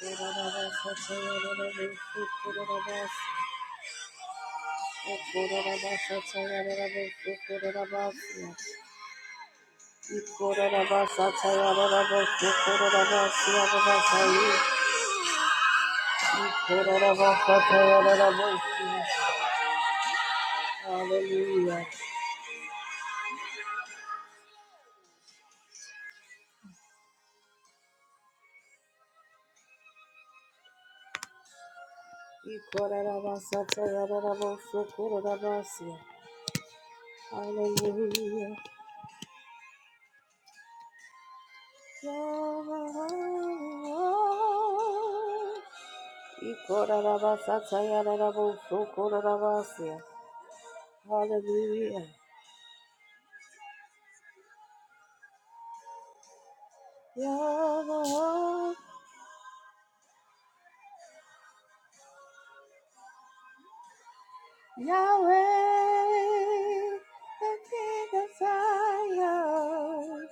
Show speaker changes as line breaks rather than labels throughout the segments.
Hallelujah. Hallelujah. Hallelujah. Yahweh, Yahweh, the King of Zion.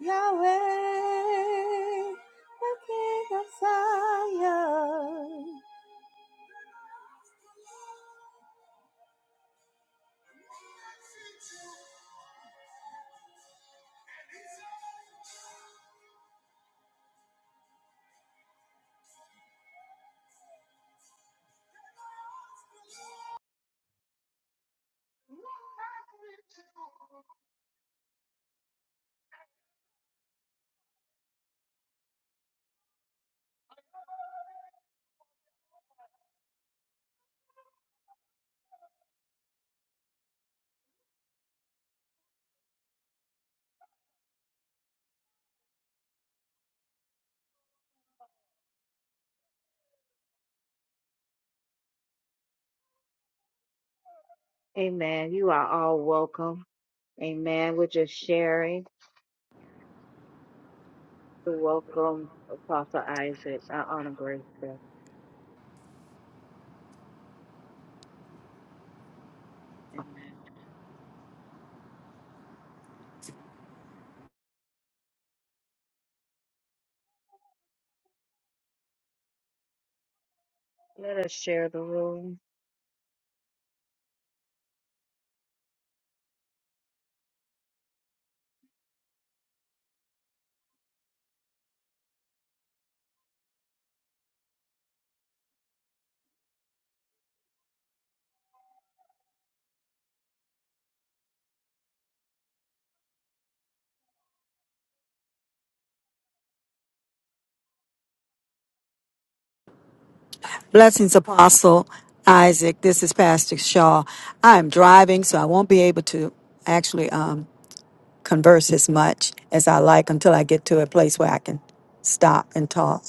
Yahweh, the King of Zion. Amen. Welcome. Amen. Welcome. Let us share the room.
Blessings, Apostle Isaac. This is Pastor Shaw. I'm driving, so I won't be able to actually um, converse as much as I like until I get to a place where I can stop and talk.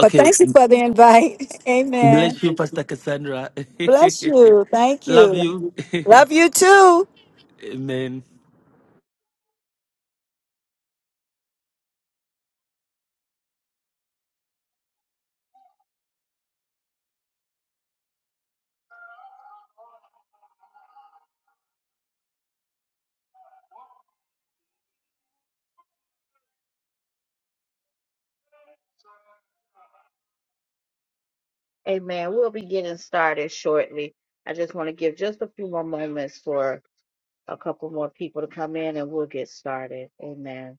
But thank you for the invite.
bless
Amen.
you, Pastor Cassandra.
Bless you. Thank
Love you.
you. Love you too.
Amen.
Amen. We'll be getting started shortly. I just want to give just a few more moments for a couple more people to come in and we'll get started. Amen.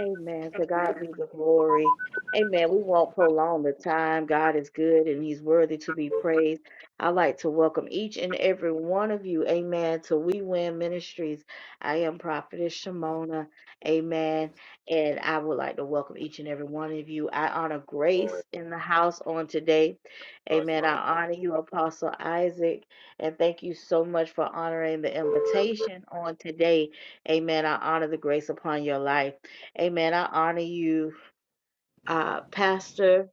Amen. To God be the glory. Amen. We won't prolong the time. God is good and He's worthy to be praised. I'd like to welcome each and every one of you, amen, to We Win Ministries. I am Prophetess Shimona, amen. And I would like to welcome each and every one of you. I honor
All right.
grace in the house on today,
Sorry,
amen.
man. You
I honor you, Apostle Isaac, and thank you so much for honoring the invitation on today, amen. I honor the grace upon your life. Amen. I honor you, uh, Pastor.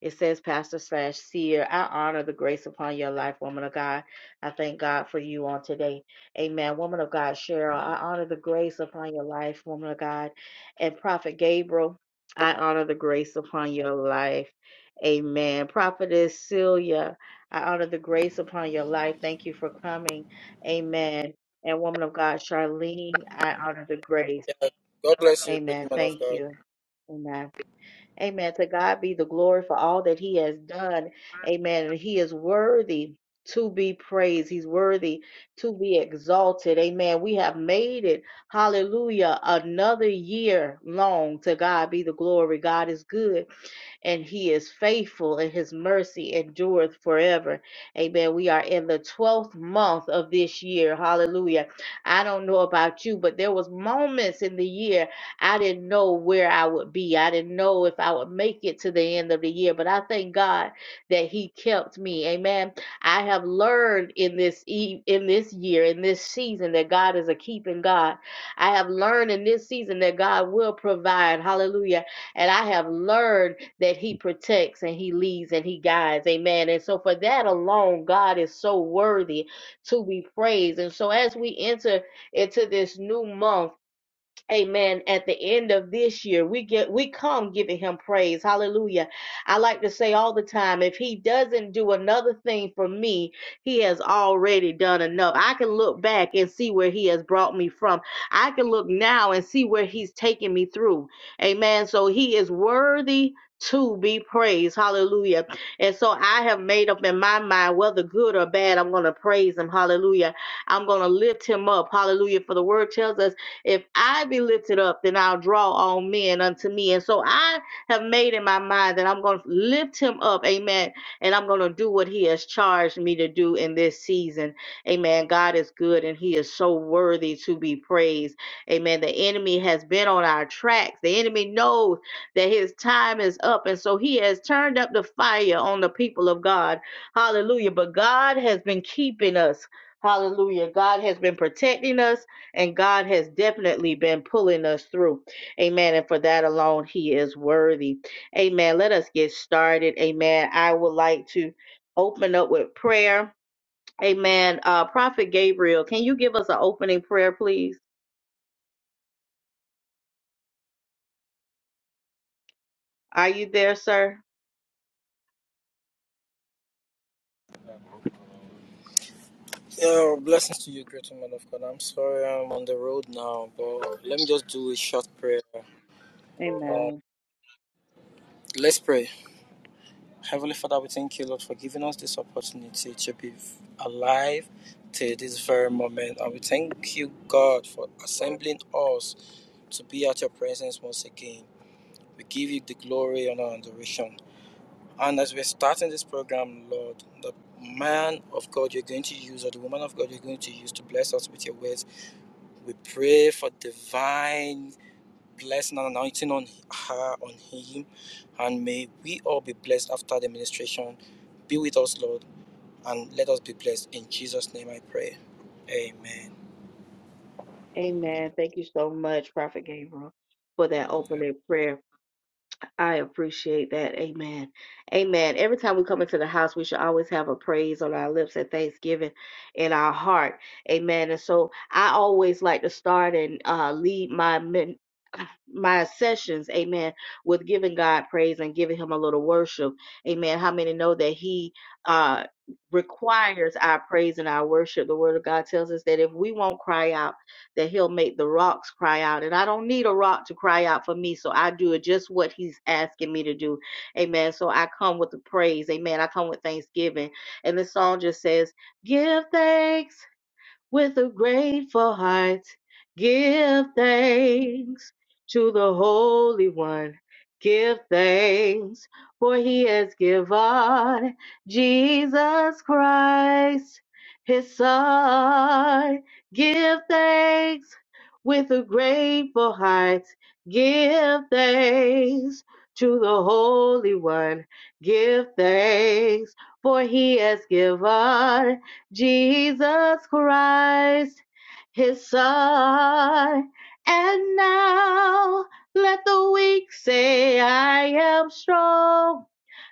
It says Pastor slash seer. I honor the grace upon your life, woman of God. I thank God for you on today. Amen. Woman of God, Cheryl, I honor the grace upon your life, woman of God. And Prophet Gabriel, I honor the grace upon your life. Amen. Prophetess Celia, I honor the grace upon your life. Thank you for coming. Amen. And woman of God, Charlene, I honor the grace.
Yeah, God bless you, great
Amen.
man of
Thank
God.
you. Amen. Amen. To God be the glory for all that He has done. Amen. And He is worthy to be praised. He's worthy to be exalted. Amen. We have made it. Hallelujah. Another year long. To God be the glory. God is good and he is faithful and his mercy endureth forever. Amen. We are in the 12th month of this year. Hallelujah. I don't know about you, but there was moments in the year I didn't know where I would be. I didn't know if I would make it to the end of the year, but I thank God that he kept me. Amen. I have learned in this e- in this year, in this season that God is a keeping God. I have learned in this season that God will provide. Hallelujah. And I have learned that he protects and he leads and he guides. Amen. And so for that alone, God is so worthy to be praised. And so as we enter into this new month, Amen. At the end of this year, we get we come giving him praise. Hallelujah. I like to say all the time, if he doesn't do another thing for me, he has already done enough. I can look back and see where he has brought me from. I can look now and see where he's taken me through. Amen. So he is worthy to be praised. Hallelujah. And so I have made up in my mind, whether good or bad, I'm going to praise him. Hallelujah. I'm going to lift him up. Hallelujah. For the word tells us if I be lifted up, then I'll draw all men unto me. And so I have made in my mind that I'm going to lift him up. Amen. And I'm going to do what he has charged me to do in this season. Amen. God is good and he is so worthy to be praised. Amen. The enemy has been on our tracks. The enemy knows that his time is up. And so he has turned up the fire on the people of God. Hallelujah. But God has been keeping us. Hallelujah. God has been protecting us. And God has definitely been pulling us through. Amen. And for that alone, He is worthy. Amen. Let us get started. Amen. I would like to open up with prayer. Amen. Uh, Prophet Gabriel, can you give us an opening prayer, please? Are you there, sir?
Yeah, blessings to you, great man of God. I'm sorry I'm on the road now, but let me just do a short prayer. Um,
Amen.
let's pray. Heavenly Father, we thank you, Lord, for giving us this opportunity to be alive till this very moment. And we thank you, God, for assembling us to be at your presence once again. We give you the glory, honor, and adoration. And as we're starting this program, Lord, the man of God you're going to use or the woman of God you're going to use to bless us with your words, we pray for divine blessing and anointing on her, on him. And may we all be blessed after the ministration. Be with us, Lord, and let us be blessed. In Jesus' name I pray. Amen.
Amen. Thank you so much, Prophet Gabriel, for that opening prayer. I appreciate that. Amen. Amen. Every time we come into the house, we should always have a praise on our lips and thanksgiving in our heart. Amen. And so I always like to start and uh, lead my men, my sessions, amen, with giving God praise and giving him a little worship. Amen. How many know that he uh requires our praise and our worship? The word of God tells us that if we won't cry out, that he'll make the rocks cry out. And I don't need a rock to cry out for me. So I do it just what he's asking me to do. Amen. So I come with the praise. Amen. I come with thanksgiving. And the song just says, Give thanks with a grateful heart. Give thanks to the Holy One. Give thanks, for he has given Jesus Christ, his Son. Give thanks with a grateful heart. Give thanks to the Holy One. Give thanks, for he has given. Jesus Christ, his son. And now let the weak say, I am strong.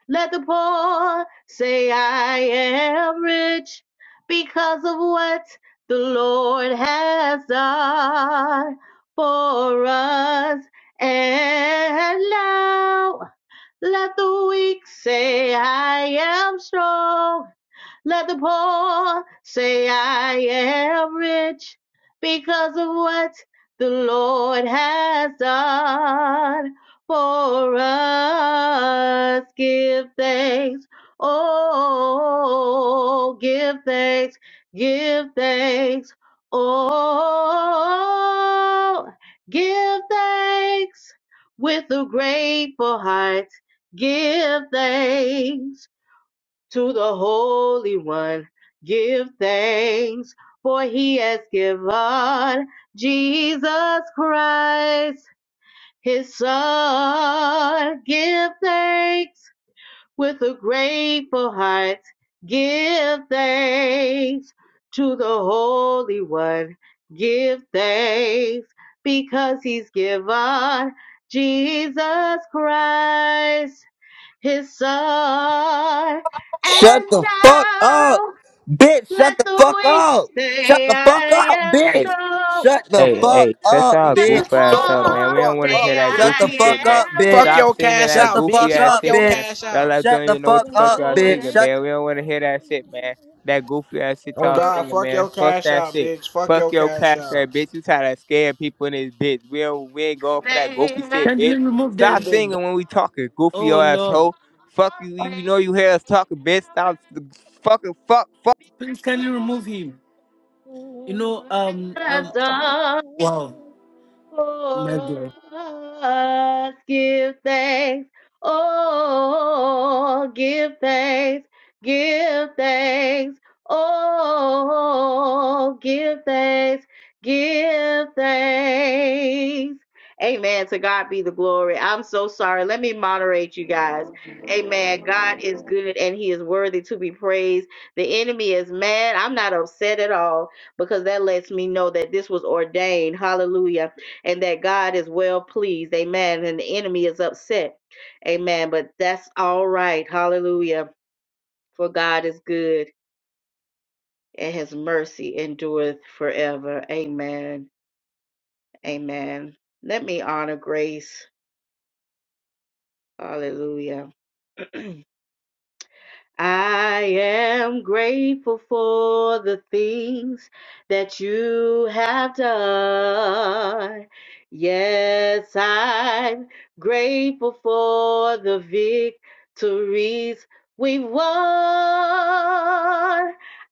Let the poor say, I am rich because of what the Lord has done for us. And now let the weak say, I am strong. Let the poor say I am rich because of what the Lord has done for us. Give thanks. Oh, give thanks. Give thanks. Oh, give thanks with a grateful heart. Give thanks to the Holy One. Give thanks, for he has given Jesus Christ, his Son. Give thanks with a grateful heart. Give thanks to the Holy One. Give thanks because he's given Jesus Christ his son. And
Shut the fuck up,
now
bitch.
let
Shut the
the
fuck up. Shut the fuck up, bitch.
Hey,
Shut the
hey,
fuck
hey, shut
up,
y'all goof
bitch.
ass
Shut
up,
the
man. We don't
fuck
want to hear
up,
that
Shut the
goofy
bitch.
shit,
fuck
man.
up,
Fuck
bitch.
Stop
your
singing
cash
that
Shut the
out,
goofy
bitch.
fuck
ass
Fuck
up,
shit,
your
man.
bitch.
cash
Y'all
out.
like
Shut
don't
the
even know what
fuck
the fuck
up,
y'all singing,
bitch.
man. We don't want to hear that shit, man. That goofy ass shit
Oh
y'all
God,
singing,
fuck
man.
your
Fuck
cash
that
out,
shit.
bitch. Fuck
Fuck
your
your
cash
cast
out.
that bitch. You try to scare people in this bitch. We, don't, we ain't going for that goofy shit, bitch.
Kindly remove
You
Stop
them.
big
singing when we talking, goofy
Oh
your
Lord,
asshole. Fuck you. You know you hear us talking, bitch. Stop fucking fuck fuck.
please kindly
winds of
remove him. You know,
what
um,
God has
um,
done.
wow, my
for
God.
us. Give thanks. Oh, give thanks. Give thanks. Oh, give thanks. Give thanks. Amen. To God be the glory. I'm so sorry. Let me moderate you guys. Amen. God is good and he is worthy to be praised. The enemy is mad. I'm not upset at all because that lets me know that this was ordained. Hallelujah and that God is well pleased. Amen. And the enemy is upset. Amen. But that's all right. Hallelujah. For God is good and his mercy endureth forever. Amen. Amen. Let me honor grace. Hallelujah. I am grateful for the things that you have done. Yes, I'm grateful for the victories we've won.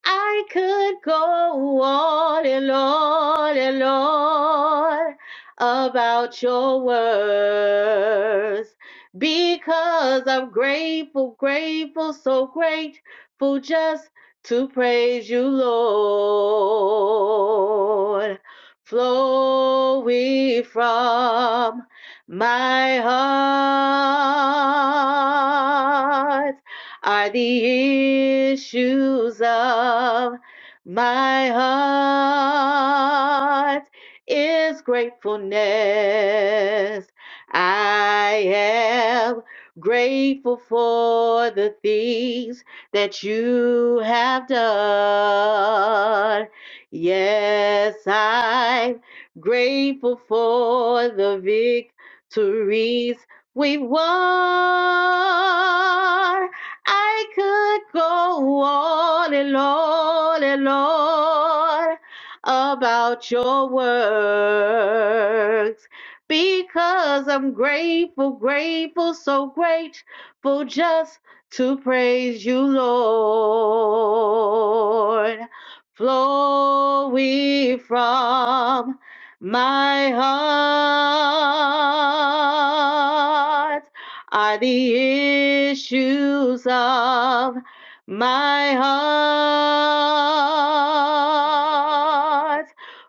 I could go on and on and on about your words because I'm grateful, grateful, so grateful just to praise you, Lord. Flowing from my heart are the issues of my heart is gratefulness I am grateful for the things that you have done. Yes, I'm grateful for the victories we've won. I could go on and on and on about your works because I'm grateful, grateful, so grateful just to praise you, Lord. Flowing from my heart are the issues of my heart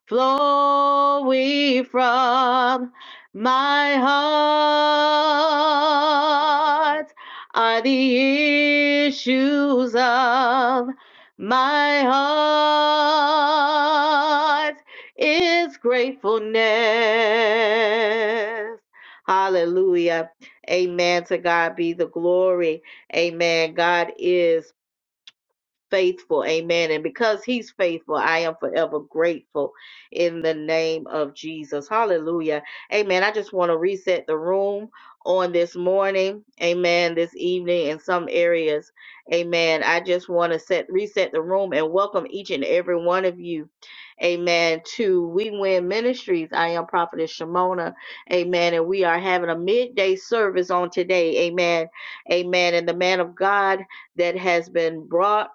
flowing from my heart are the issues of my heart is gratefulness. Hallelujah. Amen. To God be the glory. Amen. God is faithful. Amen. And because he's faithful, I am forever grateful in the name of Jesus. Hallelujah. Amen. I just want to reset the room on this morning. Amen. This evening in some areas. Amen. I just want to set reset the room and welcome each and every one of you. Amen. To We Win Ministries. I am Prophetess Shimona. Amen. And we are having a midday service on today. Amen. Amen. And the man of God that has been brought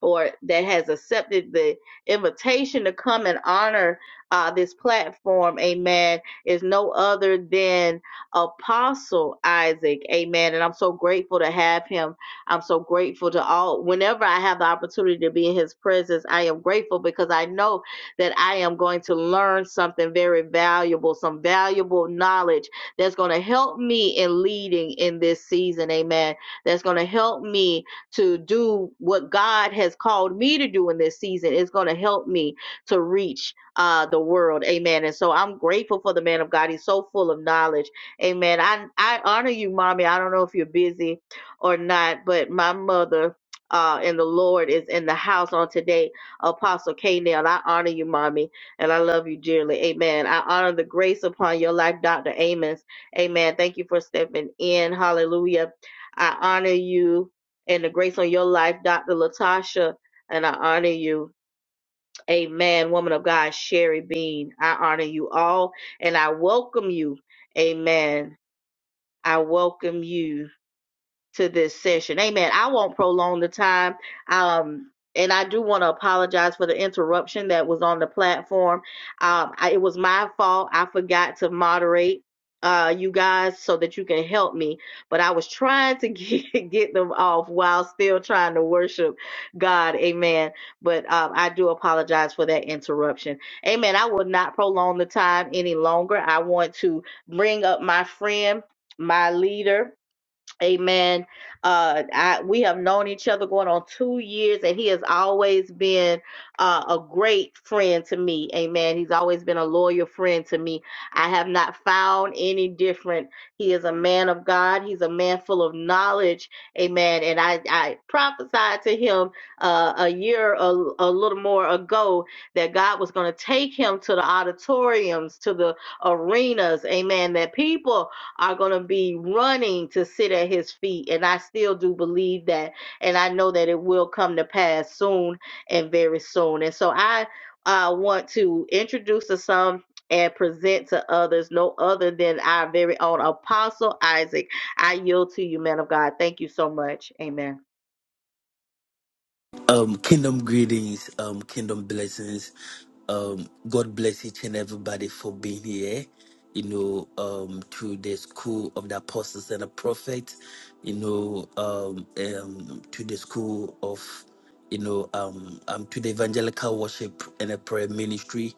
or that has accepted the invitation to come and honor uh, this platform, amen, is no other than Apostle Isaac, amen. And I'm so grateful to have him. I'm so grateful to all. Whenever I have the opportunity to be in his presence, I am grateful because I know that I am going to learn something very valuable, some valuable knowledge that's going to help me in leading in this season, amen. That's going to help me to do what God has called me to do in this season is going to help me to reach uh, the world. Amen. And so I'm grateful for the man of God. He's so full of knowledge. Amen. I, I honor you, mommy. I don't know if you're busy or not, but my mother. Uh, and the Lord is in the house on today. Apostle K. Nail, I honor you, mommy, and I love you dearly. Amen. I honor the grace upon your life, Dr. Amos. Amen. Thank you for stepping in. Hallelujah. I honor you and the grace on your life, Dr. Latasha. And I honor you. Amen. Woman of God, Sherry Bean. I honor you all and I welcome you. Amen. I welcome you to this session. Amen. I won't prolong the time. Um, and I do want to apologize for the interruption that was on the platform. Um, I, it was my fault. I forgot to moderate uh you guys so that you can help me but i was trying to get, get them off while still trying to worship god amen but um i do apologize for that interruption amen i will not prolong the time any longer i want to bring up my friend my leader Amen. Uh, I, we have known each other going on two years, and he has always been uh, a great friend to me. Amen. He's always been a loyal friend to me. I have not found any different. He is a man of God. He's a man full of knowledge. Amen. And I, I prophesied to him uh, a year, a, a little more ago, that God was going to take him to the auditoriums, to the arenas. Amen. That people are going to be running to sit at his feet. And I still do believe that. And I know that it will come to pass soon and very soon. And so I uh, want to introduce to some and present to others no other than our very own Apostle Isaac. I yield to you, man of God. Thank you so much. Amen.
Um, kingdom greetings, um, kingdom blessings. Um, God bless each and everybody for being here. You know, um, to the school of the apostles and the prophets. You know, um, um, to the school of, you know, um, um, to the evangelical worship and a prayer ministry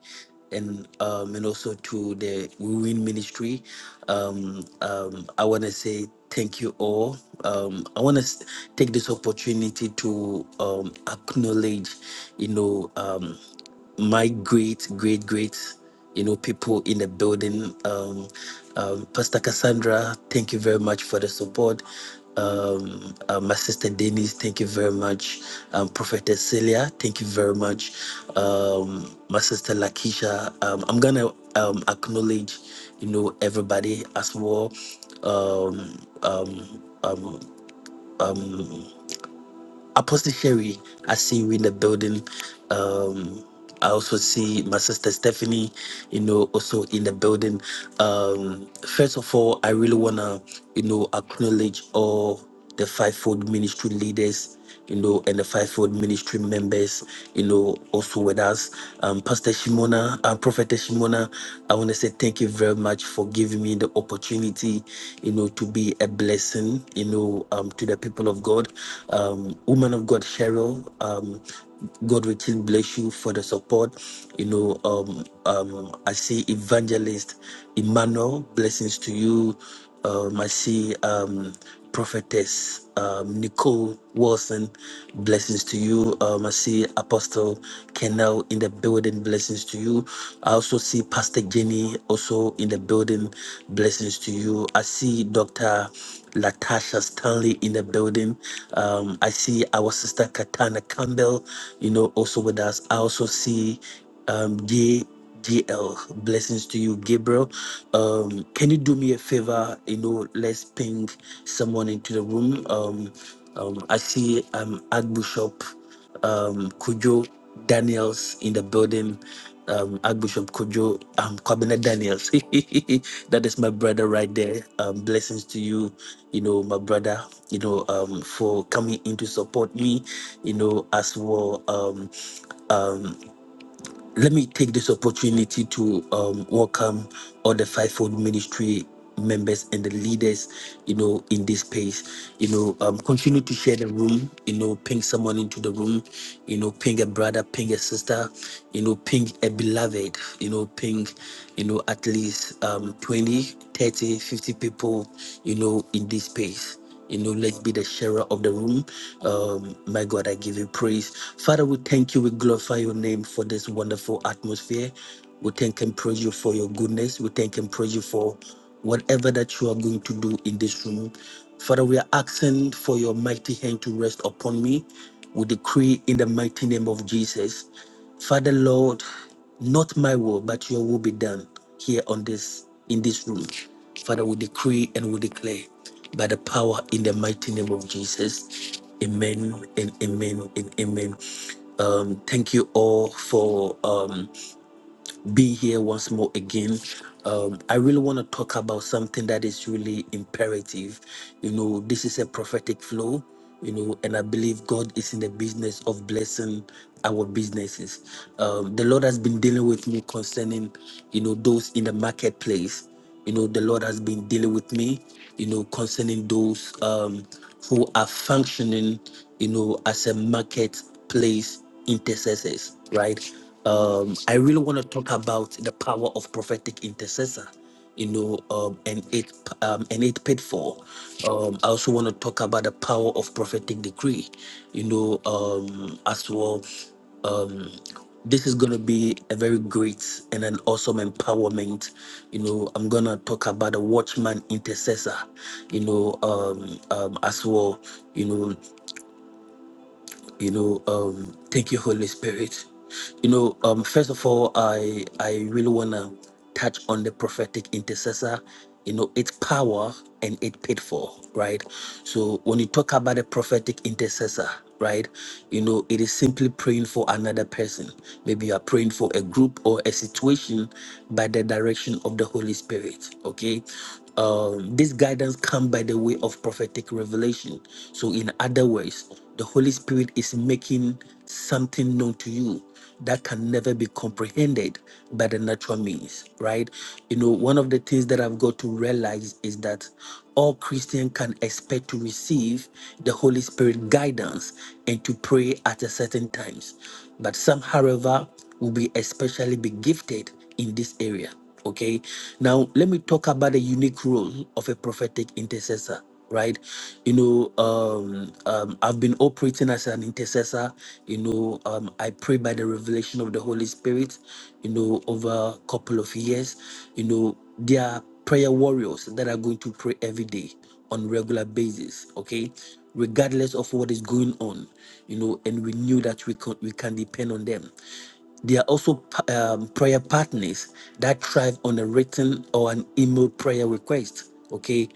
and um, and also to the We Win Ministry. Um, um, I want to say thank you all. Um, I want to take this opportunity to um, acknowledge, you know, um, my great, great, great you know, people in the building. Um, um, Pastor Cassandra, thank you very much for the support. Um, uh, my sister Denise, thank you very much. Um, Prophetess Celia, thank you very much. Um, my sister Lakisha, um, I'm gonna um, acknowledge, you know, everybody as well. Um, um, um, um, Apostle Sherry, I see you in the building. Um, I also see my sister Stephanie, you know, also in the building. Um, first of all, I really wanna, you know, acknowledge all the fivefold ministry leaders, you know, and the fivefold ministry members, you know, also with us. Um, Pastor Shimona, uh, Prophet Shimona, I wanna say thank you very much much for giving me the opportunity, you know, to be a blessing, you know, um, to the people of God. Um, woman of God, Cheryl, um, God will still bless you for the support. You know, um, um, I see evangelist Emmanuel, blessings to you uh, my she um, prophetess um, Nicole Wilson, blessings to you. Um, I see Apostle Kennel in the building, blessings to you. I also see Pastor Jenny also in the building, blessings to you. I see Dr. Latasha Stanley in the building. Um, I see our sister Katana Campbell, you know, also with us. I also see um, Jay. DL. Blessings to you, Gabriel. Um, can you do me a favor? You know, let's ping someone into the room. Um, um, I see um Archbishop um Kujo Daniels in the building. Um, Archbishop Kujo um Kwabena Daniels. that is my brother right there. Um, blessings to you, you know, my brother, you know, um for coming in to support me, you know, as well. Um um, let me take this opportunity to um, welcome all the fivefold ministry members and the leaders you know in this space you know um continue to share the room you know ping someone into the room you know ping a brother ping a sister you know ping a beloved you know ping you know at least um 20 thirty, fifty people you know in this space you know, let's be the sharer of the room. Um, my God, I give you praise. Father, we thank you. We glorify your name for this wonderful atmosphere. We thank and praise you for your goodness. We thank and praise you for whatever that you are going to do in this room. Father, we are asking for your mighty hand to rest upon me. We decree in the mighty name of Jesus. Father, Lord, not my will, but your will be done here on this in this room. Father, we decree and we declare by the power in the mighty name of Jesus. Amen and amen and amen. Um, thank you all for um, being here once more again. Um, I really want to talk about something that is really imperative. You know, this is a prophetic flow, you know, and I believe God is in the business of blessing our businesses. Um, the Lord has been dealing with me concerning, you know, those in the marketplace. You know, the Lord has been dealing with me, you know, concerning those um, who are functioning, you know, as a marketplace intercessors, right? Um, I really want to talk about the power of prophetic intercessor, you know, um, and it um, and it pitfall. Um, I also want to talk about the power of prophetic decree, you know, um, as well um, this is going to be a very great and an awesome empowerment. You know, I'm going to talk about the watchman intercessor, you know, um, um, as well. You know, you know um thank you holy spirit you know um first of all i i really want to touch on the prophetic intercessor you know its power and its pitfall right so when you talk about a prophetic intercessor right you know it is simply praying for another person maybe you are praying for a group or a situation by the direction of the holy spirit okay um, this guidance comes by the way of prophetic revelation so in other words the Holy Spirit is making something known to you that can never be comprehended by the natural means, right? You know, one of the things that I've got to realize is that all Christians can expect to receive the Holy Spirit guidance and to pray at a certain times. But some, however, will be especially be gifted in this area. Okay. Now let me talk about the unique role of a prophetic intercessor right you know um, um i've been operating as an intercessor you know um i pray by the revelation of the holy spirit you know over a couple of years you know there are prayer warriors that are going to pray every day on regular basis okay regardless of what is going on you know and we knew that we could we can depend on them they are also um, prayer partners that thrive on a written or an email prayer request. Okay.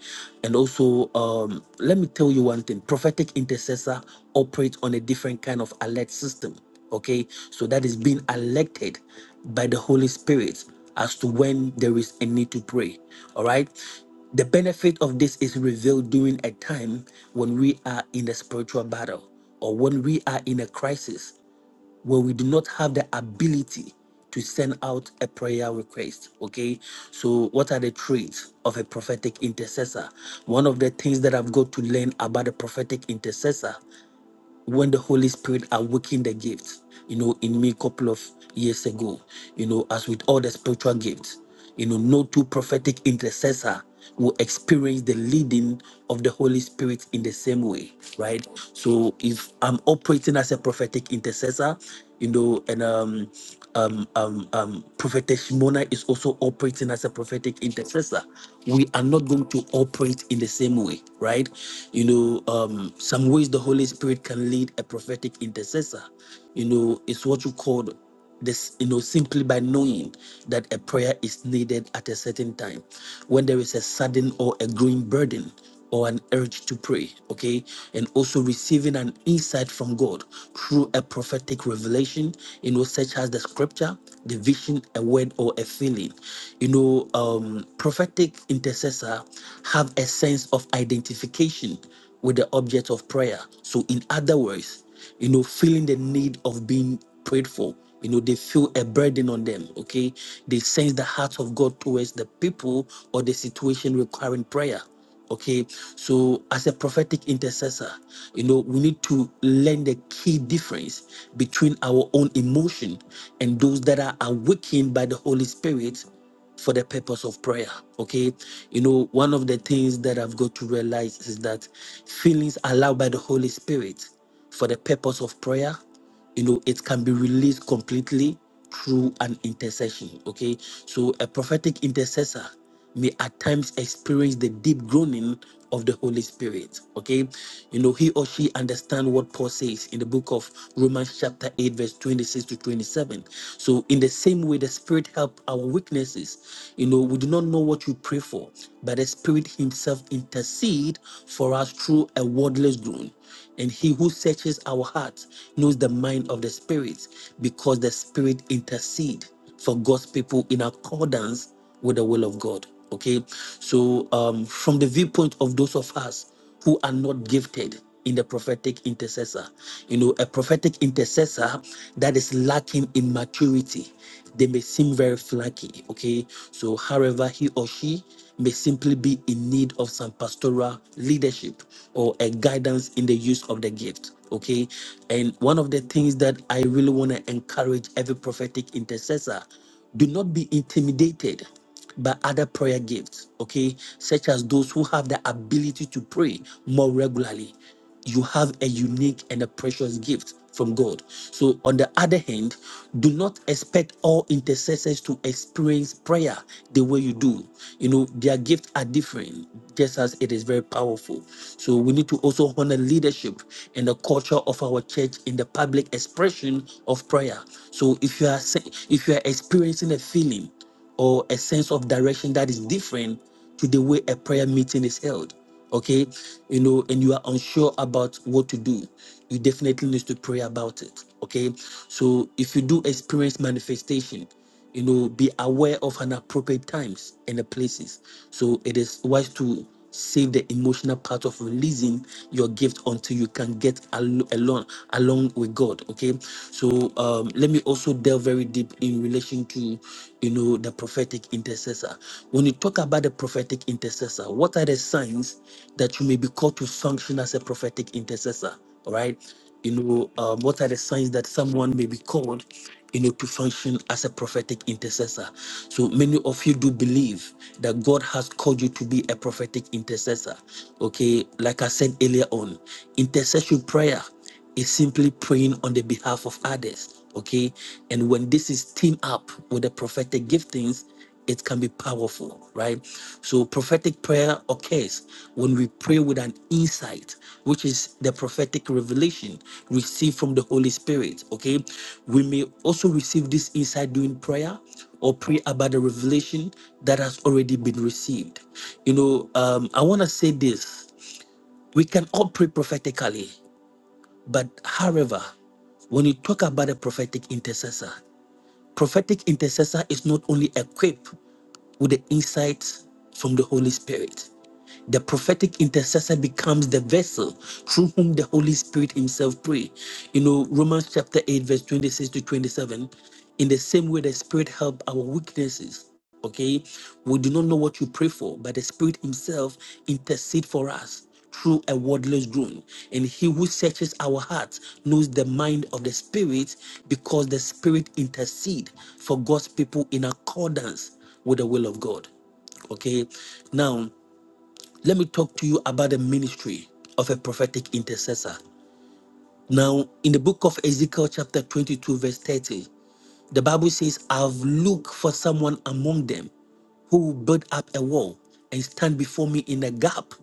And also, um, let me tell you one thing prophetic intercessor operates on a different kind of alert system. Okay. So that is being alerted by the Holy Spirit as to when there is a need to pray. All right. The benefit of this is revealed during a time when we are in a spiritual battle or when we are in a crisis where we do not have the ability to send out a prayer request. Okay. So, what are the traits of a prophetic intercessor? One of the things that I've got to learn about a prophetic intercessor when the Holy Spirit awakened the gift, you know, in me a couple of years ago, you know, as with all the spiritual gifts, you know, no two prophetic intercessor will experience the leading of the Holy Spirit in the same way, right? So if I'm operating as a prophetic intercessor, you know, and um um um um prophetess Shimona is also operating as a prophetic intercessor. We are not going to operate in the same way, right? You know, um some ways the Holy Spirit spirit can lead a prophetic intercessor. You know, it's what you call this, you know, simply by knowing that a prayer is needed at a certain time. When there is a sudden or a growing burden, or an urge to pray, okay? And also receiving an insight from God through a prophetic revelation, you know, such as the scripture, the vision, a word, or a feeling. You know, um, prophetic intercessor have a sense of identification with the object of prayer. So, in other words, you know, feeling the need of being prayed for. You know, they feel a burden on them, okay? They sense the heart of God towards the people or the situation requiring prayer. Okay, so as a prophetic intercessor, you know, we need to learn the key difference between our own emotion and those that are awakened by the Holy Spirit for the purpose of prayer. Okay. You know, one of the things that I've got to realize is that feelings allowed by the Holy Spirit for the purpose of prayer, you know, it can be released completely through an intercession. Okay. So a prophetic intercessor may at times experience the deep groaning of the Holy Spirit. Okay, you know, he or she understand what Paul says in the book of Romans, chapter 8, verse 26 to 27. So, in the same way, the Spirit help our weaknesses. You know, we do not know what we pray for, but the Spirit Himself intercede for us through a wordless groan. And he who searches our hearts knows the mind of the Spirit, because the Spirit intercedes for God's people in accordance with the will of God. Okay, so um, from the viewpoint of those of us who are not gifted in the prophetic intercessor, you know, a prophetic intercessor that is lacking in maturity, they may seem very flaky. Okay, so however, he or she may simply be in need of some pastoral leadership or a guidance in the use of the gift. Okay. And one of the things that I really want to encourage every prophetic intercessor do not be intimidated by other prayer gifts, okay, such as those who have the ability to pray more regularly you have a unique and a precious gift from God. So, on the other hand, do not expect all intercessors to experience prayer the way you do. You know, their gifts are different, just as it is very powerful. So, we need to also honor leadership and the culture of our church in the public expression of prayer. So, if you are se- if you are experiencing a feeling or a sense of direction that is different to the way a prayer meeting is held. Okay, you know, and you are unsure about what to do, you definitely need to pray about it. Okay, so if you do experience manifestation, you know, be aware of an appropriate times and the places. So it is wise to Save the emotional part of releasing your gift until you can get al- along along with God. Okay, so um, let me also delve very deep in relation to you know the prophetic intercessor. When you talk about the prophetic intercessor, what are the signs that you may be called to function as a prophetic intercessor? All right, you know, um, what are the signs that someone may be called, you know, to function as a prophetic intercessor? So many of you do believe that God has called you to be a prophetic intercessor. Okay, like I said earlier on, intercession prayer is simply praying on the behalf of others. Okay, and when this is teamed up with the prophetic giftings, it can be powerful, right? So prophetic prayer occurs when we pray with an insight, which is the prophetic revelation received from the Holy Spirit. Okay. We may also receive this insight during prayer or pray about the revelation that has already been received. You know, um, I want to say this. We can all pray prophetically, but however, when you talk about a prophetic intercessor, prophetic intercessor is not only equipped with the insight from the Holy Spirit. The prophetic intercessor becomes the vessel through whom the Holy Spirit himself pray. You know, Romans chapter 8, verse 26 to 27. In the same way the Spirit help our weaknesses. Okay, we do not know what you pray for, but the Spirit Himself intercede for us through a wordless groan. And he who searches our hearts knows the mind of the Spirit because the Spirit intercede for God's people in accordance with the will of God. Okay. Now, let me talk to you about the ministry of a prophetic intercessor. Now, in the book of Ezekiel, chapter 22, verse 30, the Bible says, I've looked for someone among them who will build up a wall and stand before me in a gap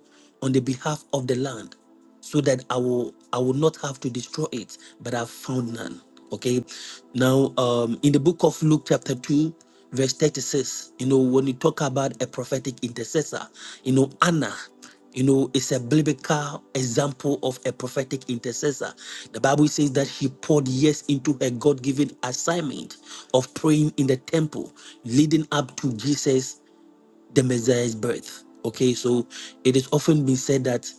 on the behalf of the land so that I will I will not have to destroy it, but I've found none. Okay. Now, um, in the book of Luke, chapter 2, verse 36, you know, when you talk about a prophetic intercessor, you know, Anna. You know, it's a biblical example of a prophetic intercessor. The Bible says that she poured years into her God given assignment of praying in the temple, leading up to Jesus the Messiah's birth. Okay, so it is often been said that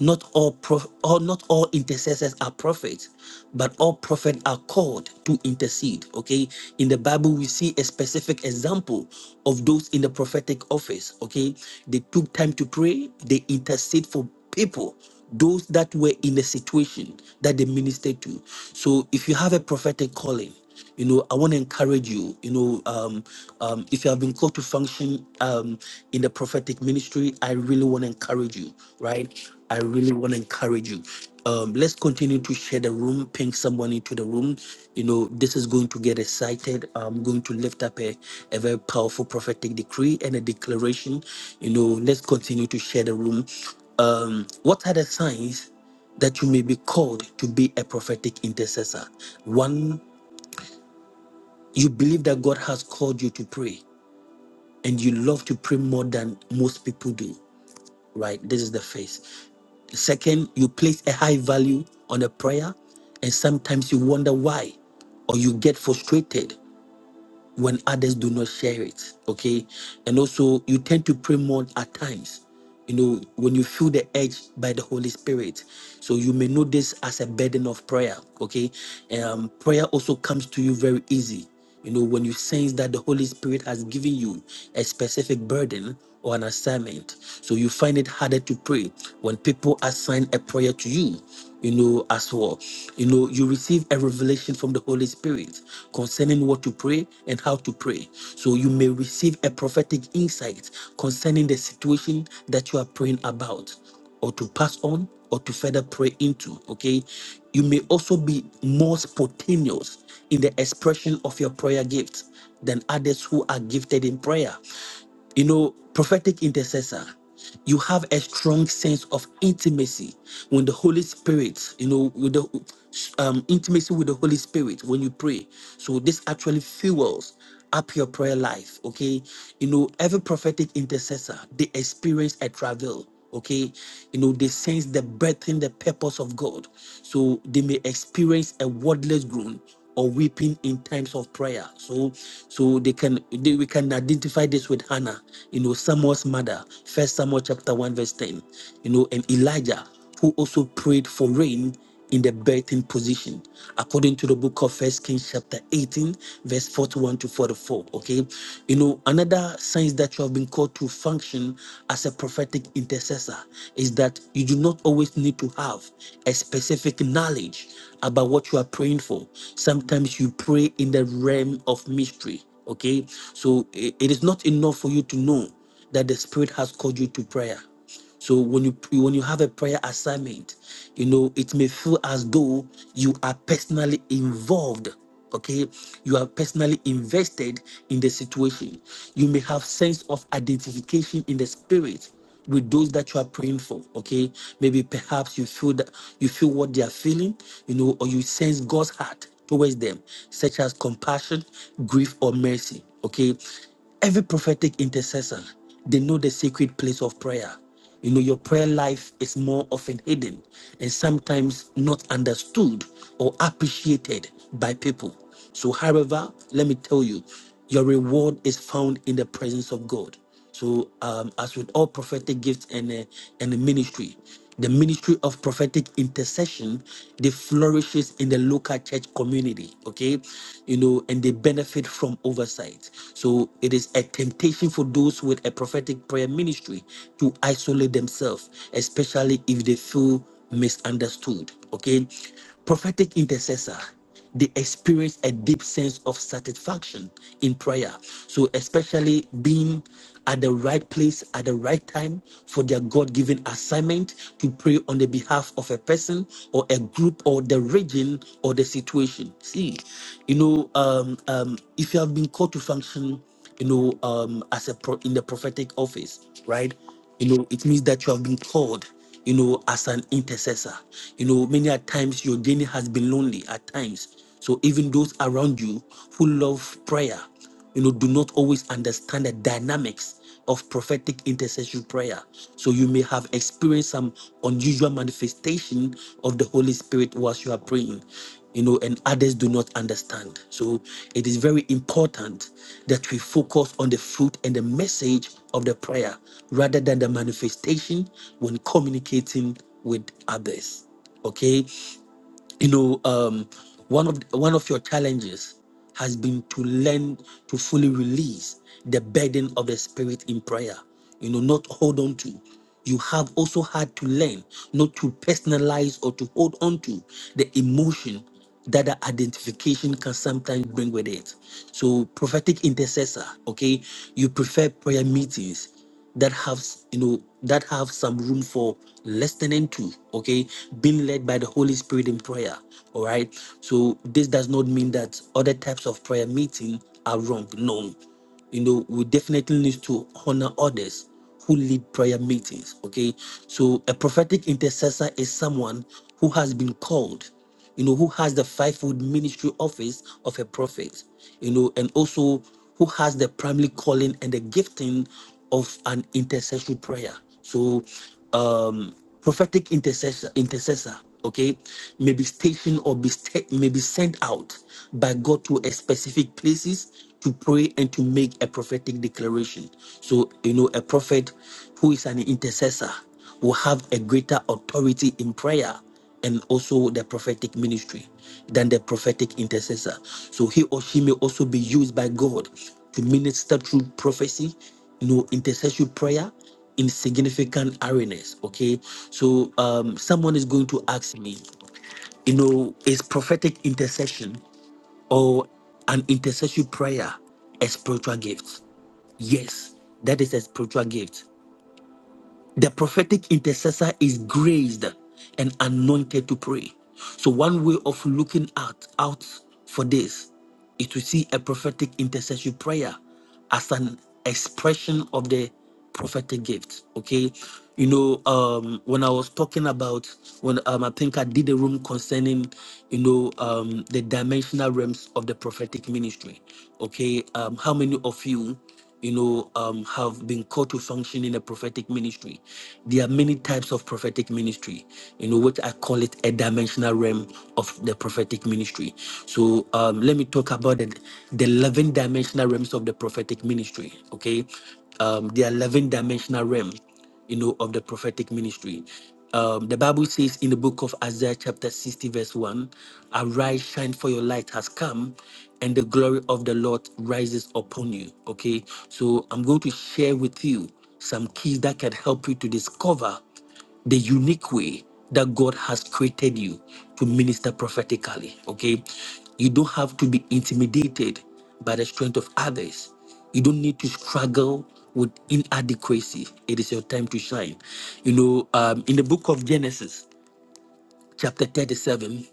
not all prof- or not all intercessors are prophets, but all prophets are called to intercede. Okay, in the Bible we see a specific example of those in the prophetic office. Okay, they took time to pray, they intercede for people those that were in the situation that they ministered to. So if you have a prophetic calling, you know i want to encourage you you know um, um, if you have been called to function um, in the prophetic ministry i really want to encourage you right i really want to encourage you um, let's continue to share the room ping someone into the room you know this is going to get excited i'm going to lift up a, a very powerful prophetic decree and a declaration you know let's continue to share the room um, what are the signs that you may be called to be a prophetic intercessor. One you believe that God has called you to pray, and you love to pray more than most people do, right? This is the faith. The second, you place a high value on a prayer, and sometimes you wonder why, or you get frustrated when others do not share it. Okay. And also, you tend to pray more at times, you know, when you feel the edge by the Holy Spirit. So you may know this as a burden of prayer. Okay. Um, prayer also comes to you very easy. You know, when you sense that the Holy Spirit has given you a specific burden, or an assignment. So you find it harder to pray when people assign a prayer to you, you know, as well. You know, you receive a revelation from the Holy Spirit concerning what to pray and how to pray. So you may receive a prophetic insight concerning the situation that you are praying about or to pass on or to further pray into. Okay. You may also be more spontaneous in the expression of your prayer gift than others who are gifted in prayer. You know, prophetic intercessor, you have a strong sense of intimacy when the Holy Spirit, you know, with the um, intimacy with the Holy Spirit when you pray. So this actually fuels up your prayer life. Okay, you know, every prophetic intercessor they experience a travel okay you know they sense the breath and the purpose of god so they may experience a wordless groan or weeping in times of prayer so so they can they, we can identify this with hannah you know samuel's mother first samuel chapter 1 verse 10 you know and elijah who also prayed for rain in the birthing position, according to the book of First Kings, chapter 18, verse 41 to 44. Okay, you know, another signs that you have been called to function as a prophetic intercessor is that you do not always need to have a specific knowledge about what you are praying for. Sometimes you pray in the realm of mystery. Okay, so i- it is not enough for you to know that the Spirit has called you to prayer so when you when you have a prayer assignment, you know it may feel as though you are personally involved. Okay, you are personally invested in the situation. You may have sense of identification in the spirit with those that you are praying for. Okay, maybe perhaps you feel that you feel what they are feeling, you know, or you sense God's heart towards them, such as compassion, grief, or mercy. Okay, every prophetic intercessor they know the sacred place of prayer you know, your prayer life is more often hidden and sometimes not understood or appreciated by people. So, however, let me tell you, your reward is found in the presence of God. So, um, as with all prophetic gifts and uh, and the ministry, the ministry of prophetic intercession, they flourishes in the local church community, okay? You know, and they benefit from oversight. So it is a temptation for those with a prophetic prayer ministry to isolate themselves, especially if they feel misunderstood, okay? Prophetic intercessor, they experience a deep sense of satisfaction in prayer. So, especially being at the right place at the right time for their God given assignment to pray on the behalf of a person or a group or the region or the situation. See, you know, um, um, if you have been called to function you know, um, as a pro- in the prophetic office, right? You know, it means that you have been called, you know, as an intercessor. You know, many a times your journey has been lonely at times. So even those around you who love prayer, you know, do not always understand the dynamics of prophetic intercession prayer. So you may have experienced some unusual manifestation of the Holy Spirit whilst you are praying, you know, and others do not understand. So it is very important that we focus on the fruit and the message of the prayer rather than the manifestation when communicating with others. Okay, you know um one of one of your challenges has been to learn to fully release the burden of the spirit in prayer you know not hold on to you have also had to learn not to personalize or to hold on to the emotion that the identification can sometimes bring with it so prophetic intercessor okay you prefer prayer meetings that have you know that have some room for listening to okay being led by the holy spirit in prayer all right so this does not mean that other types of prayer meeting are wrong no you know we definitely need to honor others who lead prayer meetings okay so a prophetic intercessor is someone who has been called you know, who has the fivefold ministry office of a prophet, you know, and also who has the primary calling and the gifting of an intercessory prayer. So, um, prophetic intercessor, intercessor, okay, may be stationed or be sta- may be sent out by God to a specific places to pray and to make a prophetic declaration. So, you know, a prophet who is an intercessor will have a greater authority in prayer and also the prophetic ministry than the prophetic intercessor. So he or she may also be used by God to minister through prophecy, you know, intercessory prayer in significant arenas. Okay. So um someone is going to ask me, you know, is prophetic intercession or an intercessory prayer a spiritual gift? Yes, that is a spiritual gift. The prophetic intercessor is graced and anointed to pray. So, one way of looking out, out for this is to see a prophetic intercessory prayer as an expression of the prophetic gift. Okay. You know, um, when I was talking about when um, I think I did a room concerning, you know, um, the dimensional realms of the prophetic ministry. Okay, um, how many of you? you know, um, have been called to function in a prophetic ministry. There are many types of prophetic ministry, you know, what I call it a dimensional realm of the prophetic ministry. So um, let me talk about the, the 11 dimensional realms of the prophetic ministry, okay? Um, there 11 dimensional realm you know, of the prophetic ministry. Um, the Bible says in the book of Isaiah, chapter 60, verse 1 Arise, shine, for your light has come, and the glory of the Lord rises upon you. Okay, so I'm going to share with you some keys that can help you to discover the unique way that God has created you to minister prophetically. Okay. You don't have to be intimidated by the strength of others. You don't need to struggle with inadequacy. It is your time to shine. You know, um, in the book of Genesis, chapter 37,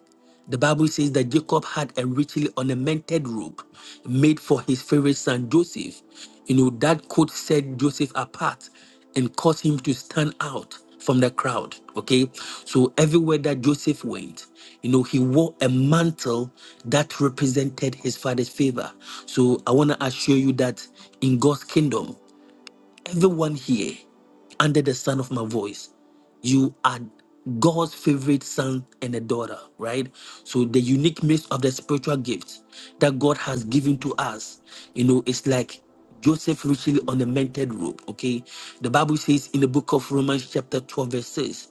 the Bible says that Jacob had a richly ornamented robe made for his favorite son Joseph. You know, that coat set Joseph apart and caused him to stand out from the crowd. Okay. So everywhere that Joseph went, you know, he wore a mantle that represented his father's favor. So I want to assure you that in God's kingdom, Everyone here, under the sound of my voice, you are God's favorite son and a daughter, right? So the unique mix of the spiritual gifts that God has given to us, you know, it's like Joseph richly ornamented robe. Okay, the Bible says in the book of Romans, chapter twelve, verse six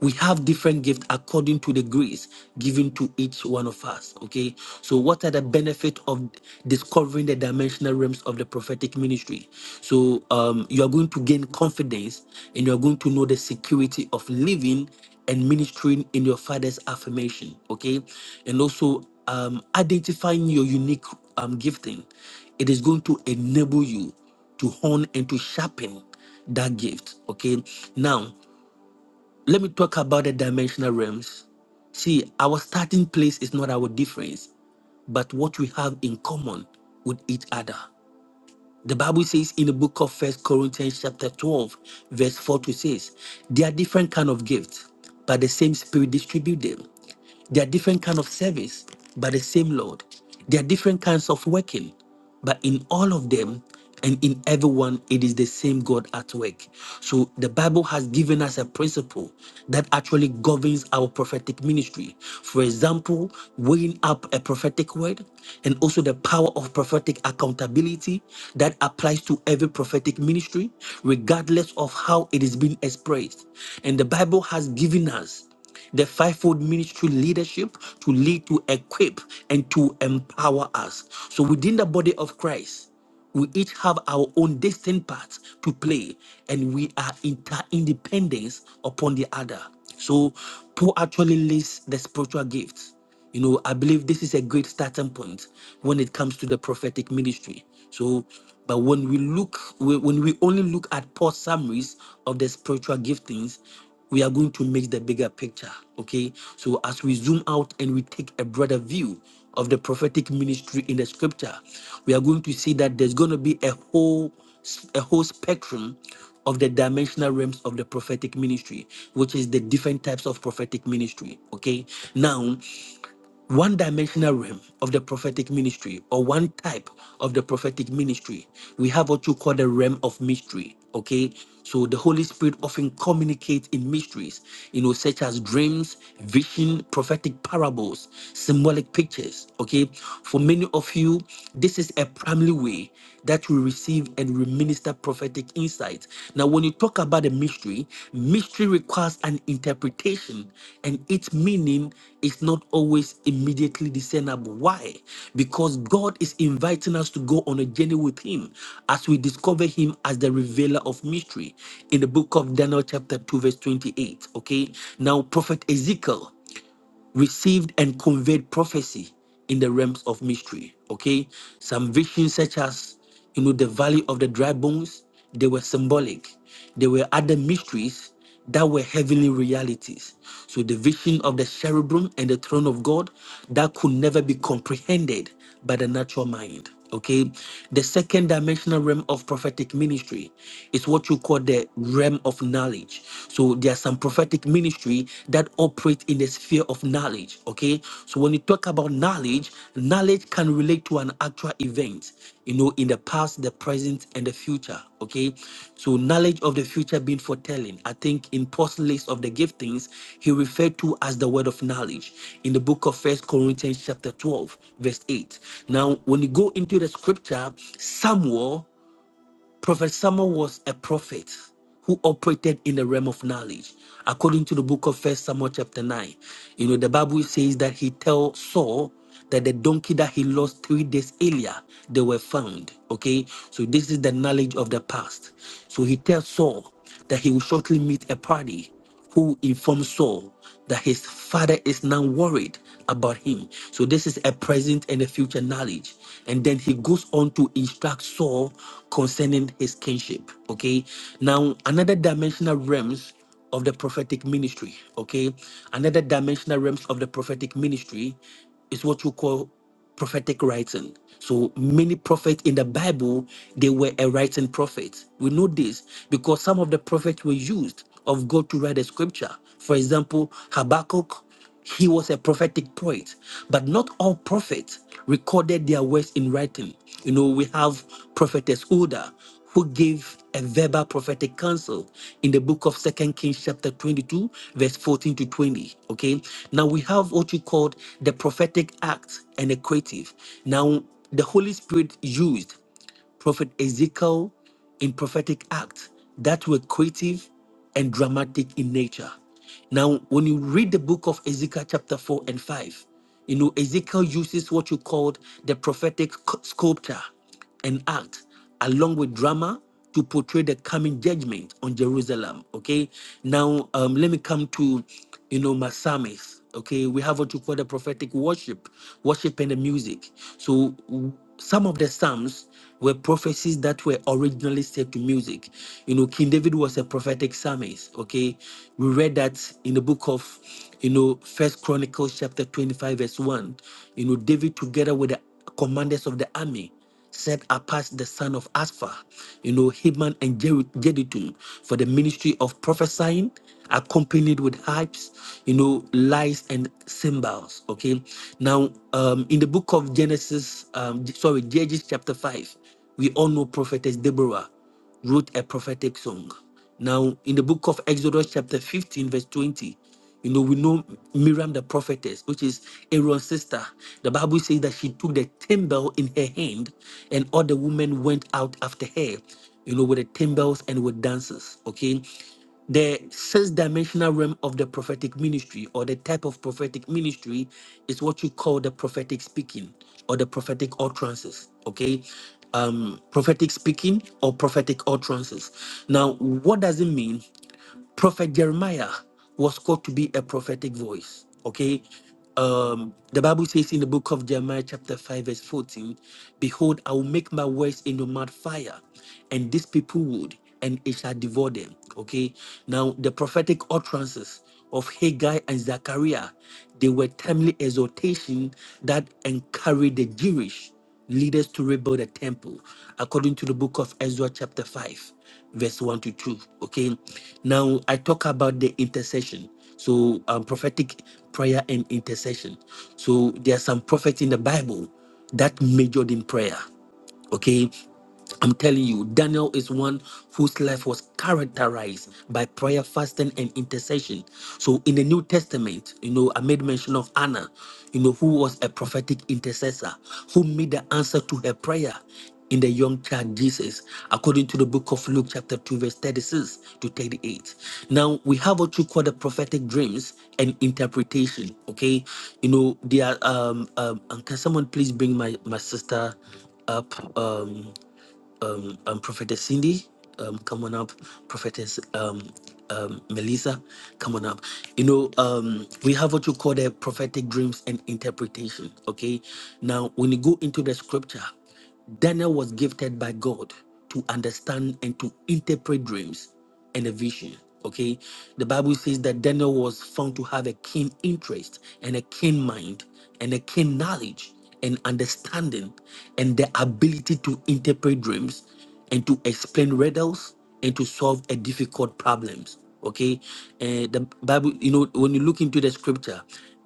we have different gifts according to the grace given to each one of us okay so what are the benefit of discovering the dimensional realms of the prophetic ministry so um, you are going to gain confidence and you are going to know the security of living and ministering in your father's affirmation okay and also um, identifying your unique um, gifting it is going to enable you to hone and to sharpen that gift okay now let me talk about the dimensional realms. See, our starting place is not our difference, but what we have in common with each other. The Bible says in the book of First Corinthians chapter 12, verse 4 to 6, there are different kind of gifts, but the same spirit distribute them. There are different kind of service, but the same Lord. There are different kinds of working, but in all of them and in everyone, it is the same God at work. So the Bible has given us a principle that actually governs our prophetic ministry. For example, weighing up a prophetic word and also the power of prophetic accountability that applies to every prophetic ministry, regardless of how it is being expressed. And the Bible has given us the fivefold ministry leadership to lead, to equip, and to empower us. So within the body of Christ, we each have our own distinct parts to play, and we are interdependence upon the other. So Paul actually lists the spiritual gifts. You know, I believe this is a great starting point when it comes to the prophetic ministry. So, but when we look, when when we only look at poor summaries of the spiritual giftings, we are going to miss the bigger picture. Okay. So, as we zoom out and we take a broader view of the prophetic ministry in the scripture, we are going to see that there's going to be a whole a whole spectrum of the dimensional realms of the prophetic ministry, which is the different types of prophetic ministry. Okay. Now, one dimensional realm of the prophetic ministry or one type of the prophetic ministry we have what you call the realm of mystery okay so the holy spirit often communicates in mysteries you know such as dreams vision prophetic parables symbolic pictures okay for many of you this is a primary way that we receive and we minister that prophetic insight. Now, when you talk about a mystery, mystery requires an interpretation, and its meaning is not always immediately discernible. Why? Because God is inviting us to go on a journey with Him as we discover Him as the revealer of mystery in the book of Daniel, chapter 2, verse 28. Okay, now, Prophet Ezekiel received and conveyed prophecy in the realms of mystery. Okay, some visions, such as you know, the valley of the dry bones, they were symbolic. There were other mysteries that were heavenly realities. So the vision of the cherubim and the throne of God that could never be comprehended by the natural mind. Okay. The second dimensional realm of prophetic ministry is what you call the realm of knowledge. So there are some prophetic ministry that operate in the sphere of knowledge. Okay. So when you talk about knowledge, knowledge can relate to an actual event, you know, in the past, the present, and the future. Okay, so knowledge of the future being foretelling. I think in Paul's list of the giftings, he referred to as the word of knowledge in the book of First Corinthians, chapter 12, verse 8. Now, when you go into the scripture, Samuel Prophet Samuel was a prophet who operated in the realm of knowledge. According to the book of First Samuel chapter 9, you know, the Bible says that he tell Saul that the donkey that he lost three days earlier, they were found. Okay, so this is the knowledge of the past. So he tells Saul that he will shortly meet a party who informs Saul that his father is now worried about him. So this is a present and a future knowledge. And then he goes on to instruct Saul concerning his kingship. Okay. Now another dimensional realms of the prophetic ministry. Okay. Another dimensional realms of the prophetic ministry is what you call prophetic writing. So many prophets in the Bible, they were a writing prophet. We know this because some of the prophets were used of God to write the scripture. For example, Habakkuk, he was a prophetic poet, but not all prophets recorded their words in writing. You know, we have prophetess Huldah who gave a verbal prophetic counsel in the book of Second Kings, chapter 22, verse 14 to 20. Okay. Now we have what we called the prophetic act and the creative. Now the Holy Spirit used Prophet Ezekiel in prophetic acts that were creative and dramatic in nature. Now, when you read the book of Ezekiel, chapter 4 and 5, you know, Ezekiel uses what you called the prophetic sc- sculpture and art along with drama to portray the coming judgment on Jerusalem. Okay, now um, let me come to you know my psalmist. Okay, we have what you call the prophetic worship, worship and the music. So w- some of the psalms were prophecies that were originally set to music. You know, King David was a prophetic psalmist. Okay, we read that in the book of you know First Chronicles chapter twenty-five verse one. You know, David together with the commanders of the army set apart the son of Aspha, you know, Heman and Jedu- Jeduthun for the ministry of prophesying, accompanied with harps, you know, lies and cymbals. Okay. Now, um, in the book of Genesis, um, sorry, Judges chapter 5, we all know prophetess Deborah wrote a prophetic song. Now, in the book of Exodus, chapter 15, verse 20, you know, we know Miriam the prophetess, which is Aaron's sister. The Bible says that she took the timbrel in her hand, and all the women went out after her, you know, with the timbrels and with dances. Okay. The sixth dimensional realm of the prophetic ministry or the type of prophetic ministry is what you call the prophetic speaking or the prophetic utterances. Okay. Um, prophetic speaking or prophetic utterances. Now, what does it mean? Prophet Jeremiah was called to be a prophetic voice. Okay. Um, the Bible says in the book of Jeremiah, chapter 5, verse 14, Behold, I will make my words in your mouth fire, and these people would, and it shall devour them. Okay. Now, the prophetic utterances of Haggai and Zechariah, they were timely exhortation that encouraged the Jewish leaders to rebuild a temple according to the book of Ezra chapter 5 verse 1 to 2 okay now i talk about the intercession so um, prophetic prayer and intercession so there are some prophets in the bible that majored in prayer okay I'm telling you, Daniel is one whose life was characterized by prayer, fasting, and intercession. So, in the New Testament, you know, I made mention of Anna, you know, who was a prophetic intercessor, who made the answer to her prayer in the young child Jesus, according to the book of Luke, chapter 2, verse 36 to 38. Now, we have what you call the prophetic dreams and interpretation, okay? You know, they are, um, um, and can someone please bring my, my sister up? Um, um, um, Prophetess Cindy, um, come on up. Prophetess um, um, Melissa, come on up. You know, um, we have what you call the prophetic dreams and interpretation. Okay. Now, when you go into the scripture, Daniel was gifted by God to understand and to interpret dreams and a vision. Okay. The Bible says that Daniel was found to have a keen interest and a keen mind and a keen knowledge and understanding and the ability to interpret dreams and to explain riddles and to solve a difficult problems okay and the bible you know when you look into the scripture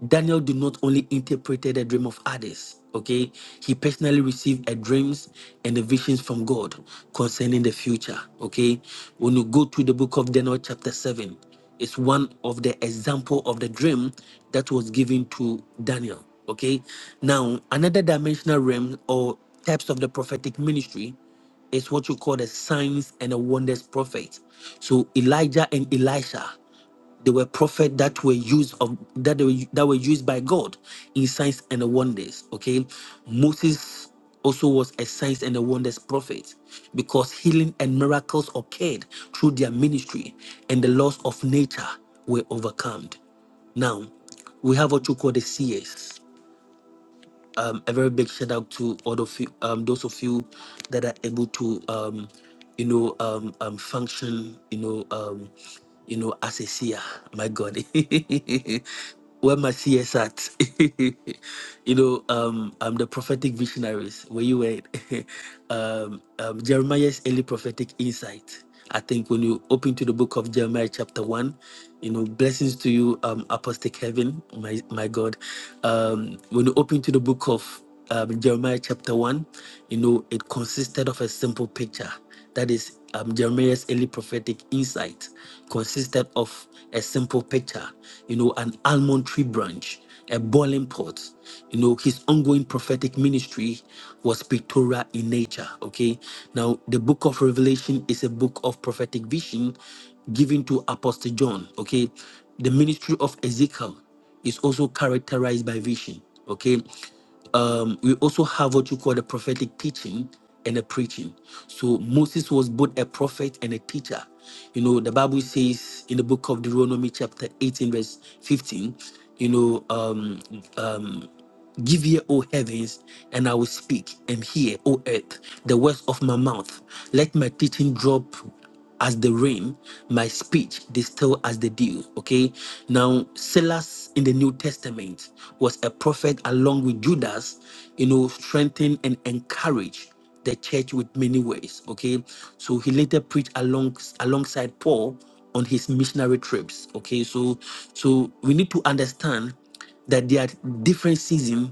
daniel did not only interpreted a dream of others okay he personally received a dreams and the visions from god concerning the future okay when you go to the book of daniel chapter 7 it's one of the example of the dream that was given to Daniel. Okay. Now, another dimensional realm or types of the prophetic ministry is what you call the signs and the wonders prophet. So Elijah and Elisha. They were prophets that were used of that they were, that were used by God in signs and wonders. Okay, Moses also was a signs and a wonders prophet because healing and miracles occurred through their ministry, and the laws of nature were overcome. Now, we have what you call the seers um, a very big shout out to all of you, um, those of you that are able to, um, you know, um, um, function, you know, um, you know, as a seer. My God, where my seers at? you know, um, um, the prophetic visionaries. Where you at? um, um, Jeremiah's early prophetic insight. I think when you open to the book of Jeremiah, chapter one, you know, blessings to you, um, Apostle Kevin, my my God. Um, when you open to the book of um, Jeremiah, chapter one, you know, it consisted of a simple picture. That is um, Jeremiah's early prophetic insight consisted of a simple picture, you know, an almond tree branch a boiling pot. You know, his ongoing prophetic ministry was pictorial in nature. Okay. Now, the book of Revelation is a book of prophetic vision given to Apostle John. Okay. The ministry of Ezekiel is also characterized by vision. Okay um, we also have what you call the prophetic teaching and the preaching. So Moses was both a prophet and a teacher. You know, the Bible says in the book of Deuteronomy, chapter 18, verse 15, you know, um, Give ear, O heavens, and I will speak, and hear, O earth, the words of my mouth. Let my teaching drop as the rain, my speech distill as the dew. Okay. Now, Silas in the New Testament was a prophet along with Judas, you know, strengthen and encourage the church with many ways. Okay. So he later preached along alongside Paul on his missionary trips. Okay. So so we need to understand that there are different seasons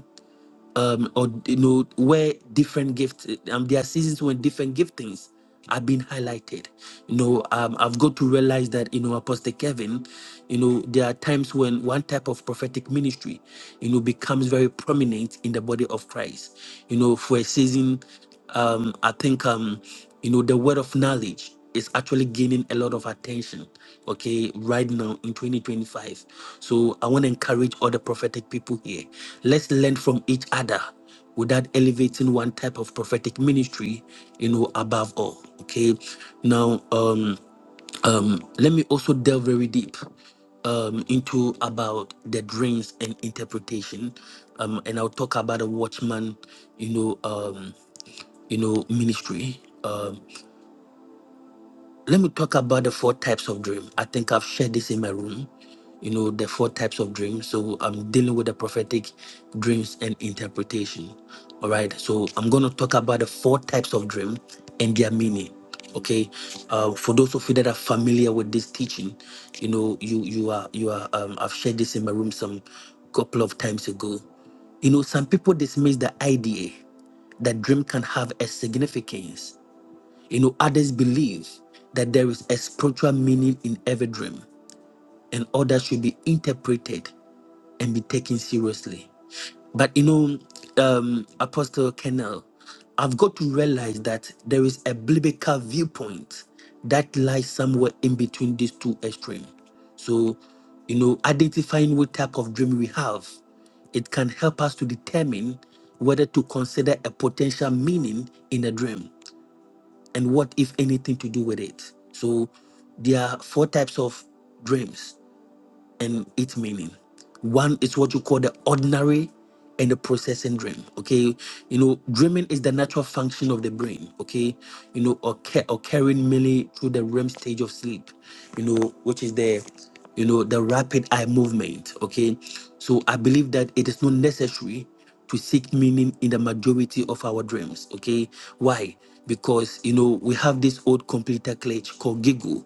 um, or you know where different gifts um, there are seasons when different giftings are being highlighted you know um, i've got to realize that you know apostle kevin you know there are times when one type of prophetic ministry you know becomes very prominent in the body of christ you know for a season um, I think um, you know the word of knowledge is actually gaining a lot of attention. Okay, right now in 2025. So I want to encourage all the prophetic people here. Let's learn from each other without elevating one type of prophetic ministry, you know, above all. Okay. Now, um, um, let me also delve very deep um, into about the dreams and interpretation, um, and I'll talk about a watchman, you know. Um, you know, ministry. Um, let me talk about the four types of dream. I think I've shared this in my room. You know, the four types of dreams. So I'm dealing with the prophetic dreams and interpretation. All right. So I'm going to talk about the four types of dream and their meaning. Okay. Uh, for those of you that are familiar with this teaching, you know, you you are you are. Um, I've shared this in my room some couple of times ago. You know, some people dismiss the idea that dream can have a significance you know, others believe that there is a spiritual meaning in every dream, and others should be interpreted and be taken seriously. But you know, um, Apostle Kennel, I've got to realize that there is a biblical viewpoint that lies somewhere in between these two extremes. So, you know, identifying what type of dream we have, it can help us to determine whether to consider a potential meaning in a dream and what, if anything, to do with it. So there are four types of dreams and its meaning. One is what you call the ordinary and the processing dream. Okay, you know, dreaming is the natural function of the brain. Okay, you know, occur- occurring mainly through the REM stage of sleep. You know, which is the, you know, the rapid eye movement. Okay, so I believe that it is not necessary to seek meaning in the majority of our dreams. Okay, why? Because you know we have this old computer glitch called Giggle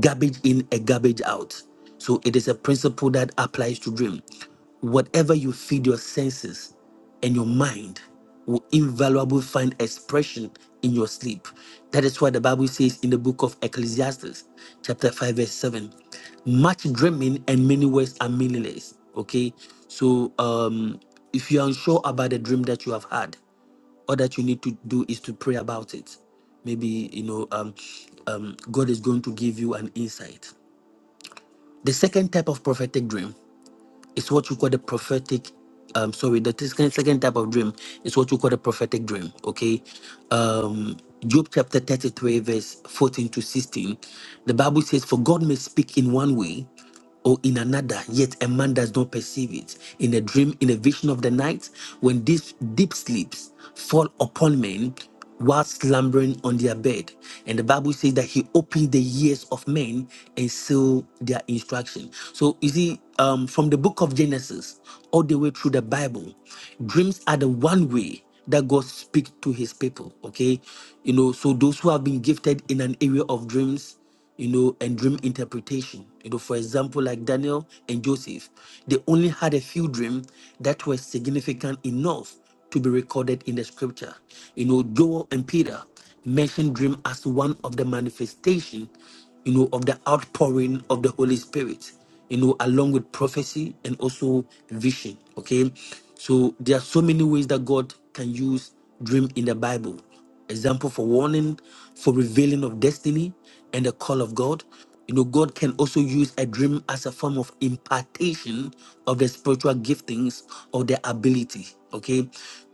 garbage in a garbage out so it is a principle that applies to dream whatever you feed your senses and your mind will invaluably find expression in your sleep that is why the bible says in the book of ecclesiastes chapter 5 verse 7 much dreaming and many words are meaningless okay so um if you're unsure about the dream that you have had all that you need to do is to pray about it maybe you know um, um, god is going to give you an insight the second type of prophetic dream is what you call the prophetic um, sorry the second second type of dream is what you call the prophetic dream okay um, job chapter 33 verse 14 to 16 the bible says for god may speak in one way or in another, yet a man does not perceive it. In a dream, in a vision of the night, when these deep sleeps fall upon men, whilst slumbering on their bed. And the Bible says that he opened the ears of men and sealed their instruction. So you see, um, from the book of Genesis all the way through the Bible, dreams are the one way that God speaks to his people. Okay. You know, so those who have been gifted in an area of dreams you know, and dream interpretation. You know, for example, like Daniel and Joseph, they only had a few dreams that were significant enough to be recorded in the scripture. You know, Joel and Peter mentioned dream as one of the manifestation, you know, of the outpouring of the Holy Spirit, you know, along with prophecy and also vision. Okay. So there are so many ways that God can use dream in the Bible example for warning, for revealing of destiny and the call of God. You know, God can also use a dream as a form of impartation of the spiritual giftings or the ability. Okay.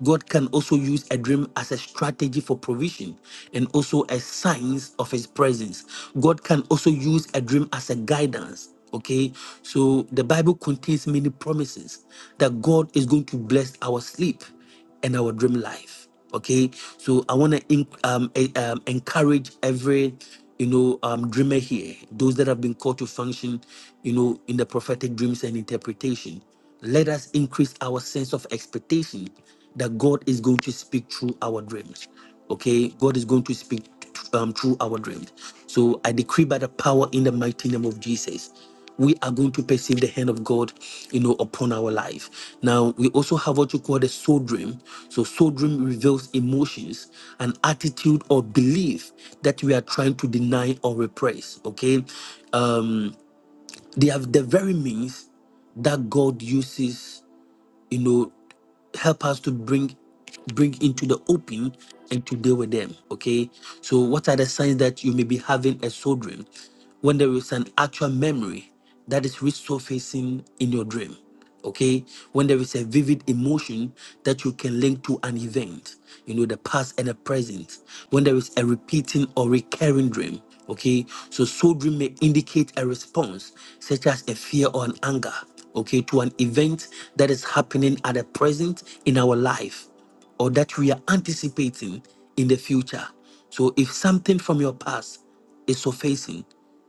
God can also use a dream as a strategy for provision and also as signs of his presence. God can also use a dream as a guidance Okay, so the Bible contains many promises that God is going to bless our sleep and our dream life. Okay, so I want to um, e- um, encourage every you know um, dreamer here, those that have been called to function, you know, in the prophetic dreams and interpretation. Let us increase our sense of expectation that God is going to speak through our dreams. Okay, God is going to speak um, through our dreams. So I decree by the power in the mighty name of Jesus, we are going to perceive the hand of God, you know, upon our life. Now we also have what you call the soul dream. So soul dream reveals emotions, an attitude or belief that we are trying to deny or repress. Okay, um, they have the very means that God uses, you know help us to bring bring into the open and to deal with them. Okay. So what are the signs that you may be having a soul dream? When there is an actual memory that is resurfacing in your dream. Okay. When there is a vivid emotion that you can link to an event, you know, the past and the present. When there is a repeating or recurring dream. Okay, so soul may indicate a response, such as a fear or an anger, okay, to an event that is happening at the present in our life or that we are anticipating in the future. So if something from your past is surfacing,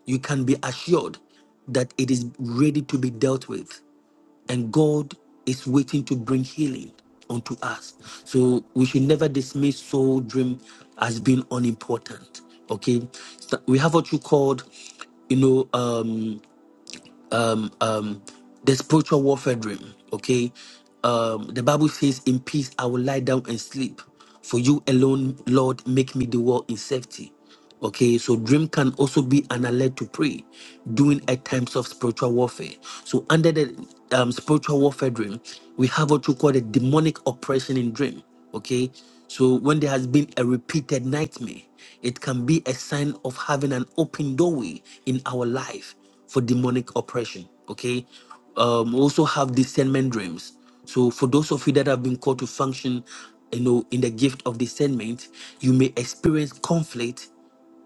you can be assured that it is ready to be dealt with and God is waiting to bring healing unto us. So we should never dismiss soul dream as being unimportant. Okay, so we have what you called, you know. um, um the spiritual warfare dream okay um the bible says in peace i will lie down and sleep for you alone lord make me dwell in safety okay so dream can also be an alert to pray during at times of spiritual warfare so under the um, spiritual warfare dream we have what you call the demonic oppression in dream okay so when there has been a repeated nightmare it can be a sign of having an open doorway in our life for demonic oppression. Okay. Um, also have discernment dreams. So for those of you that have been called to function, you know, in the gift of discernment, you may experience conflict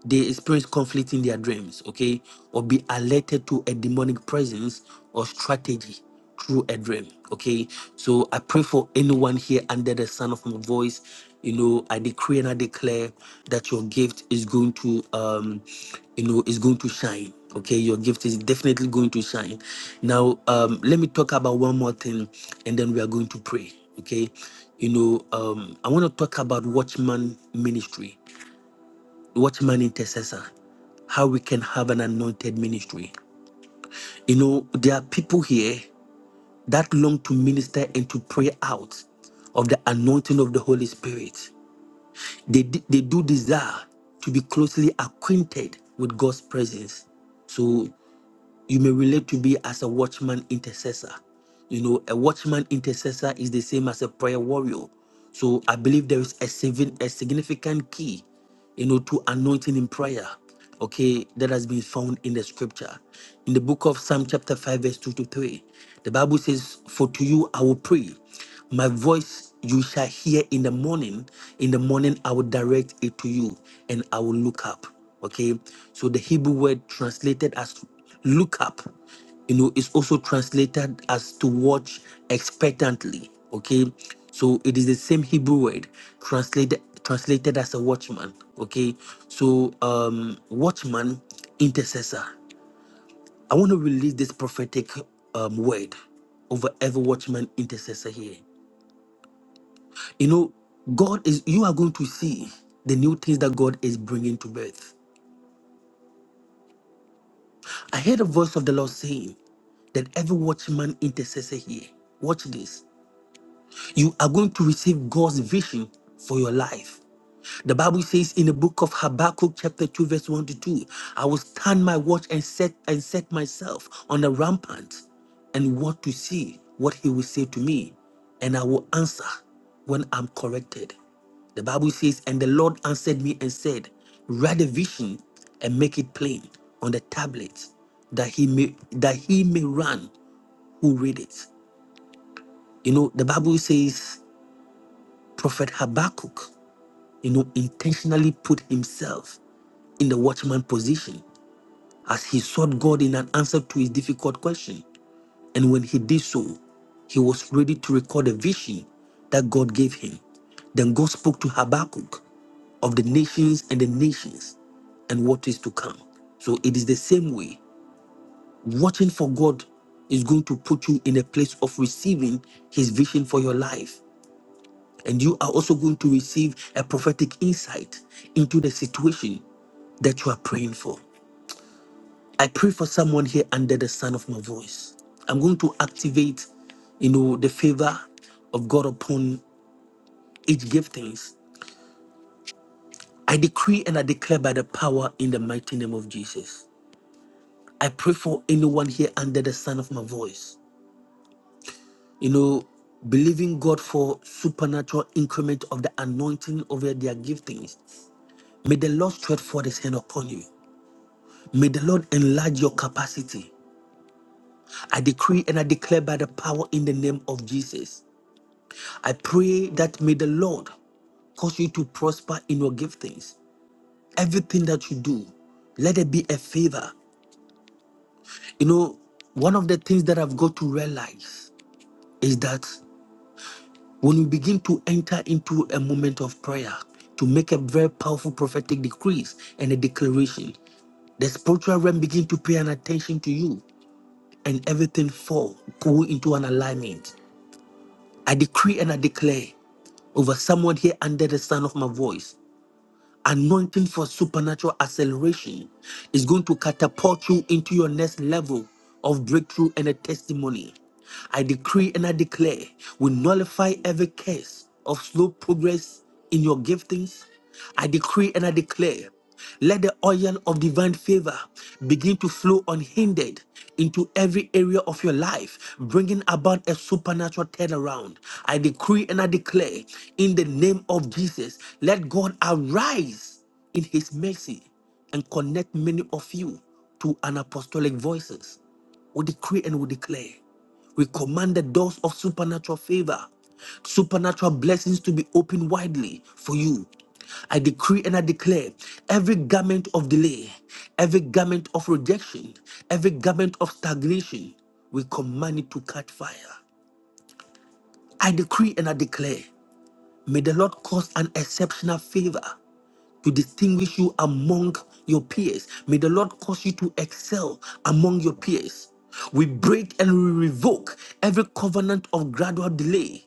they experience conflict in their dreams, okay, or be alerted to a demonic presence or strategy through a dream, okay. So I pray for anyone here under the sound of my voice. You know, I decree and I declare that your gift is going to, um, you know, is going to shine. Okay, your gift is definitely going to shine. Now, um, let me talk about one more thing, and then we are going to pray. Okay, you know, um, I want to talk about Watchman Ministry watchman intercessor, how we can have an anointed ministry. You know, there are people here that long to minister and to pray out of the anointing of the Holy Spirit. They, d- they do desire to be closely acquainted with God's presence. So you may relate to be as a watchman intercessor. You know, a watchman intercessor is the same as a prayer warrior. So I believe there is a, signi- a significant key, you know, to anointing in prayer, okay, that has been found in the scripture. In the book of Psalm chapter 5, verse 2 to 3, the Bible says, For to you I will pray my voice you shall hear in the morning in the morning i will direct it to you and i will look up okay so the hebrew word translated as look up you know is also translated as to watch expectantly okay so it is the same hebrew word translated translated as a watchman okay so um watchman intercessor i want to release this prophetic um word over every watchman intercessor here you know, God is, you are going to see the new things that God is bringing to birth. I heard a voice of the Lord saying that every watchman intercessor here, watch this. You are going to receive God's vision for your life. The Bible says in the book of Habakkuk, chapter 2, verse 1 to 2, I will stand my watch and set and set myself on the rampant and want to see what he will say to me, and I will answer when I'm corrected. The Bible says, And the Lord answered me and said, Write a vision and make it plain on the tablet that he may that he may run who read it. You know, the Bible says prophet Habakkuk, you know, intentionally put himself in the watchman position as he sought God in an answer to his difficult question. And when he did so, he was ready to record a vision that God gave him. Then God spoke to Habakkuk of the nations and the nations and what is to come. So it is the same way. Watching for God is going to put you in a place of receiving his vision for your life. And you are also going to receive a prophetic insight into the situation that you are praying for. I pray for someone here under the sound of my voice. I'm going to activate, you know, the favor of God upon each giftings. I decree and I declare by the power in the mighty name of Jesus. I pray for anyone here under the sound of my voice, you know, believing God for supernatural increment of the anointing over their giftings. May the Lord stretch forth his hand upon you. May the Lord enlarge your capacity. I decree and I declare by the power in the name of Jesus. I pray that may the Lord cause you to prosper in your giftings. Everything that you do, let it be a favor. You know, one of the things that I've got to realize is that when we begin to enter into a moment of prayer to make a very powerful prophetic decrees and a declaration, the spiritual realm begin to pay an attention to you and everything fall, go into an alignment. I decree and I declare over someone here under the sound of my voice anointing for supernatural acceleration is going to catapult you into your next level of breakthrough and a testimony. I decree and I declare we nullify every case of slow progress in your giftings. I decree and I declare let the oil of divine favor begin to flow unhindered into every area of your life, bringing about a supernatural turnaround. I decree and I declare in the name of Jesus, let God arise in his mercy and connect many of you to an apostolic voices. We decree and we declare we command the doors of supernatural favor, supernatural blessings to be opened widely for you. I decree and I declare every garment of delay, every garment of rejection, every garment of stagnation, we command it to catch fire. I decree and I declare, may the Lord cause an exceptional favor to distinguish you among your peers. May the Lord cause you to excel among your peers. We break and we revoke every covenant of gradual delay.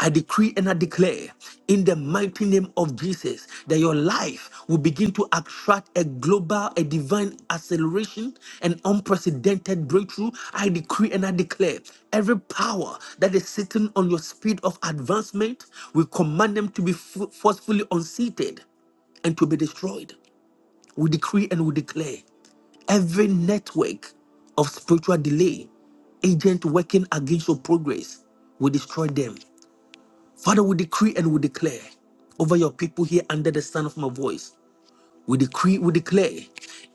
I decree and I declare in the mighty name of Jesus that your life will begin to attract a global, a divine acceleration, an unprecedented breakthrough. I decree and I declare every power that is sitting on your speed of advancement, we command them to be fu- forcefully unseated and to be destroyed. We decree and we declare every network of spiritual delay, agent working against your progress, we destroy them. Father, we decree and we declare over your people here under the sound of my voice. We decree, we declare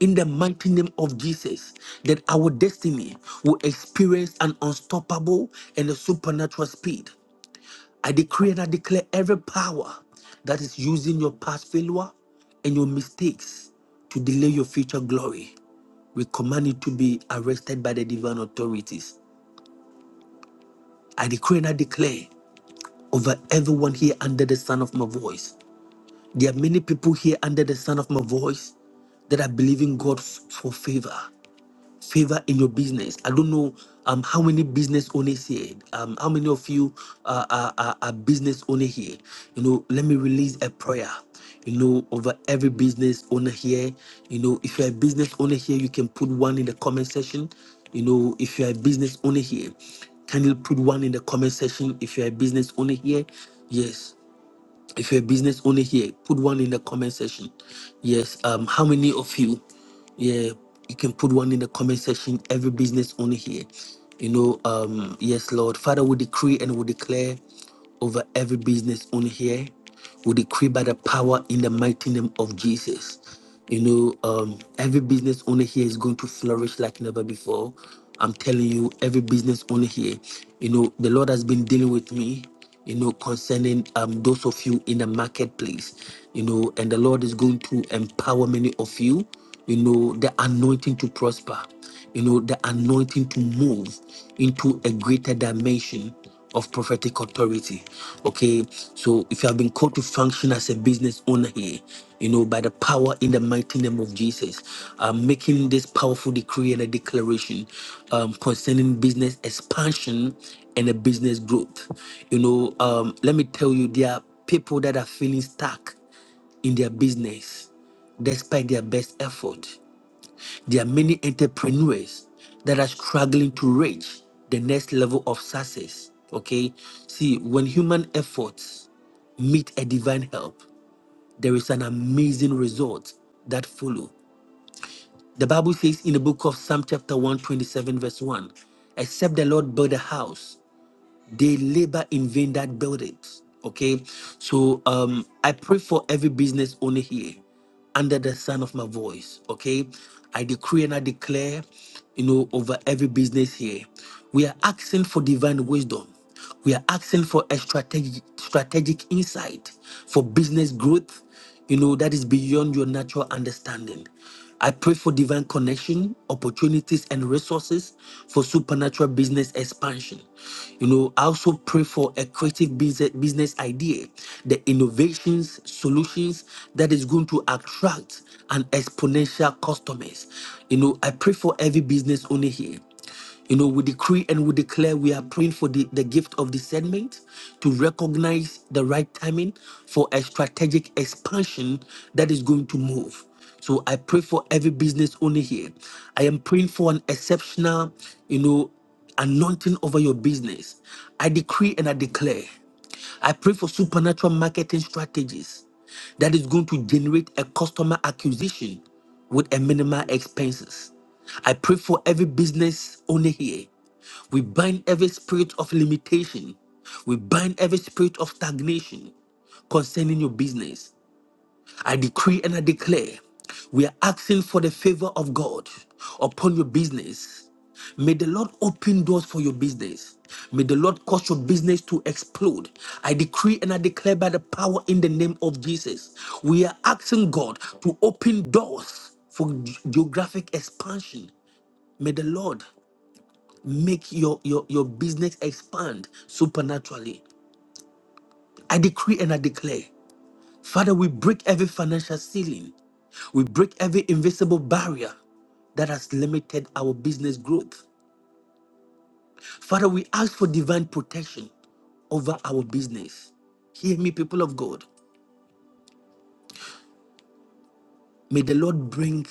in the mighty name of Jesus that our destiny will experience an unstoppable and a supernatural speed. I decree and I declare every power that is using your past failure and your mistakes to delay your future glory. We command it to be arrested by the divine authorities. I decree and I declare over everyone here under the sound of my voice. There are many people here under the sound of my voice that are believing God f- for favor. favor in your business. I don't know um, how many business owners here, um, how many of you are, are, are are business owner here. You know, let me release a prayer. You know, over every business owner here. You know, if you're a business owner here, you can put one in the comment section. You know, if you're a business owner here, can you put one in the comment section if you're a business owner here. Yes, if you're a business owner here, put one in the comment section. Yes. Um, how many of you? Yeah, you can put one in the comment section. Every business owner here. You know, um, yes, Lord. Father, we decree and we declare over every business owner here. We decree by the power in the mighty name of Jesus. You know, um, every business owner here is going to flourish like never before. I'm telling you, every business owner here, you know, the Lord has been dealing with me, you know, concerning um, those of you in the marketplace, you know, and the Lord is going to empower many of you, you know, the anointing to prosper you know, the anointing to move into a greater dimension of prophetic authority. Okay, so if you have been called to function as a business owner here, you know, by the power in the mighty name of Jesus, I'm making this powerful decree and a declaration um, concerning business expansion and a business growth. You know, um, let me tell you, there are people that are feeling stuck in their business despite their best effort. There are many entrepreneurs that are struggling to reach the next level of success. Okay. See, when human efforts meet a divine help, there is an amazing result that follow. The Bible says in the book of Psalm chapter 127, verse 1, except the Lord build a house, they labor in vain that build it. Okay. So um, I pray for every business owner here under the sound of my voice. Okay. I decree and I declare, you know, over every business here. We are asking for divine wisdom. We are asking for a strategic strategic insight for business growth you know, that is beyond your natural understanding. I pray for divine connection, opportunities, and resources for supernatural business expansion. You know, I also pray for a creative business, business idea, the innovations, solutions that is going to attract an exponential customers. You know, I pray for every business owner here you know, we decree and we declare we are praying for the, the gift of discernment to recognize the right timing for a strategic expansion that is going to move. So I pray for every business owner here. I am praying for an exceptional, you know, anointing over your business. I decree and I declare. I pray for supernatural marketing strategies that is going to generate a customer acquisition with a minimal expenses. I pray for every business owner here. We bind every spirit of limitation. We bind every spirit of stagnation concerning your business. I decree and I declare we are asking for the favor of God upon your business. May the Lord open doors for your business. May the Lord cause your business to explode. I decree and I declare by the power in the name of Jesus. We are asking God to open doors for ge- geographic expansion. May the Lord make your, your, your business expand supernaturally. I decree and I declare Father, we break every financial ceiling. We break every invisible barrier that has limited our business growth. Father, we ask for divine protection over our business. Hear me, people of God. May the Lord bring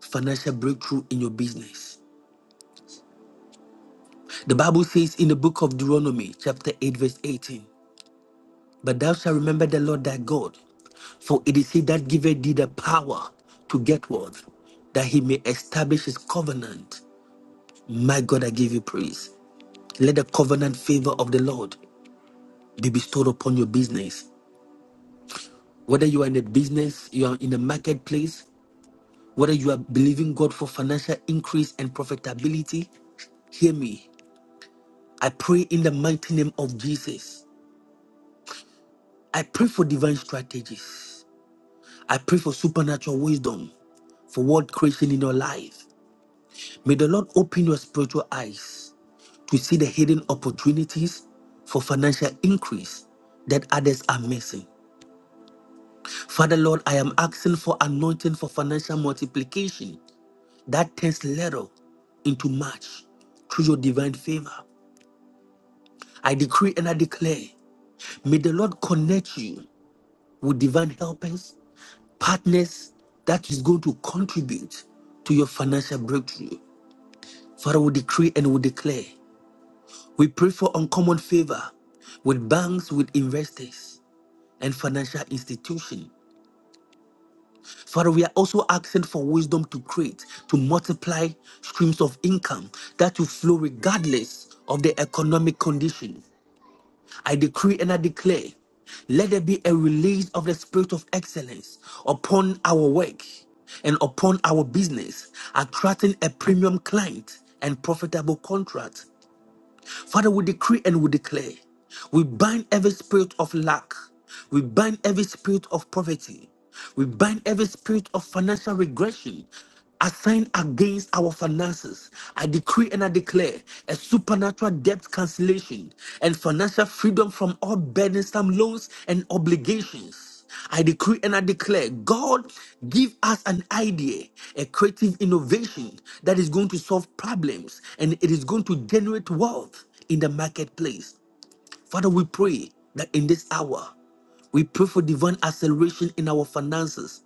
financial breakthrough in your business. The Bible says in the book of Deuteronomy, chapter 8, verse 18, But thou shalt remember the Lord thy God, for it is he that giveth thee the power to get wealth, that he may establish his covenant My God, I give you praise. Let the covenant favor of the Lord be bestowed upon your business. Whether you are in a business, you are in a marketplace, whether you are believing God for financial increase and profitability, hear me. I pray in the mighty name of Jesus. I pray for divine strategies. I pray for supernatural wisdom for world creation in your life. May the Lord open your spiritual eyes to see the hidden opportunities for financial increase that others are missing. Father Lord, I am asking for anointing for financial multiplication that turns little into much through your divine favor. I decree and I declare, may the Lord connect you with divine helpers, partners that is going to contribute to your financial breakthrough. Father, we decree and we declare. We pray for uncommon favor with banks, with investors, and financial institutions. Father, we are also asking for wisdom to create, to multiply streams of income that will flow regardless of the economic condition. I decree and I declare, let there be a release of the spirit of excellence upon our work and upon our business, attracting a premium client and profitable contract Father, we decree and we declare. We bind every spirit of lack. We bind every spirit of poverty. We bind every spirit of financial regression assigned against our finances. I decree and I declare a supernatural debt cancellation and financial freedom from all burdensome loans and obligations. I decree and I declare, God, give us an idea, a creative innovation that is going to solve problems and it is going to generate wealth in the marketplace. Father, we pray that in this hour, we pray for divine acceleration in our finances,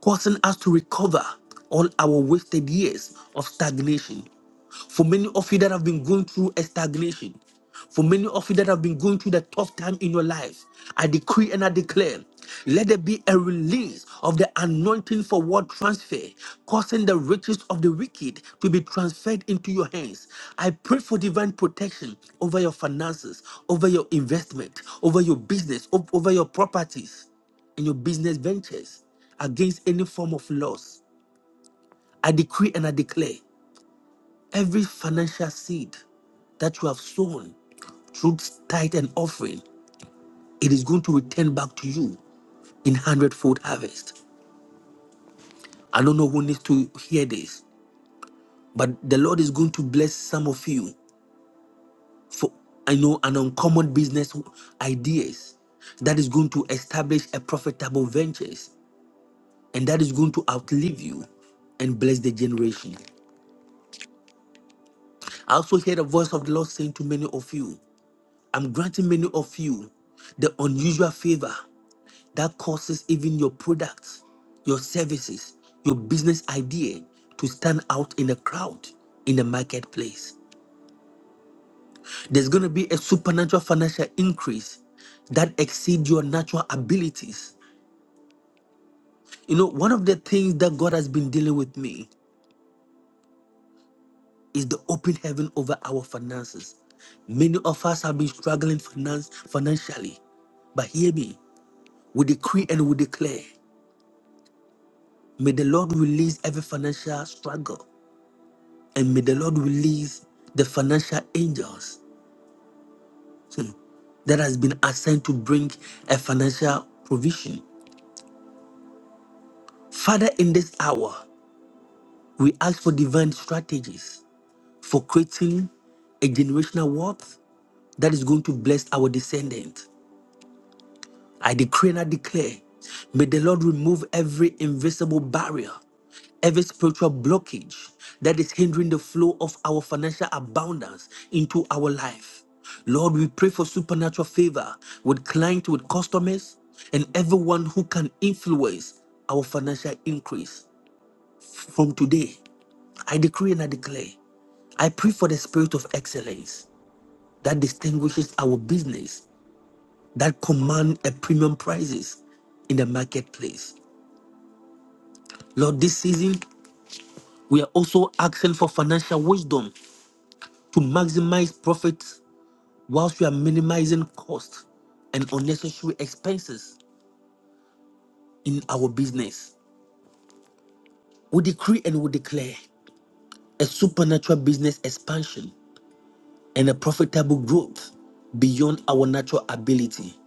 causing us to recover all our wasted years of stagnation. For many of you that have been going through a stagnation, for many of you that have been going through the tough time in your life, I decree and I declare declare, let there be a release of the anointing for word transfer, causing the riches of the wicked to be transferred into your hands. I pray for divine protection over your finances, over your investment, over your business, o- over your properties and your business ventures against any form of loss. I decree and I declare every financial seed that you have sown through tithe and offering, it is going to return back to you in hundredfold harvest. I don't know who needs to hear this, but the Lord is going to bless some of you for I know an uncommon business ideas that is going to establish a profitable ventures and that is going to outlive you and bless the generation. I also hear the voice of the Lord saying to many of you, I'm granting many of you the unusual favor that causes even your products, your services, your business idea to stand out in the crowd in the marketplace. There's going to be a supernatural financial increase that exceeds your natural abilities. You know, one of the things that God has been dealing with me is the open heaven over our finances. Many of us have been struggling finance financially, but hear me. We decree and we declare. May the Lord release every financial struggle, and may the Lord release the financial angels. Hmm that has been assigned to bring a financial provision. Father, in this hour, We ask for divine strategies for creating a generational wealth that is going to bless our descendants. I decree and I declare, may the Lord remove every invisible barrier, every spiritual blockage that is hindering the flow of our financial abundance into our life. Lord, we pray for supernatural favor with clients, with customers, and everyone who can influence our financial increase from today. I decree and I declare I pray for the spirit of excellence that distinguishes our business, that command a premium prices in the marketplace. Lord, this season, we are also asking for financial wisdom to maximize profits whilst we are minimizing costs and unnecessary expenses in our business. We decree and we declare a supernatural business expansion and a profitable growth beyond our natural ability.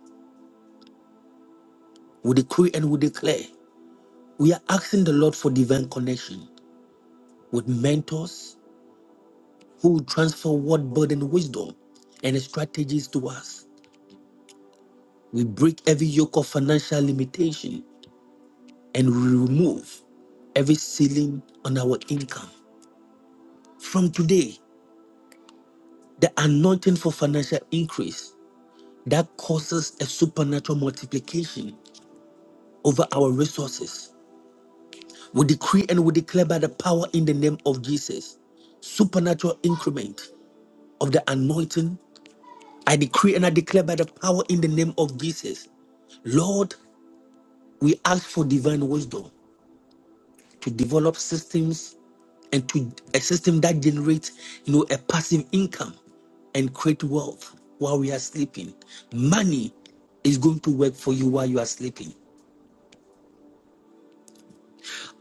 We decree and we declare We are asking the Lord for divine connection with mentors who will transfer word burden wisdom and strategies to us. We break every yoke of financial limitation and we remove every ceiling on our income. From today, the anointing for financial increase that causes a supernatural multiplication over our resources. We decree and we declare by the power in the name of Jesus supernatural increment of the anointing I decree and I declare by the power in the name of Jesus. Lord, we ask for divine wisdom to develop systems and to a system that generates, you know, a passive income and create wealth while we are sleeping. Money is going to work for you while you are sleeping.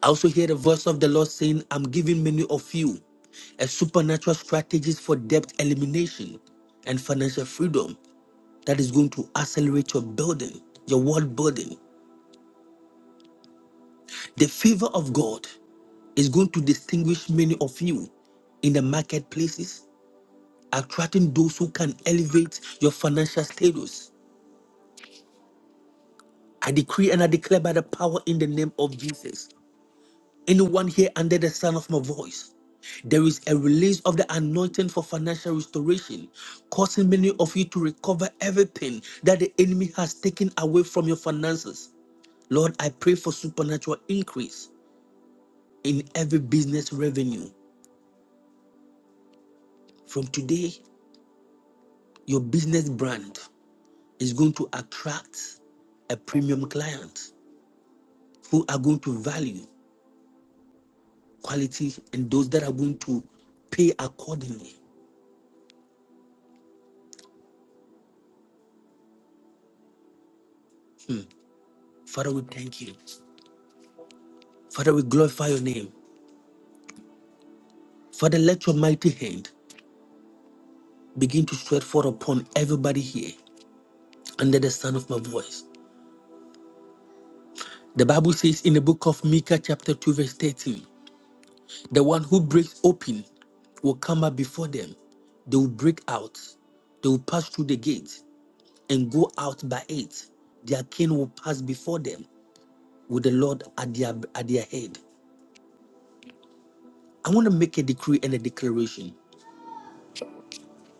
I also hear the voice of the Lord saying, I'm giving many of you a supernatural strategies for debt elimination and financial freedom that is going to accelerate your building, your world building. The favor of God is going to distinguish many of you in the marketplaces, attracting those who can elevate your financial status. I decree and I declare by the power in the name of Jesus. Anyone here under the sound of my voice, there is a release of the anointing for financial restoration, causing many of you to recover everything that the enemy has taken away from your finances. Lord, I pray for supernatural increase in every business revenue. From today, Your business brand is going to attract a premium client who are going to value quality and those that are going to pay accordingly. Father, we thank you. Father, we glorify your name. Father, let your mighty hand begin to sweat forth upon everybody here under the sound of my voice. The Bible says in the book of Micah, chapter 2, verse 13, the one who breaks open will come up before them. They will break out. They will pass through the gate. and go out by it. Their king will pass before them with the Lord at their, at their head. I want to make a decree and a declaration.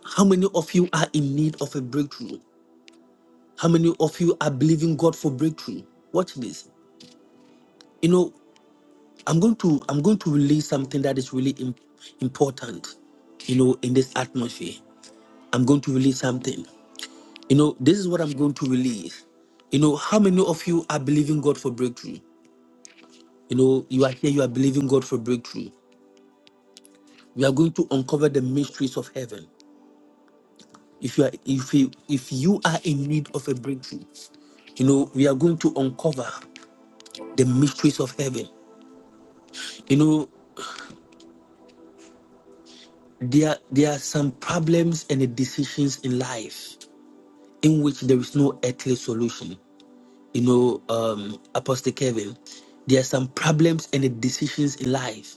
How many of you are in need of a breakthrough? How many of you are believing God for breakthrough? Watch this. You know, I'm going to I'm going to release something that is really im- important, you know, in this atmosphere. I'm going to release something. You know, this is what I'm going to release. You know, how many of you are believing God for breakthrough? You know, you are here, you are believing God for breakthrough. We are going to uncover the mysteries of heaven. If you are if you if you are in need of a breakthrough, you know, we are going to uncover the mysteries of heaven. You know, there there are some problems and decisions in life in which there is no earthly solution. You know, um, Apostle Kevin, there are some problems and decisions in life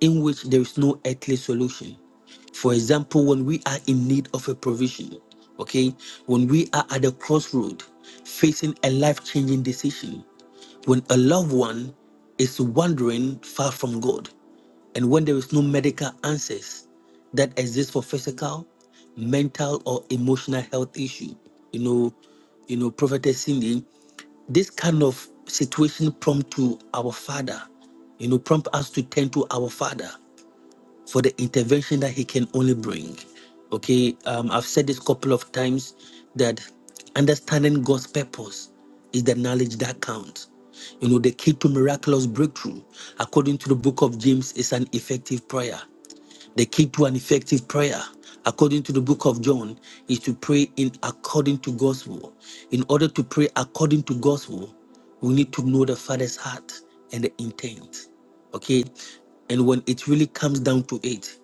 in which there is no earthly solution. For example, when we are in need of a provision, okay, when we are at a crossroad facing a life changing decision, when a loved one is wandering far from God, and when there is no medical answers that exist for physical, mental, or emotional health issue, you know, you know, Prophetess Cindy, this kind of situation prompt to our Father, you know, prompt us to turn to our Father for the intervention that he can only bring. Okay, um, I've said this couple of times that understanding God's purpose is the knowledge that counts. You know, the key to miraculous breakthrough, according to the book of James, is an effective prayer. The key to an effective prayer, according to the book of John, is to pray in according to gospel. In order to pray according to gospel, we need to know the Father's heart and the intent. Okay? And when it really comes down to it,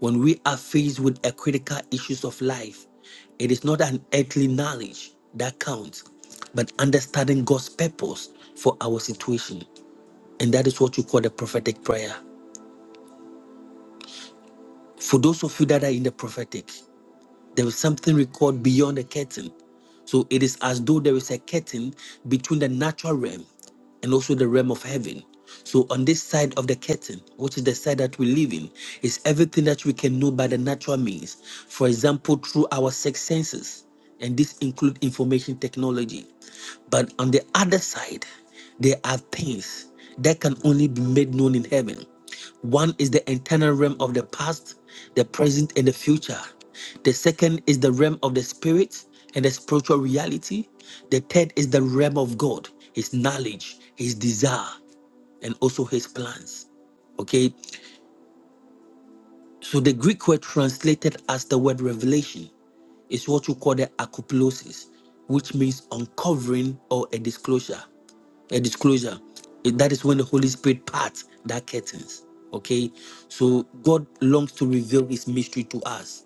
when we are faced with a critical issues of life, it is not an earthly knowledge that counts, but understanding God's purpose for our situation. And that is what you call the prophetic prayer. For those of you that are in the prophetic, There is something recorded beyond the curtain. So it is as though there is a curtain between the natural realm and also the realm of heaven. So on this side of the curtain, which is the side that we live in, is everything that we can know by the natural means. For example, through our six senses, and this includes information technology. But on the other side, there are things that can only be made known in heaven. One is the internal realm of the past, the present, and the future. The second is the realm of the spirit and the spiritual reality. The third is the realm of God, his knowledge, his desire, and also his plans. Okay, so the Greek word translated as the word revelation is what you call the akuplosis, which means uncovering or a disclosure a disclosure. It- That is when the Holy Spirit parts that curtains. Okay, so God longs to reveal His mystery to us.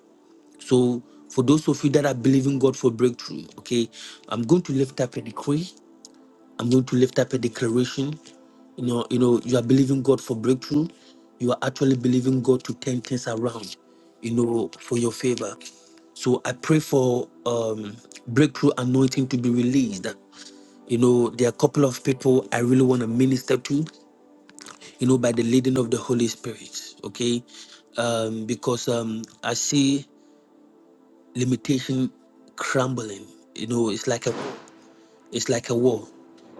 So for those of you that are believing God for breakthrough, okay, I'm going to lift up a decree. I'm going to lift up a declaration. You know, you know, you are believing God for breakthrough. You are actually believing God to turn things around. You know, for your favor. So I pray for um, breakthrough anointing to be released you know, there are a couple of people I really want to minister to, you know, by the leading of the Holy Spirit, okay? Um, because um, I see limitation crumbling. You know, it's like a it's like a wall.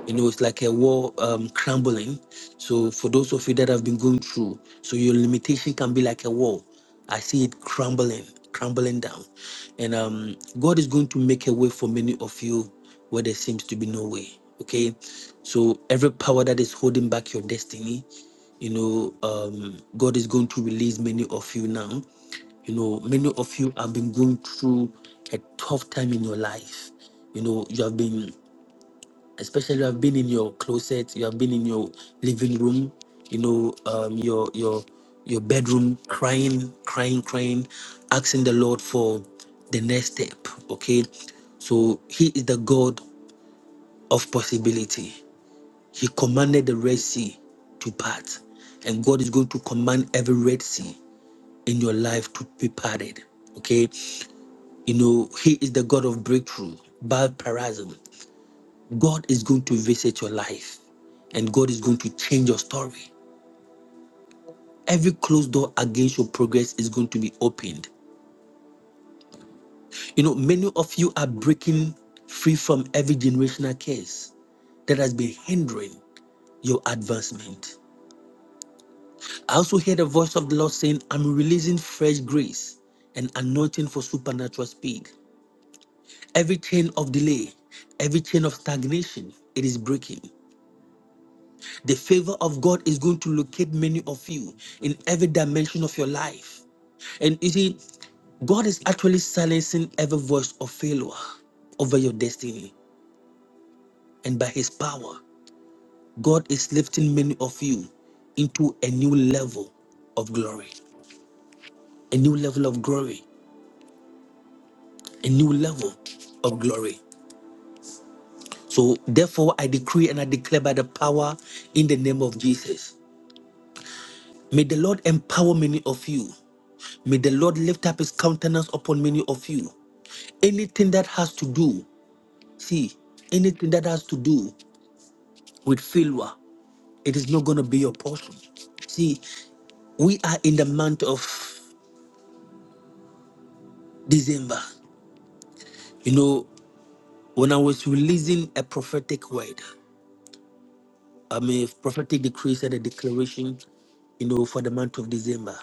You know, it's like a wall um, crumbling. So for those of you that have been going through, so your limitation can be like a wall. I see it crumbling, crumbling down. And um, God is going to make a way for many of you where there seems to be no way. Okay. So every power that is holding back your destiny, you know, um, God is going to release many of you now. You know, many of you have been going through a tough time in your life. You know, you have been especially you have been in your closet, you have been in your living room, you know, um, your your your bedroom, crying, crying, crying, asking the Lord for the next step. Okay, so He is the God of possibility. He commanded the Red Sea to part, and God is going to command every Red Sea in your life to be parted. Okay, you know, He is the God of breakthrough, bad parasm. God is going to visit your life and God is going to change your story. Every closed door against your progress is going to be opened. You know, many of you are breaking free from every generational curse that has been hindering your advancement. I also hear the voice of the Lord saying, I'm releasing fresh grace and anointing for supernatural speed. Every chain of delay, every chain of stagnation, it is breaking. The favor of God is going to locate many of you in every dimension of your life. And you see, God is actually silencing every voice of failure over your destiny. And by His power, God is lifting many of you into a new level of glory, a new level of glory, a new level of glory. So, therefore, I decree and I declare by the power in the name of Jesus. May the Lord empower many of you May the Lord lift up his countenance upon many of you. Anything that has to do, see, anything that has to do with failure, it is not going to be your portion. See, we are in the month of December. You know, when I was releasing a prophetic word, I mean, prophetic decrees and a declaration, you know, for the month of December.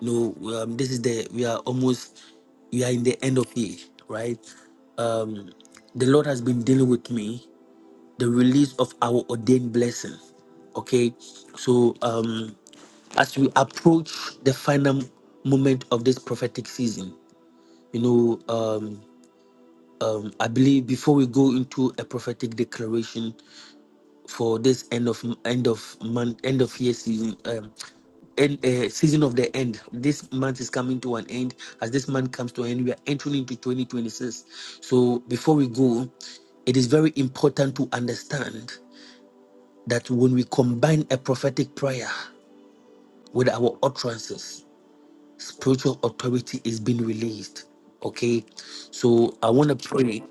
You know, um, this is the, we are almost, we are in the end of year, right? Um, the Lord has been dealing with me the release of our ordained blessing. Okay, so um, as we approach the final moment of this prophetic season, you know, um, um, I believe before we go into a prophetic declaration for this end of end of month, end of year season, um, end, uh, season of the end. This month is coming to an end. As this month comes to an end, we are entering into 2026. So before we go, it is very important to understand. that when we combine a prophetic prayer with our utterances, spiritual authority is being released. Okay, so I want to pray.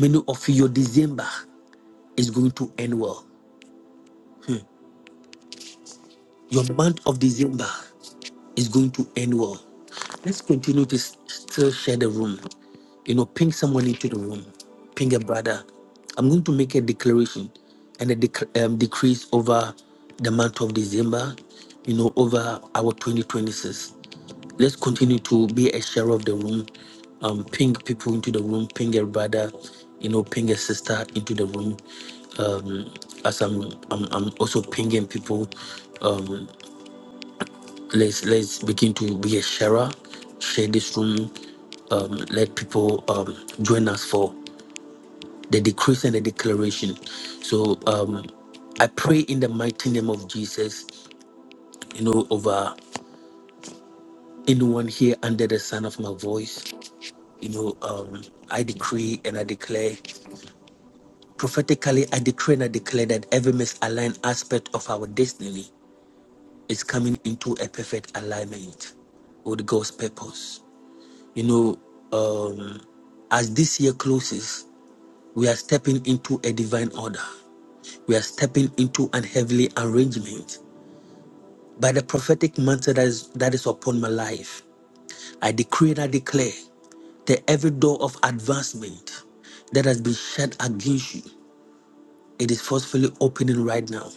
Many of you, your December is going to end well. Your month of December Is going to end well. Let's continue to s- still share the room. You know, ping someone into the room. Ping a brother. I'm going to make a declaration and a dec- um, decrease over the month of December, you know, over our 2026 let's continue to be a share of the room um ping people into the room ping a brother you know ping a sister into the room um as i'm i'm, I'm also pinging people Um let's let's begin to be a sharer share this room um, let people um, join us for the decrease and the declaration so um, i pray in the mighty name of jesus you know over anyone here under the sound of my voice you know um, i decree and i declare prophetically i decree and i declare that every misaligned aspect of our destiny is coming into a perfect alignment with god's purpose You know, um, as this year closes, we are stepping into a divine order. We are stepping into an heavenly arrangement. By the prophetic mantle that is, that is upon my life, I decree and I declare that every door of advancement that has been shut against you, it is forcefully opening right now.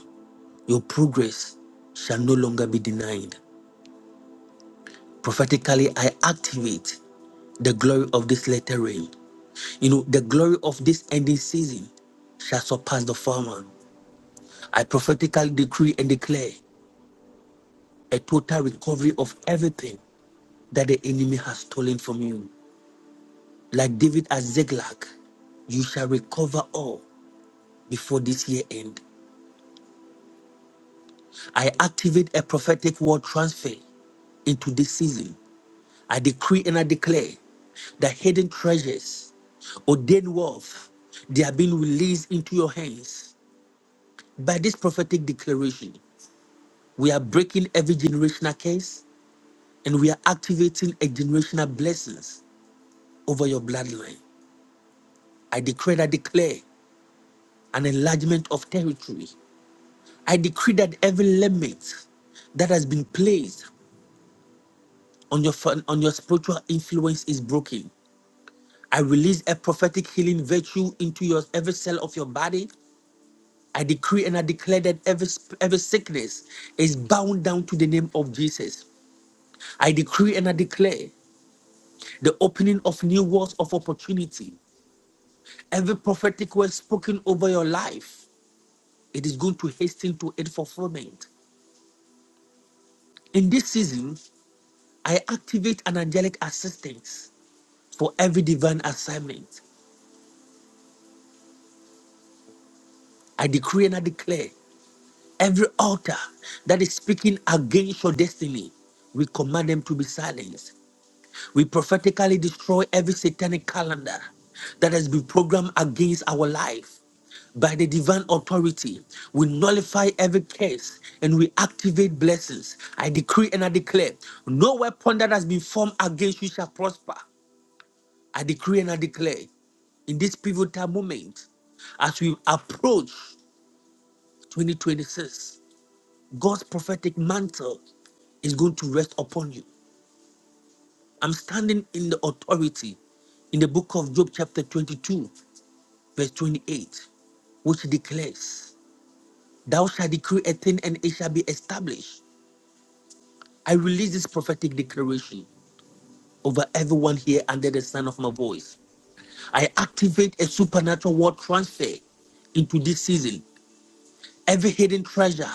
Your progress shall no longer be denied. Prophetically, I activate the glory of this latter rain. You know, the glory of this ending season shall surpass the former. I prophetically decree and declare a total recovery of everything that the enemy has stolen from you. Like David at Ziklag, you shall recover all before this year end. I activate a prophetic word transfer into this season. I decree and I declare that hidden treasures, ordained wealth, they are being released into your hands by this prophetic declaration. We are breaking every generational curse and we are activating a generational blessings over your bloodline. I declare I declare an enlargement of territory. I decree that every limit that has been placed on your fin- on your spiritual influence is broken. I release a prophetic healing virtue into your every cell of your body. I decree and I declare that every sp- every sickness is bound down to the name of Jesus. I decree and I declare the opening of new worlds of opportunity. Every prophetic word spoken over your life, it is going to hasten to its fulfillment. In this season, I activate an angelic assistance for every divine assignment. I decree and I declare every altar that is speaking against your destiny, we command them to be silenced. We prophetically destroy every satanic calendar that has been programmed against our life. By the divine authority, we nullify every curse and we activate blessings. I decree and I declare no weapon that has been formed against you shall prosper. I decree and I declare in this pivotal moment, as we approach 2026, God's prophetic mantle is going to rest upon you. I'm standing in the authority in the book of Job, chapter 22, verse 28, which declares, Thou shalt decree a thing and it shall be established. I release this prophetic declaration over everyone here under the sound of my voice. I activate a supernatural word transfer into this season every hidden treasure,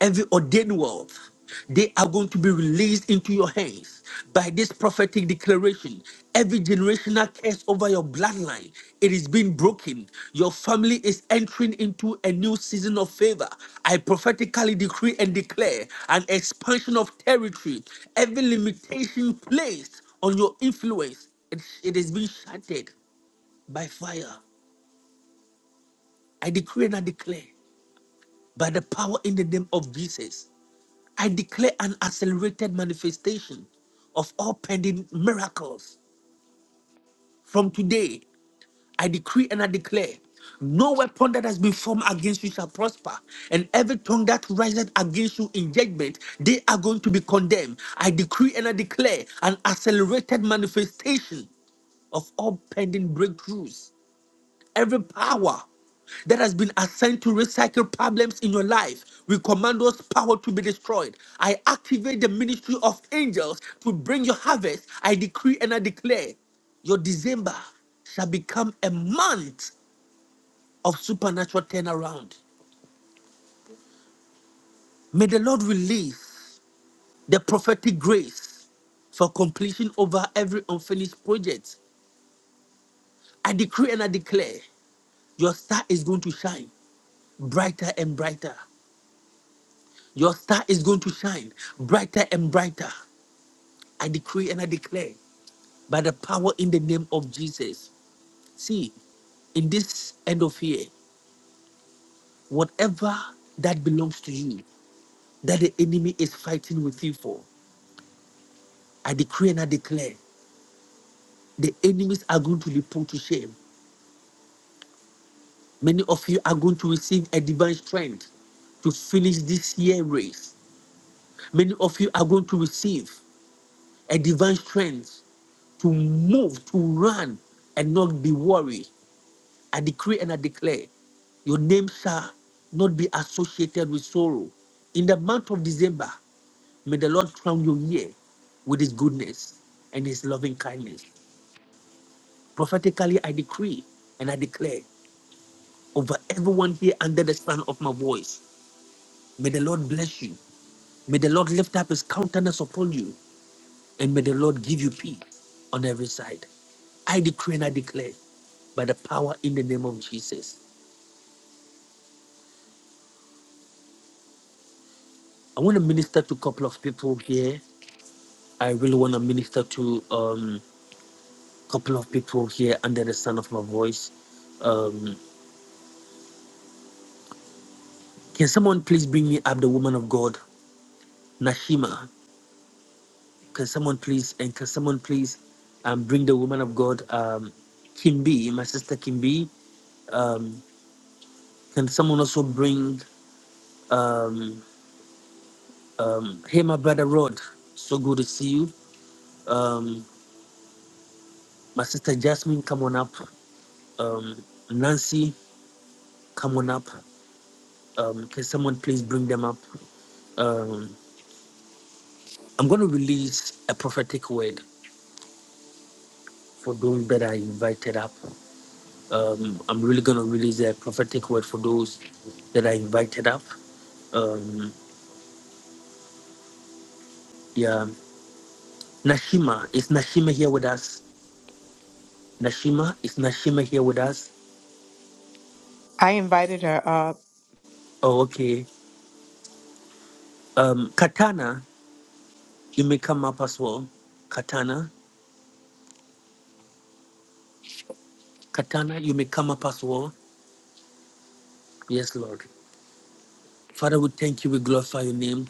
every ordained wealth, they are going to be released into your hands by this prophetic declaration. Every generational curse over your bloodline, it is being broken. Your family is entering into a new season of favor. I prophetically decree and declare an expansion of territory. Every limitation placed on your influence, it, it is being shattered by fire. I decree and I declare by the power in the name of Jesus. I declare an accelerated manifestation of all pending miracles. From today, I decree and I declare no weapon that has been formed against you shall prosper, and every tongue that rises against you in judgment, they are going to be condemned. I decree and I declare an accelerated manifestation of all pending breakthroughs Every power that has been assigned to recycle problems in your life. We command those power to be destroyed. I activate the ministry of angels to bring your harvest. I decree and I declare your December shall become a month of supernatural turnaround. May the Lord release the prophetic grace for completion over every unfinished project. I decree and I declare your star is going to shine brighter and brighter. Your star is going to shine brighter and brighter. I decree and I declare by the power in the name of Jesus. See, in this end of year, whatever that belongs to you, that the enemy is fighting with you for, I decree and I declare the enemies are going to be put to shame. Many of you are going to receive a divine strength to finish this year race. Many of you are going to receive a divine strength to move, to run, and not be worried. I decree and I declare your name shall not be associated with sorrow. In the month of December, may the Lord crown your year with his goodness and his loving kindness. Prophetically, I decree and I declare over everyone here under the sound of my voice, may the Lord bless you. May the Lord lift up his countenance upon you And may the Lord give you peace on every side. I decree and I declare by the power in the name of Jesus. I want to minister to a couple of people here. I really want to minister to a um, couple of people here under the sound of my voice. Um, can someone please bring me up the woman of God, Nashima? Can someone please, and can someone please um, bring the woman of God, um, Kimbi, my sister Kimbi? Um, can someone also bring um, Um, hey, my brother Rod, so good to see you. Um, my sister Jasmine, come on up. Um, Nancy, come on up. Um, can someone please bring them up? Um, I'm going to release a prophetic word for those that are invited up. Um, I'm really going to release a prophetic word for those that are invited up. Um, yeah, Nashima, is Nashima here with us? Nashima, is Nashima here with us?
I invited her up.
Oh, okay. Um, Katana, You may come up as well. Katana. Katana, you may come up as well. Yes, Lord. Father, we thank you. We glorify your name.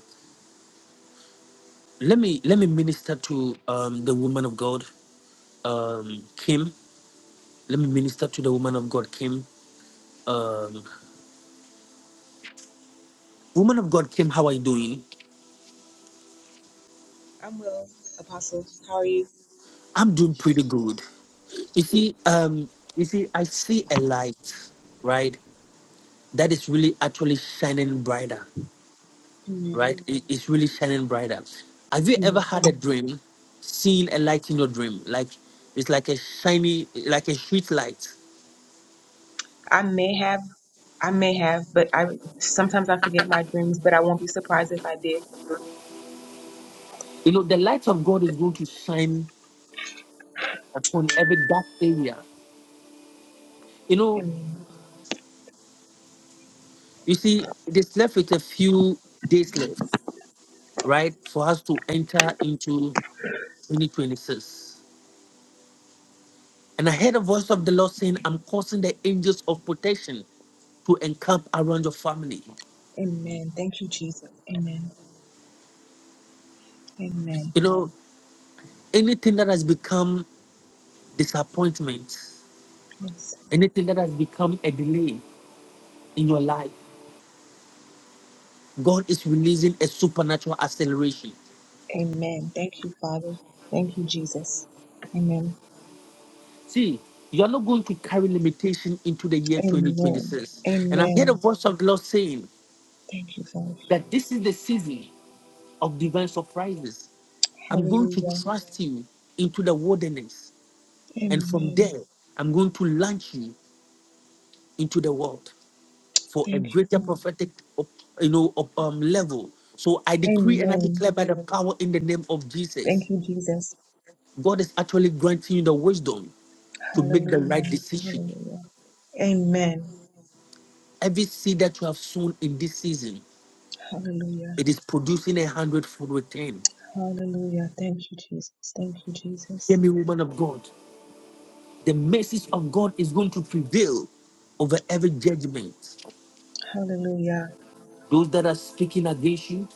Let me let me minister to um, the woman of God, um, Kim. Let me minister to the woman of God, Kim. Um, woman of God, Kim, how are you doing?
I'm well, Apostle. How are you?
I'm doing pretty good. You see, um, you see, I see a light, right? That is really actually shining brighter.
Amen.
right? It- It's really shining brighter. Have you ever
Amen.
had a dream, seen a light in your dream? Like it's like a shiny, like a street light.
I may have, I may have, but I sometimes I forget my dreams, but I won't be surprised if I did.
You know, the light of God is going to shine upon every dark area. You know,
Amen.
you see, it is left with a few days left, right, for us to enter into 2026. And I heard a voice of the Lord saying, I'm causing the angels of protection to encamp around your family.
Amen. Thank you, Jesus. Amen. Amen.
You know, anything that has become disappointment,
Yes.
anything that has become a delay in your life, God is releasing a supernatural acceleration.
Amen. Thank you, Father. Thank you, Jesus. Amen.
See, you are not going to carry limitation into the year
Amen.
2026. And I hear the
Amen.
voice of the Lord saying
Thank you, Father.
that this is the season of divine surprises. I'm going to
Hallelujah.
trust you into the wilderness, and from
Amen.
there, I'm going to launch you into the world. for a
Thank you,
greater
Father.
prophetic, op- you know, op- um, level. So I decree and I
Amen.
declare by the power in the name of
Thank
Jesus,
you, Jesus.
God is actually granting you the wisdom to make the right
Hallelujah.
decision.
Hallelujah. Amen.
Every seed that you have sown in this season,
Hallelujah.
it is producing a hundredfold return.
Hallelujah. Thank you, Jesus. Thank you,
Hear
Jesus.
me, woman of God. The message of God is going to prevail over every judgment.
Hallelujah.
Those that are speaking against you,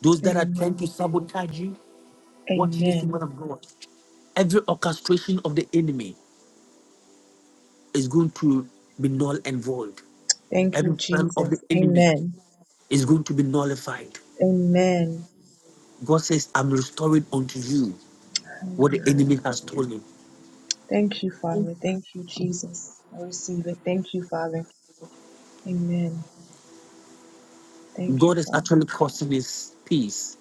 those that are trying to
Amen.
sabotage you, watch this
Amen.
woman of God. Every orchestration of the enemy, is going to be null and void.
Thank you,
Every plan of the
Jesus.
enemy
Amen.
is going to be nullified.
Amen.
God says, I'm restoring unto you what the
Hallelujah.
enemy has stolen.
Thank you, Father. Thank you, Jesus. I receive it. Thank you, Father. Amen. Thank you,
God is
Father.
actually causing his peace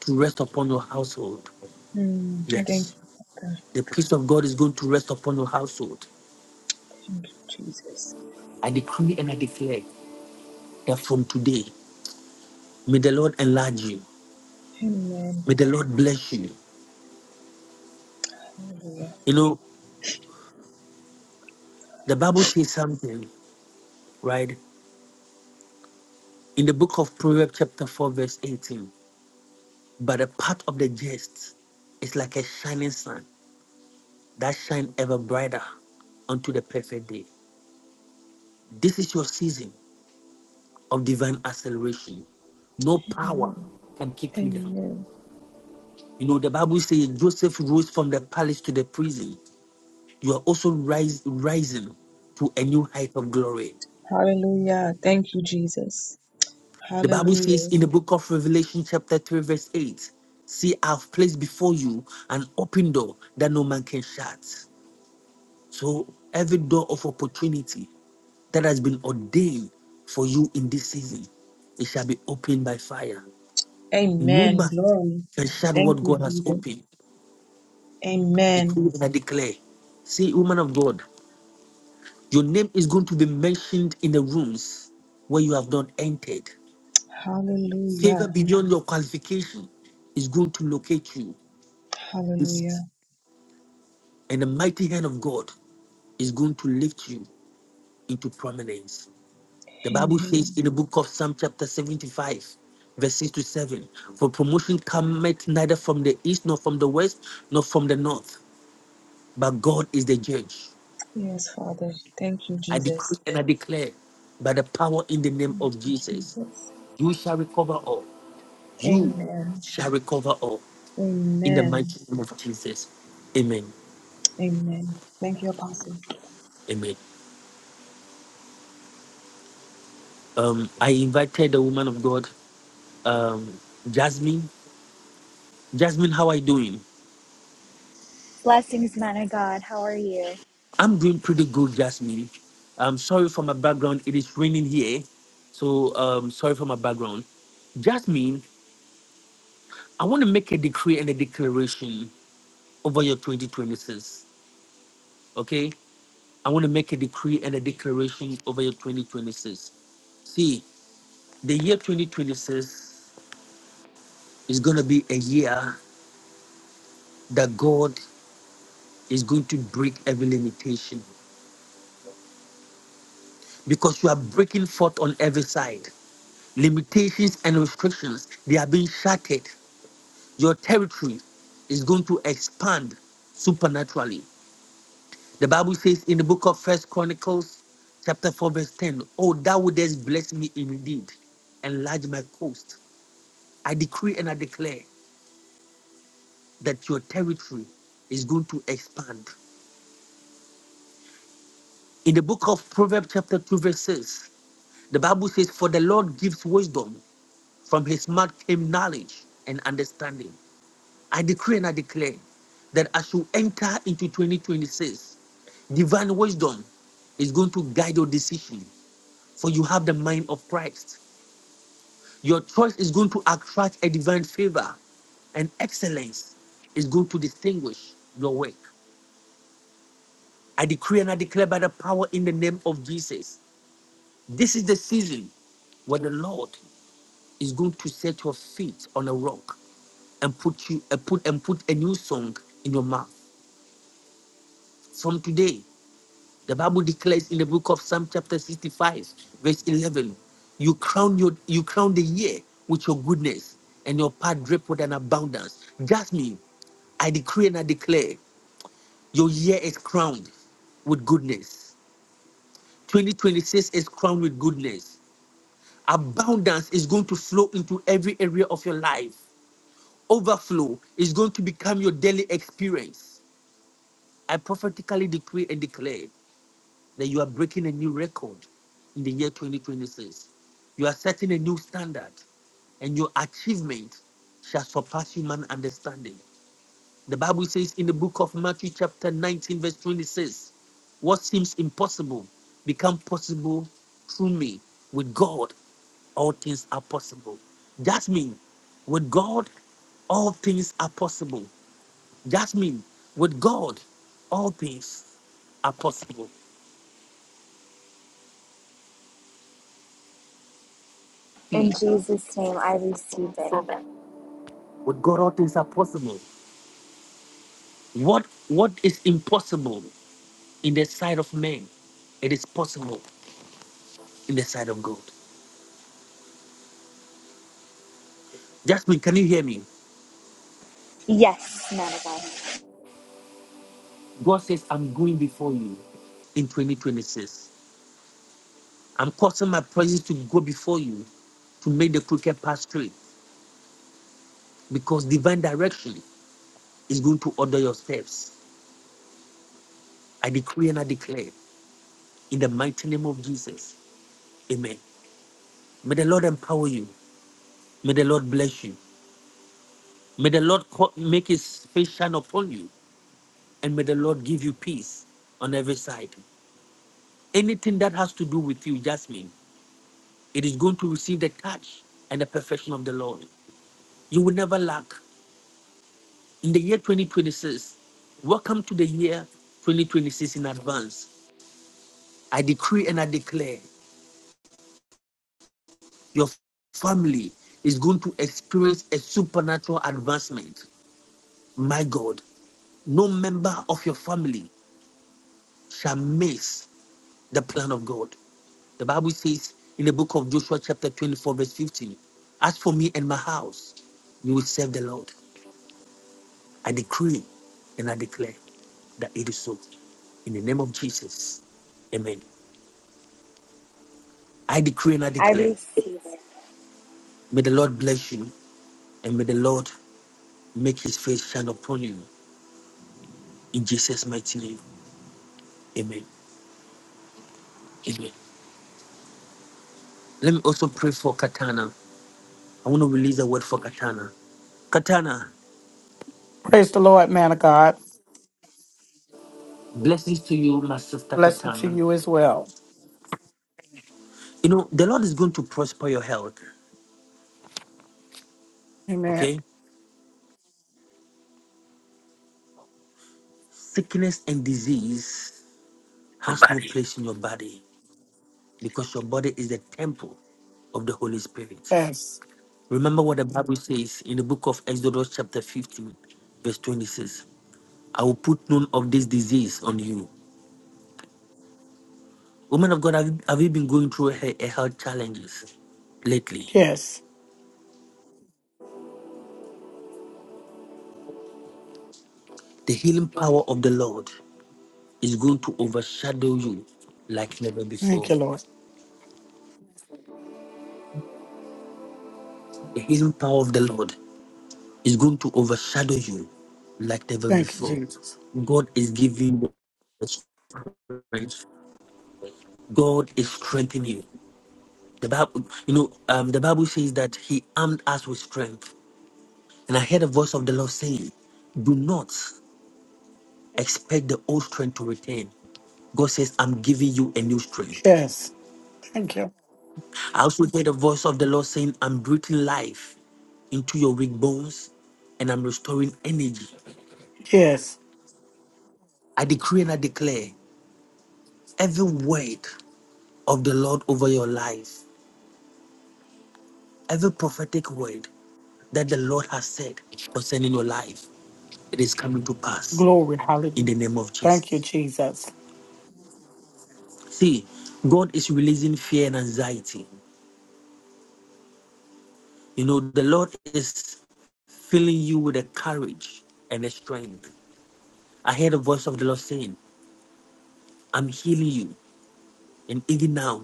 to rest upon your household.
Mm, thank
Yes.
you, Father.
The peace of God is going to rest upon your household.
Thank you, Jesus.
I decree and I declare that from today, may the Lord enlarge you.
Amen.
May the Lord bless you.
Hallelujah.
You know, the Bible says something, right? In the book of Proverbs, chapter 4, verse 18. But a part of the jest is like a shining sun that shine ever brighter unto the perfect day. This is your season of divine acceleration. No power
Amen.
can keep you down.
Amen.
You know, the Bible says Joseph rose from the palace to the prison. You are also rise, rising to a new height of glory.
Hallelujah. Thank you, Jesus.
The Bible
Hallelujah.
says in the book of Revelation, chapter 3, verse 8, See, I've placed before you an open door that no man can shut. So every door of opportunity that has been ordained for you in this season, it shall be opened by fire. No
Amen.
man
Glory.
can shut
Thank
what
you,
God has
Jesus.
opened.
Amen.
Decree and I declare. See, woman of God, your name is going to be mentioned in the rooms where you have not entered.
Hallelujah.
Favor beyond your qualification is going to locate you.
Hallelujah.
This and the mighty hand of God is going to lift you into prominence. The Bible says
Amen.
in the book of Psalm chapter 75, verse 6 to 7, For promotion cometh neither from the east, nor from the west, nor from the north, but God is the judge.
Yes, Father. Thank you,
I
Jesus.
decree and I declare by the power in the name
Thank
of
you,
Jesus,
Jesus.
you shall recover all. You
Amen.
shall recover all in the
Amen.
mighty name of Jesus. Amen.
Amen. Thank you, Apostle.
Amen. Um, I invited the woman of God, um, Jasmine. Jasmine, how are you doing?
Blessings, man of God. How are you?
I'm doing pretty good, Jasmine. I'm sorry for my background. It is raining here. So um sorry for my background. Jasmine, I want to make a decree and a declaration over your 2026. Okay? I want to make a decree and a declaration over your 2026. See, the year 2026 is going to be a year that God is going to break every limitation because you are breaking forth on every side. Limitations and restrictions, they are being shattered your territory is going to expand supernaturally. The Bible says in the book of First Chronicles, chapter 4, verse 10, Oh, thou wouldest bless me indeed, enlarge my coast. I decree and I declare that your territory is going to expand. In the book of Proverbs, chapter 2, verse 6, the Bible says, For the Lord gives wisdom, from his mouth came knowledge and understanding. I decree and I declare that as you enter into 2026, divine wisdom is going to guide your decision, for you have the mind of Christ. Your choice is going to attract a divine favor, and excellence is going to distinguish your work. I decree and I declare by the power in the name of Jesus. This is the season where the Lord is going to set your feet on a rock and put you uh, put and put a new song in your mouth. From today, The Bible declares in the book of Psalm chapter 65, verse 11, you crown your you crown the year with your goodness and your path drip with an abundance. Jasmine, I decree and I declare your year is crowned with goodness. 2026 is crowned with goodness. Abundance is going to flow into every area of your life. Overflow is going to become your daily experience. I prophetically decree and declare that you are breaking a new record in the year 2026. You are setting a new standard, and your achievement shall surpass human understanding. The Bible says in the book of Matthew, chapter 19, verse 26, what seems impossible become possible through me. With God, all things are possible. Jasmine, with God, all things are possible. Jasmine, with God, all things are possible. Hmm.
In Jesus' name, I receive it.
With God, all things are possible. What what is impossible in the sight of man, it is possible in the sight of God. Jasmine, can you hear me?
Yes, man of God.
God says, I'm going before you in 2026. I'm causing my presence to go before you to make the crooked path straight because divine direction is going to order your steps. I decree and I declare in the mighty name of Jesus. Amen. May the Lord empower you. May the Lord bless you. May the Lord co- make his face shine upon you and may the Lord give you peace on every side. Anything that has to do with you, Jasmine, it is going to receive the touch and the perfection of the Lord. You will never lack. In the year 2026, welcome to the year 2026 in advance. I decree and I declare your family is going to experience a supernatural advancement. My God, no member of your family shall miss the plan of God. The Bible says in the book of Joshua, chapter 24, verse 15, As for me and my house, we will serve the Lord. I decree and I declare that it is so. In the name of Jesus, amen. I decree and I
I
declare,
receive it.
may the Lord bless you and may the Lord make his face shine upon you. In Jesus' mighty name, amen. Amen. Let me also pray for Katana. I want to release a word for Katana. Katana,
Praise the Lord, man of God.
blessings to you, my sister
Blessed to
Katana.
you as well.
You know, the Lord is going to prosper your health,
Amen.
okay? Sickness and disease has no place in your body because your body is the temple of the Holy Spirit.
Yes.
Remember what the Bible says in the book of Exodus, chapter 15, verse 26. I will put none of this disease on you. Woman of God, have you, have you been going through he- a health challenges lately?
Yes.
The healing power of the Lord is going to overshadow you like never
Thank
before.
you, Lord.
The healing power of the Lord is going to overshadow you like never
Thank you,
before.
Jesus.
God is giving you the strength. God is strengthening you. The Bible, you know, um, the Bible says that He armed us with strength. And I heard a voice of the Lord saying, "Do not expect the old strength to return." God says, "I'm giving you a new strength."
Yes. Thank you.
I also heard the voice of the Lord saying, "I'm breathing life into your weak bones, and I'm restoring energy."
Yes.
I decree and I declare every word of the Lord over your life. Every prophetic word that the Lord has said concerning your life, it is coming to pass
Glory.
in
Hallelujah.
the name of
Thank you,
Jesus.
Jesus.
See, God is releasing fear and anxiety. You know, the Lord is filling you with a courage and a strength. I heard the voice of the Lord saying, I'm healing you. And even now,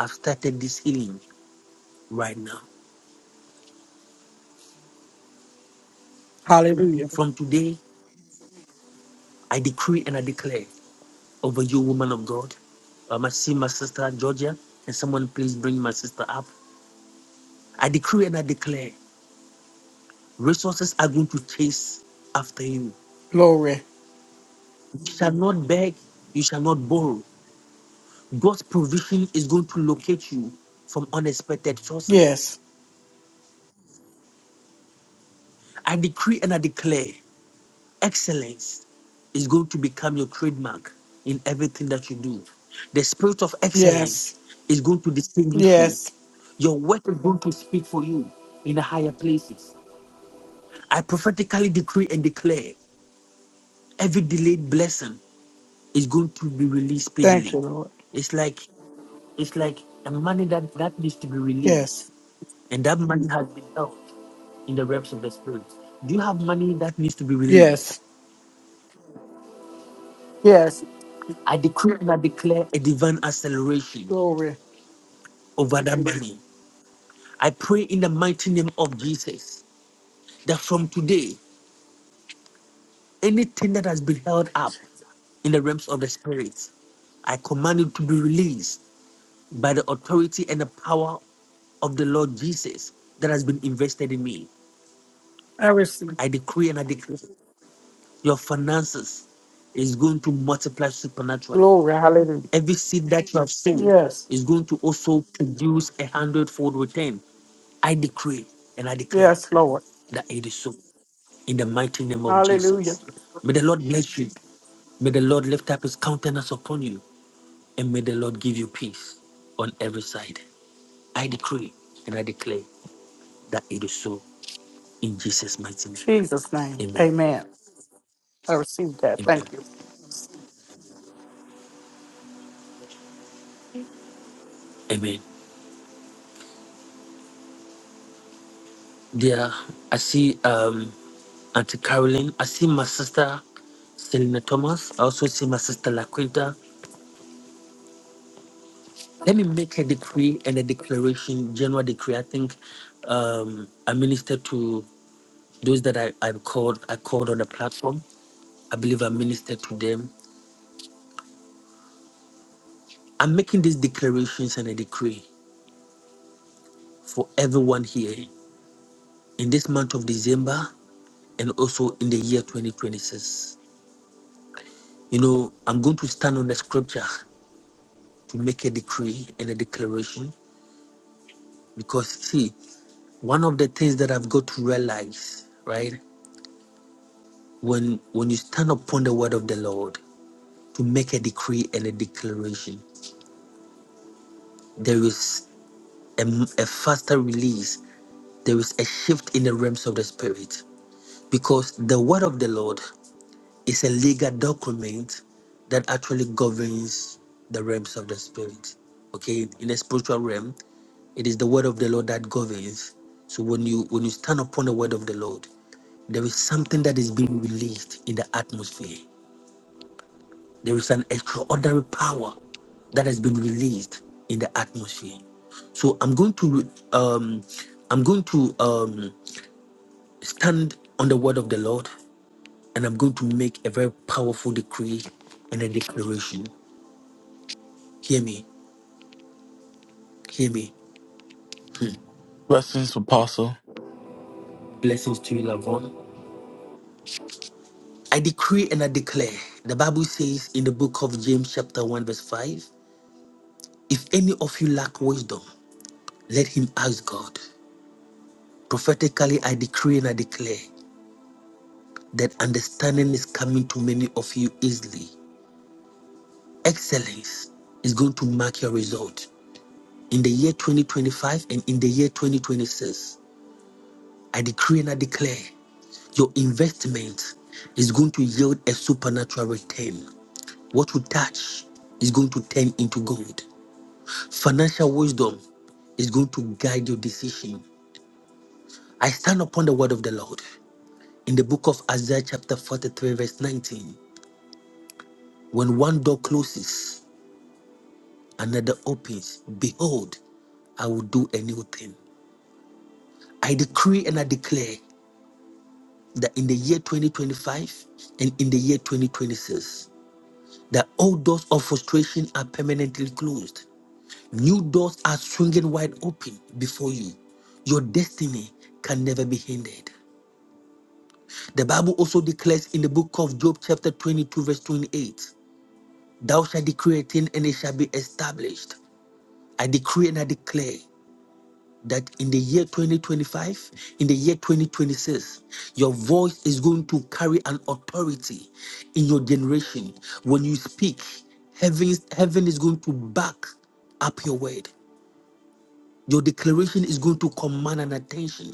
I've started this healing right now.
Hallelujah.
From today, I decree and I declare over you, woman of God. Um, I see my sister Georgia. Can someone please bring my sister up? I decree and I declare resources are going to chase after you.
Glory.
You shall not beg, you shall not borrow. God's provision is going to locate you from unexpected sources.
Yes.
I decree and I declare excellence is going to become your trademark in everything that you do. The spirit of
Yes.
excellence is going to distinguish you.
Yes.
Your work is going to speak for you in the higher places. I prophetically decree and declare every delayed blessing is going to be released
Thank
speedily.
you, Lord.
It's like it's like a money that, that needs to be released.
Yes.
And that money has been held in the realms of the spirit. Do you have money that needs to be released?
Yes. Yes.
I decree and I declare a divine acceleration
Glory.
over that money. I pray in the mighty name of Jesus that from today, anything that has been held
Thank you,
up
Jesus.
in the realms of the spirit, I command it to be released by the authority and the power of the Lord Jesus that has been invested in me.
I receive.
I decree and I declare your finances is going to multiply supernaturally.
Glory. Hallelujah.
Every seed that you have sown
Yes.
is going to also produce a hundredfold return. I decree and I declare
Yes, Lord.
that it is so in the mighty name of
Hallelujah.
Jesus. May the Lord bless you. May the Lord lift up his countenance upon you and may the Lord give you peace on every side. I decree and I declare that it is so in Jesus' mighty name.
Jesus' name.
Amen.
Amen. I received that.
Amen.
Thank you.
Amen. Dear, I see um Auntie Caroline. I see my sister Selena Thomas. I also see my sister Laquita. Let me make a decree and a declaration, general decree. I think um I ministered to those that I, I called I called on the platform. I believe I ministered to them. I'm making these declarations and a decree for everyone here in this month of December and also in the year 2026. You know, I'm going to stand on the scripture to make a decree and a declaration because see, one of the things that I've got to realize, right? When when you stand upon the word of the Lord to make a decree and a declaration, there is a, m- a faster release. There is a shift in the realms of the spirit because the word of the Lord is a legal document that actually governs the realms of the spirit. Okay, in the spiritual realm, It is the word of the Lord that governs. So when you when you stand upon the word of the Lord, there is something that is being released in the atmosphere. There is an extraordinary power that has been released in the atmosphere. So I'm going to um, I'm going to um, stand on the word of the Lord, and I'm going to make a very powerful decree and a declaration. Hear me, hear me.
Blessings, Apostle.
Blessings to you, Lavon. I decree and I declare. The Bible says in the book of James, chapter 1, verse 5 if any of you lack wisdom, let him ask God. Prophetically, I decree and I declare that understanding is coming to many of you easily. Excellence is going to mark your result in the year 2025 and in the year 2026. I decree and I declare your investment is going to yield a supernatural return. What you touch is going to turn into gold. Financial wisdom is going to guide your decision. I stand upon the word of the Lord in the book of Isaiah, chapter 43, verse 19. When one door closes, another opens. Behold, I will do a new thing. I decree and I declare that in the year 2025 and in the year 2026, that all doors of frustration are permanently closed. New doors are swinging wide open before you. Your destiny can never be hindered. The Bible also declares in the book of Job, chapter 22, verse 28, Thou shalt decree a thing and it shall be established. I decree and I declare that in the year 2025, in the year 2026, your voice is going to carry an authority in your generation. When you speak, heaven, heaven is going to back up your word. Your declaration is going to command an attention.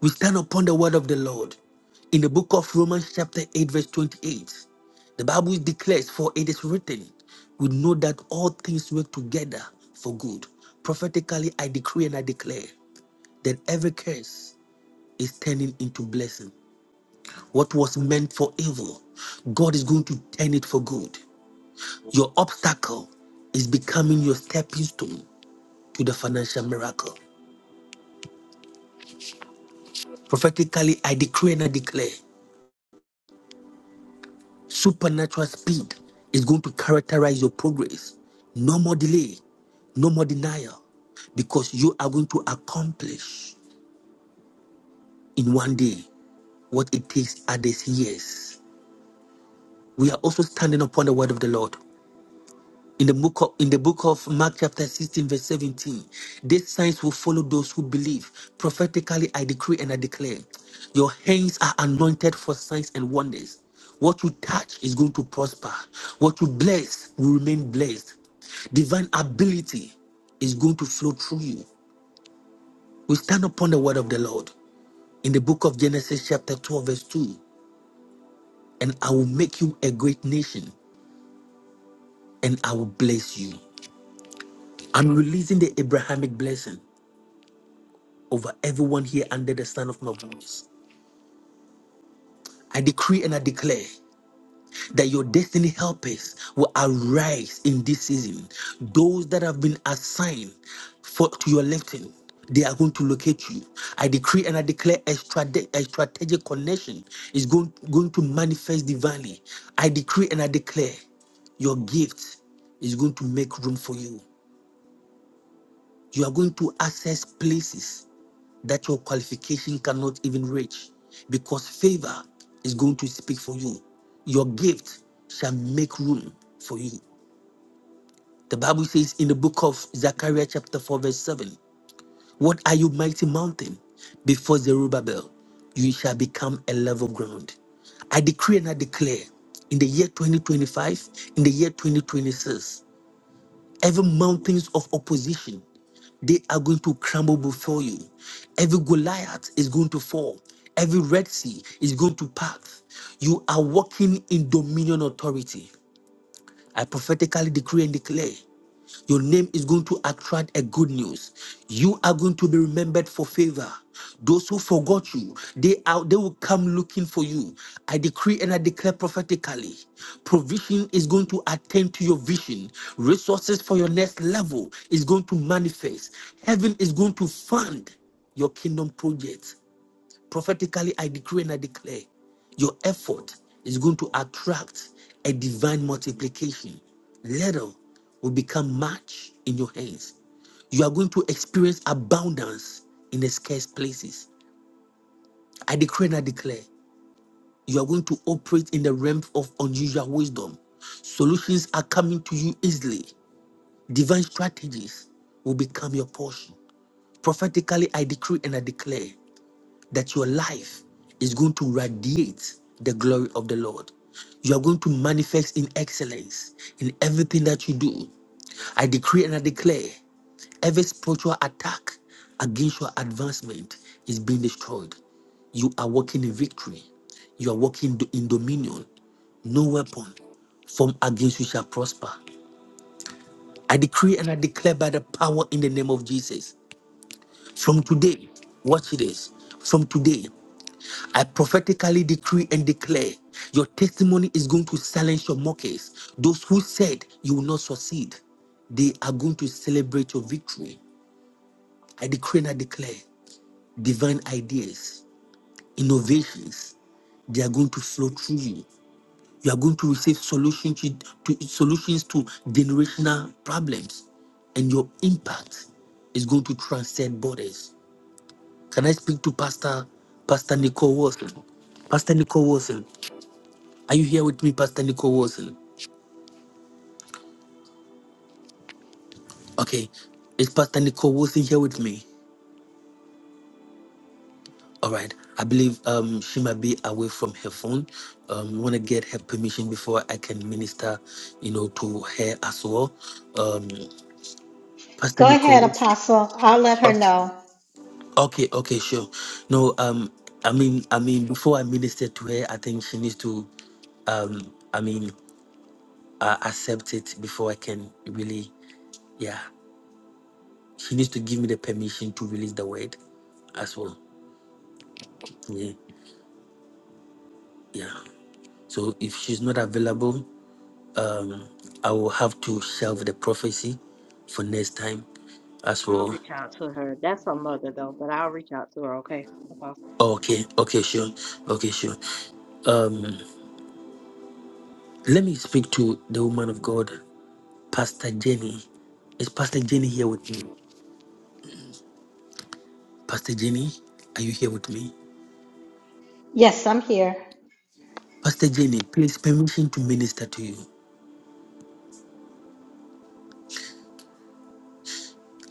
We stand upon the word of the Lord. In the book of Romans, chapter 8, verse 28, the Bible declares, For it is written, we know that all things work together for good. Prophetically, I decree and I declare that every curse is turning into blessing. What was meant for evil, God is going to turn it for good. Your obstacle is becoming your stepping stone to the financial miracle. Prophetically, I decree and I declare Supernatural speed is going to characterize your progress. No more delay, no more denial, because you are going to accomplish in one day what it takes others years. We are also standing upon the word of the Lord. in the book of, in the book of Mark chapter 16 verse 17 these signs will follow those who believe prophetically I decree and I declare your hands are anointed for signs and wonders what you touch is going to prosper what you bless will remain blessed divine ability is going to flow through you we stand upon the word of the Lord in the book of Genesis chapter 12 verse 2 and I will make you a great nation and I will bless you I'm releasing the Abrahamic blessing over everyone here under the sound of my voice. I decree and I declare that your destiny helpers will arise in this season. Those that have been assigned for to your lifting, they are going to locate you. I decree and I declare a, strate- a strategic connection is going, going to manifest divinely. I decree and I declare your gift is going to make room for you. You are going to access places that your qualification cannot even reach because favor is going to speak for you. Your gift shall make room for you. The Bible says in the book of Zechariah, chapter 4, verse 7 What are you, mighty mountain? Before Zerubbabel, you shall become a level ground. I decree and I declare in the year 2025, in the year 2026. Every mountains of opposition, they are going to crumble before you. Every Goliath is going to fall. Every Red Sea is going to pass. You are walking in dominion authority. I prophetically decree and declare your name is going to attract a good news. You are going to be remembered for favor. Those who forgot you, they are they will come looking for you. I decree and I declare prophetically. Provision is going to attend to your vision. Resources for your next level is going to manifest. Heaven is going to fund your kingdom projects. Prophetically, I decree and I declare your effort is going to attract a divine multiplication. Little will become much in your hands. You are going to experience abundance in the scarce places. I decree and I declare you are going to operate in the realm of unusual wisdom. Solutions are coming to you easily. Divine strategies will become your portion. Prophetically, I decree and I declare that your life is going to radiate the glory of the Lord. You are going to manifest in excellence in everything that you do. I decree and I declare every spiritual attack against your advancement is being destroyed. You are walking in victory. You are walking do- in dominion. No weapon formed against you shall prosper. I decree and I declare by the power in the name of Jesus. From today, watch this. From today, I prophetically decree and declare your testimony is going to silence your mockers. Those who said you will not succeed, they are going to celebrate your victory. I decree and I declare divine ideas, innovations, they are going to flow through you. You are going to receive solution to, to- solutions to generational problems, and your impact is going to transcend borders. Can I speak to Pastor Pastor Nicole Wilson? Pastor Nicole Wilson, Are you here with me, Pastor Nicole Wilson? Okay. Is Pastor Nicole Wilson here with me? All right. I believe um, she might be away from her phone. Um, we want to get her permission before I can minister, you know, to her as well. Um, Pastor
Go ahead,
Nicole.
Apostle. I'll let her know.
Okay. Okay. Sure. No. Um. I mean. I mean. Before I minister to her, I think she needs to. Um. I mean, uh, accept it before I can really. Yeah. She needs to give me the permission to release the word as well. Yeah. Yeah. So if she's not available, um, I will have to shelve the prophecy for next time as
I'll
well.
reach out to her. That's her mother, though, but I'll reach out to her, okay, Apostle?
Okay, okay, sure. Okay, sure. Um, let me speak to the woman of God, Pastor Jenny. Is Pastor Jenny here with me? Pastor Jenny, are you here with me?
Yes, I'm here.
Pastor Jenny, please permission to minister to you.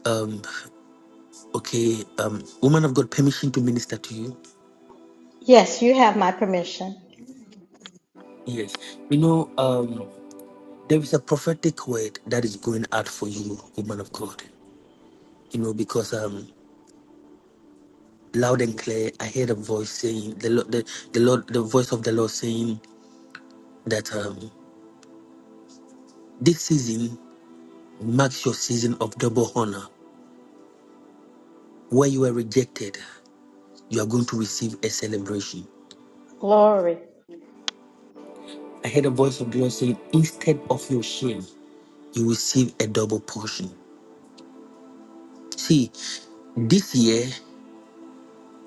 Um, okay, um, woman of God, permission to minister to you.
Yes, you have my permission.
Yes. You know, um, There is a prophetic word that is going out for you, woman of God. You know, because um, loud and clear, I heard a voice saying the Lord, the, the Lord, the voice of the Lord saying that um, this season marks your season of double honor. Where you were rejected, you are going to receive a celebration.
Glory,
I heard a voice of the Lord saying, instead of your shame, you will receive a double portion. See, this year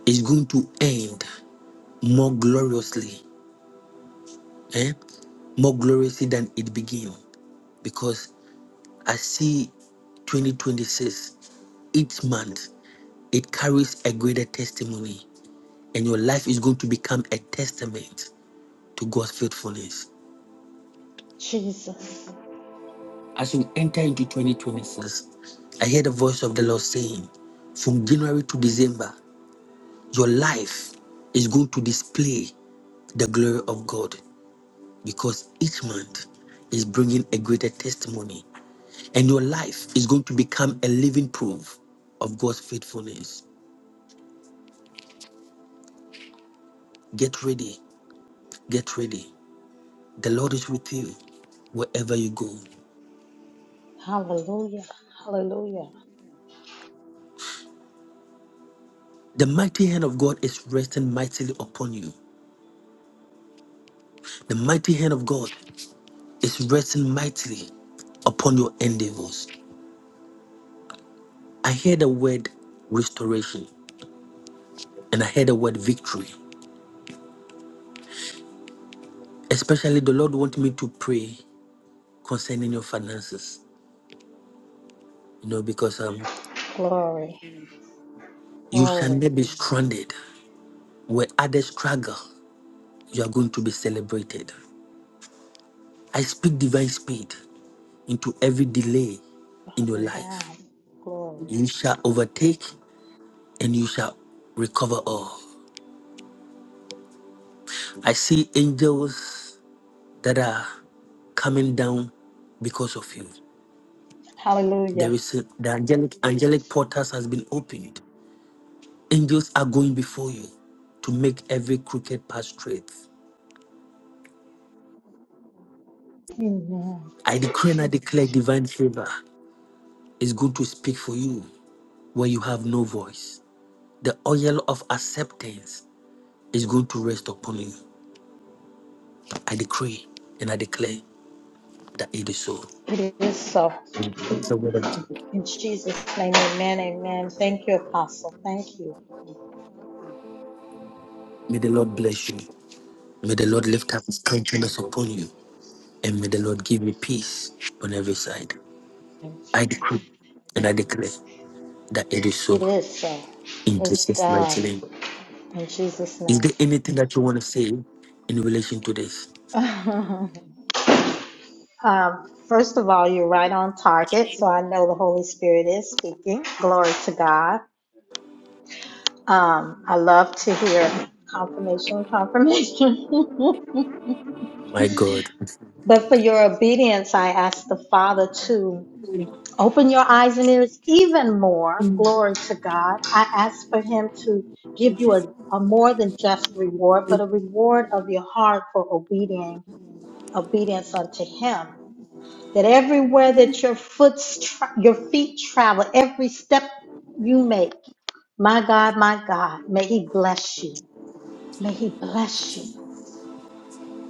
is going to end more gloriously. eh? more gloriously than it began because I see 2026, each month, it carries a greater testimony, and your life is going to become a testament to God's faithfulness.
Jesus.
As you enter into 2026, I hear the voice of the Lord saying, from January to December, your life is going to display the glory of God because each month is bringing a greater testimony And your life is going to become a living proof of God's faithfulness. Get ready. Get ready. The Lord is with you wherever you go.
Hallelujah. Hallelujah.
The mighty hand of God is resting mightily upon you. The mighty hand of God is resting mightily upon your endeavors. I hear the word restoration and I hear the word victory. Especially the Lord wants me to pray concerning your finances. You know, because um
Glory,
you shall
glory.
not be stranded where others struggle. you are going to be celebrated. I speak divine speed into every delay in your
Father, now,
life.
glory.
You shall overtake and you shall recover all. I see angels that are coming down because of you. There
Hallelujah.
is a, the angelic angelic portals has been opened. Angels are going before you to make every crooked path straight.
Amen.
I decree and I declare divine favor is going to speak for you where you have no voice. The oil of acceptance is going to rest upon you. I decree and I declare that it is so.
It is so. In Jesus' name, amen, amen. Thank you, Apostle. Thank you.
May the Lord bless you. May the Lord lift up his countenance upon you. And may the Lord give you peace on every side. I decree and I declare that it is
It
so
is so.
in
It's
Jesus'
done.
mighty name.
In Jesus'
Is
name.
there anything that you want to say in relation to this?
Um, first of all, you're right on target, so I know the Holy Spirit is speaking. Glory to God. Um, I love to hear confirmation, confirmation.
My God.
but for your obedience, I ask the Father to open your eyes and ears even more. Glory to God. I ask for Him to give you a, a more than just reward, but a reward of your heart for obedience, obedience unto Him. that everywhere that your foot tra- your feet travel, every step you make, my God, my God, may He bless you. May He bless you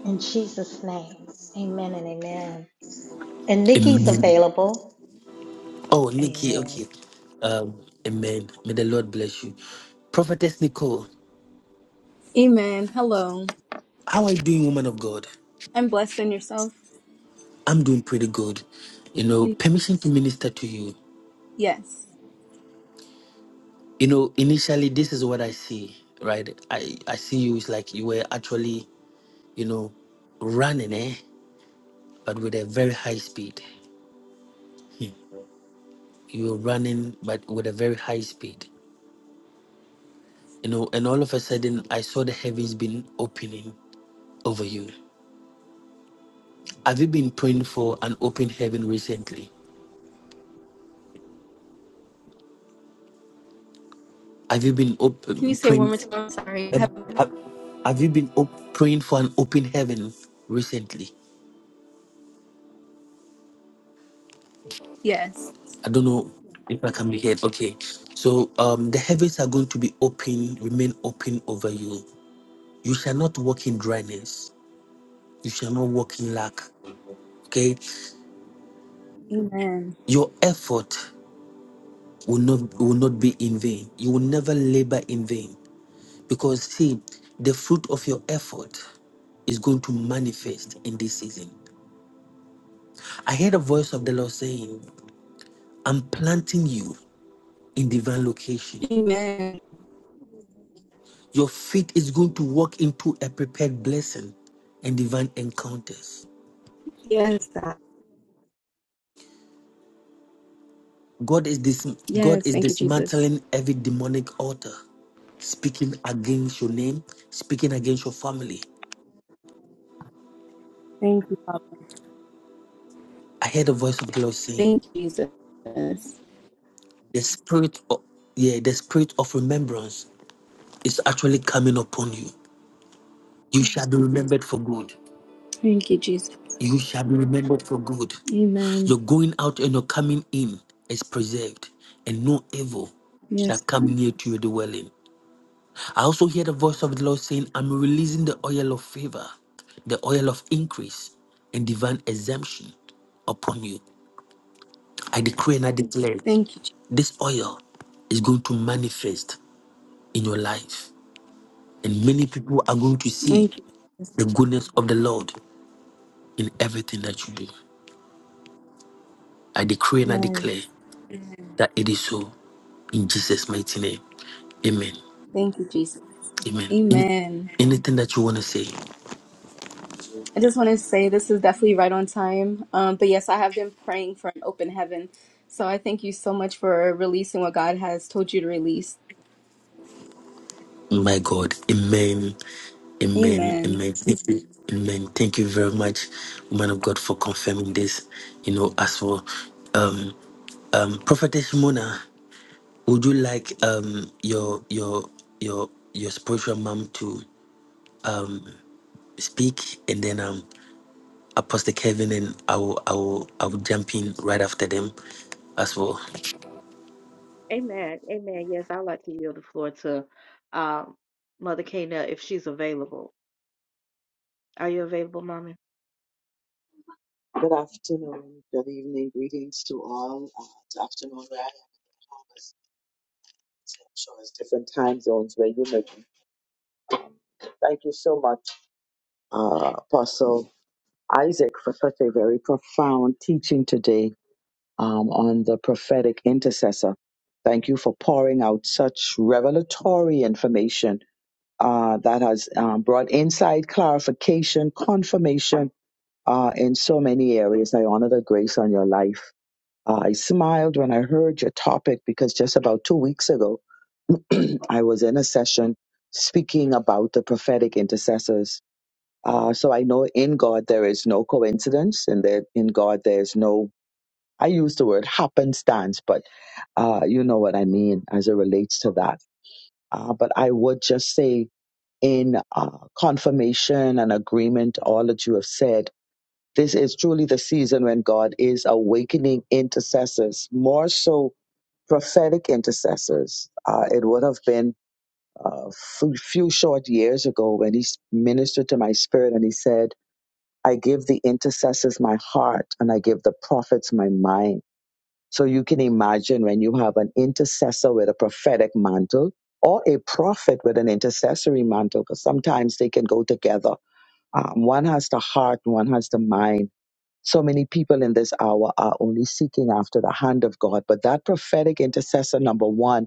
in Jesus' name. Amen and amen. And Nikki's
Amen.
available.
Oh, Nikki,
Amen.
okay. Um, amen. May the Lord bless you. Prophetess Nicole,
Amen. Hello.
how are you doing, woman of God?
I'm blessed in yourself.
I'm doing pretty good. You know,
You-
permission to minister to you.
Yes.
You know, initially this is what I see, right? I I see you is like you were actually, you know, running, eh? But with a very high speed. You were running, but with a very high speed. You know, and all of a sudden I saw the heavens been opening over you. Have you been praying for an open heaven recently? Have you been op-
Can you say it one
praying?
more time? I'm Sorry.
Have,
Have-
have have you been op- praying for an open heaven recently?
Yes.
I don't know if I can be heard. Okay. So um the heavens are going to be open, remain open over you. You shall not walk in dryness. You shall not walk in lack. Okay.
Amen.
Your effort will not will not be in vain. You will never labor in vain. Because see, the fruit of your effort is going to manifest in this season. I heard a voice of the Lord saying, I'm planting you in divine location.
Amen.
Your faith is going to walk into a prepared blessing and divine encounters.
Yes. God.
God is dis- God
Yes.
is
Thank you, Jesus.
dismantling every demonic altar, speaking against your name, speaking against your family.
Thank you, Father.
I heard the voice of the Lord saying,
Thank you, Jesus.
"The spirit of yeah, the spirit of remembrance is actually coming upon you. You shall be remembered for good.
Thank you, Jesus.
You shall be remembered for good.
Amen.
Your going out and your coming in is preserved, and no evil shall
Yes. God.
come near to your dwelling. I also hear the voice of the Lord saying, I'm releasing the oil of favor, the oil of increase, and divine exemption upon you. I decree and I declare
Thank you, Jesus.
this oil is going to manifest in your life, and many people are going to see
Thank you, Jesus.
the goodness of the Lord in everything that you do. I decree and I declare
Yes.
that it is so in Jesus' mighty name. Amen.
Thank you, Jesus.
Amen. Any-
Amen.
anything that you want to say?
I just want to say this is definitely right on time. Um, but yes, I have been praying for an open heaven. So I thank you so much for releasing what God has told you to release.
My God, amen, amen,
Amen.
amen, Thank you. amen. Thank you very much, Woman of God, for confirming this. You know, as for um, um, Prophetess Mona, would you like um, your your your your spiritual mom to um, speak, and then um, Apostle Kevin and I will I will I will jump in right after them, as well.
Amen. Amen. Yes, I'd like to yield the floor to um, Mother Kena if she's available. Are you available, Mommy?
Good afternoon, good evening, greetings to all. Uh, it's afternoon where I am in the Bahamas. So I'm sure it's different time zones where you may be. Thank you so much, uh, Apostle Isaac, for such a very profound teaching today um, on the prophetic intercessor. Thank you for pouring out such revelatory information uh, that has um, brought insight, clarification, confirmation uh, in so many areas. I honor the grace on your life Uh, I smiled when I heard your topic because just about two weeks ago, I was in a session speaking about the prophetic intercessors. Uh, so I know in God there is no coincidence, and that in God there is no, I use the word happenstance, but uh, you know what I mean as it relates to that. Uh, but I would just say, in uh, confirmation and agreement, all that you have said, this is truly the season when God is awakening intercessors more so prophetic intercessors. Uh, it would have been a few few short years ago when he s- ministered to my spirit and he said, I give the intercessors my heart and I give the prophets my mind. So you can imagine when you have an intercessor with a prophetic mantle or a prophet with an intercessory mantle, because sometimes they can go together. Um, one has the heart, one has the mind. So many people in this hour are only seeking after the hand of God, but that prophetic intercessor, number one,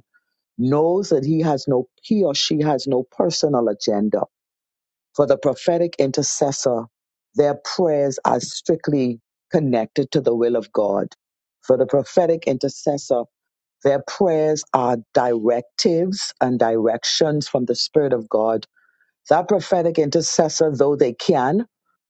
knows that he has no he or she has no personal agenda for the prophetic intercessor their prayers are strictly connected to the will of god for the prophetic intercessor their prayers are directives and directions from the spirit of god so our prophetic intercessor, though they can,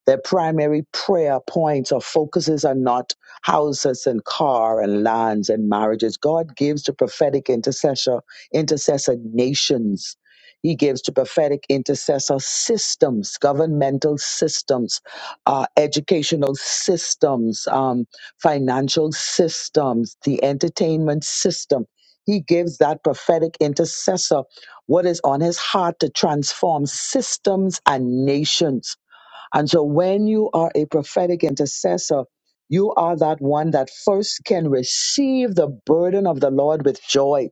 their primary prayer points or focuses are not houses and car and lands and marriages. God gives to prophetic intercessor, intercessor nations. He gives to prophetic intercessor systems, governmental systems, uh, educational systems, um, financial systems, the entertainment system. He gives that prophetic intercessor what is on his heart to transform systems and nations. And so when you are a prophetic intercessor, you are that one that first can receive the burden of the Lord with joy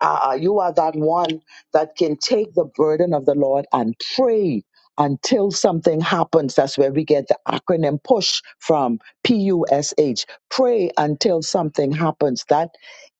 uh, you are that one that can take the burden of the Lord and pray until something happens. That's where we get the acronym PUSH from P U S H. Pray until something happens. That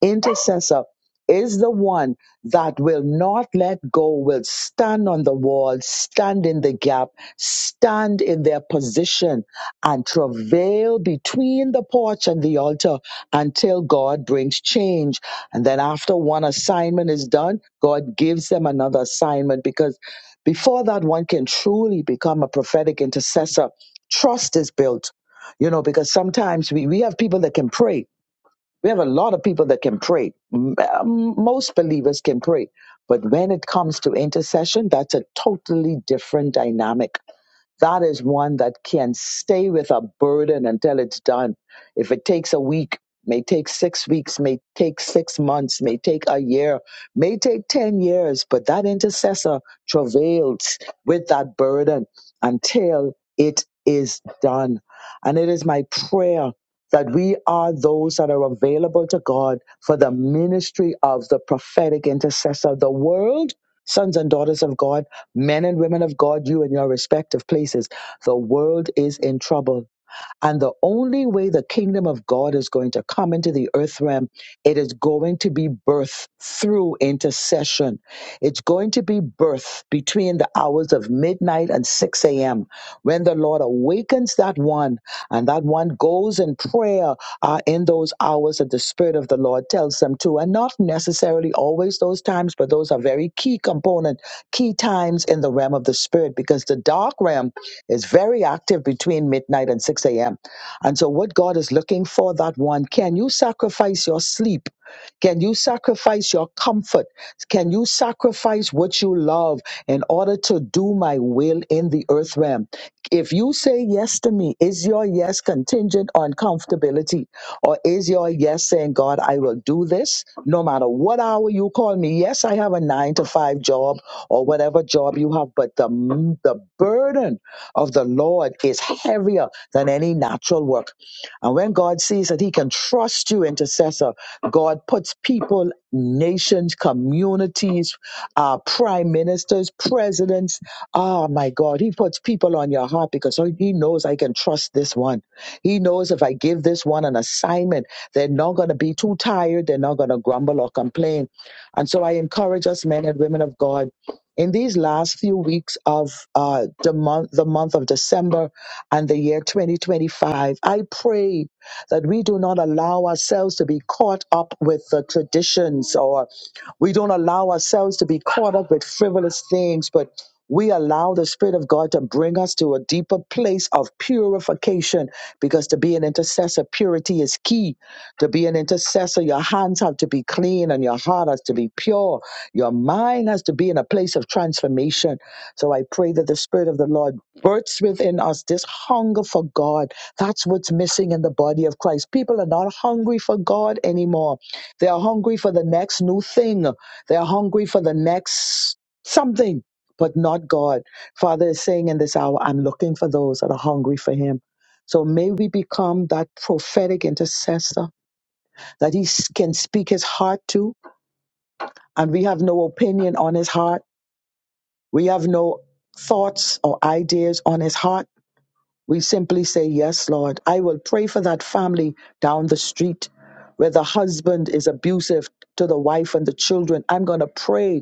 intercessor is the one that will not let go, will stand on the wall, stand in the gap, stand in their position, and travail between the porch and the altar until God brings change and then after one assignment is done, God gives them another assignment because before that one can truly become a prophetic intercessor, trust is built. You know, because sometimes we, we have people that can pray. We have a lot of people that can pray. M- um, Most believers can pray. But when it comes to intercession, that's a totally different dynamic that is one that can stay with a burden until it's done. If it takes a week, may take six weeks, may take six months, may take a year, may take 10 years, but that intercessor travails with that burden until it is done. And it is my prayer that we are those that are available to God for the ministry of the prophetic intercessor. The world, sons and daughters of God, Men and women of God, you in your respective places, the world is in trouble. And the only way the kingdom of God is going to come into the earth realm, it is going to be birthed through intercession. It's going to be birthed between the hours of midnight and 6 a.m. When the Lord awakens that one and that one goes in prayer uh, in those hours that the Spirit of the Lord tells them to, and not necessarily always those times, but those are very key component, key times in the realm of the Spirit because the dark realm is very active between midnight and 6 a.m. And so, what God is looking for, that one, can you sacrifice your sleep? Can you sacrifice your comfort? Can you sacrifice what you love in order to do my will in the earth realm? If you say yes to me, is your yes contingent on comfortability? Or is your yes saying, God, I will do this no matter what hour you call me? Yes, I have a nine to five job or whatever job you have, but the, the burden of the Lord is heavier than any natural work. And when God sees that He can trust you, intercessor, God puts people, nations, communities, uh, prime ministers, presidents. Oh my God, He puts people on your heart because He knows I can trust this one. He knows if I give this one an assignment, they're not going to be too tired. They're not going to grumble or complain. And so I encourage us, men and women of God in these last few weeks of uh, the month, the month of December and the year 2025, I pray that we do not allow ourselves to be caught up with the traditions, or we don't allow ourselves to be caught up with frivolous things, but we allow the Spirit of God to bring us to a deeper place of purification, because to be an intercessor, purity is key to be an intercessor, your hands have to be clean and your heart has to be pure. Your mind has to be in a place of transformation. So I pray that the Spirit of the Lord births within us this hunger for God. That's what's missing in the body of Christ. People are not hungry for God anymore. They are hungry for the next new thing, they are hungry for the next something, but not God. Father is saying in this hour, I'm looking for those that are hungry for Him. So may we become that prophetic intercessor that he s- can speak his heart to, and we have no opinion on his heart. We have no thoughts or ideas on his heart. We simply say, Yes, Lord. I will pray for that family down the street where the husband is abusive to the wife and the children. I'm going to pray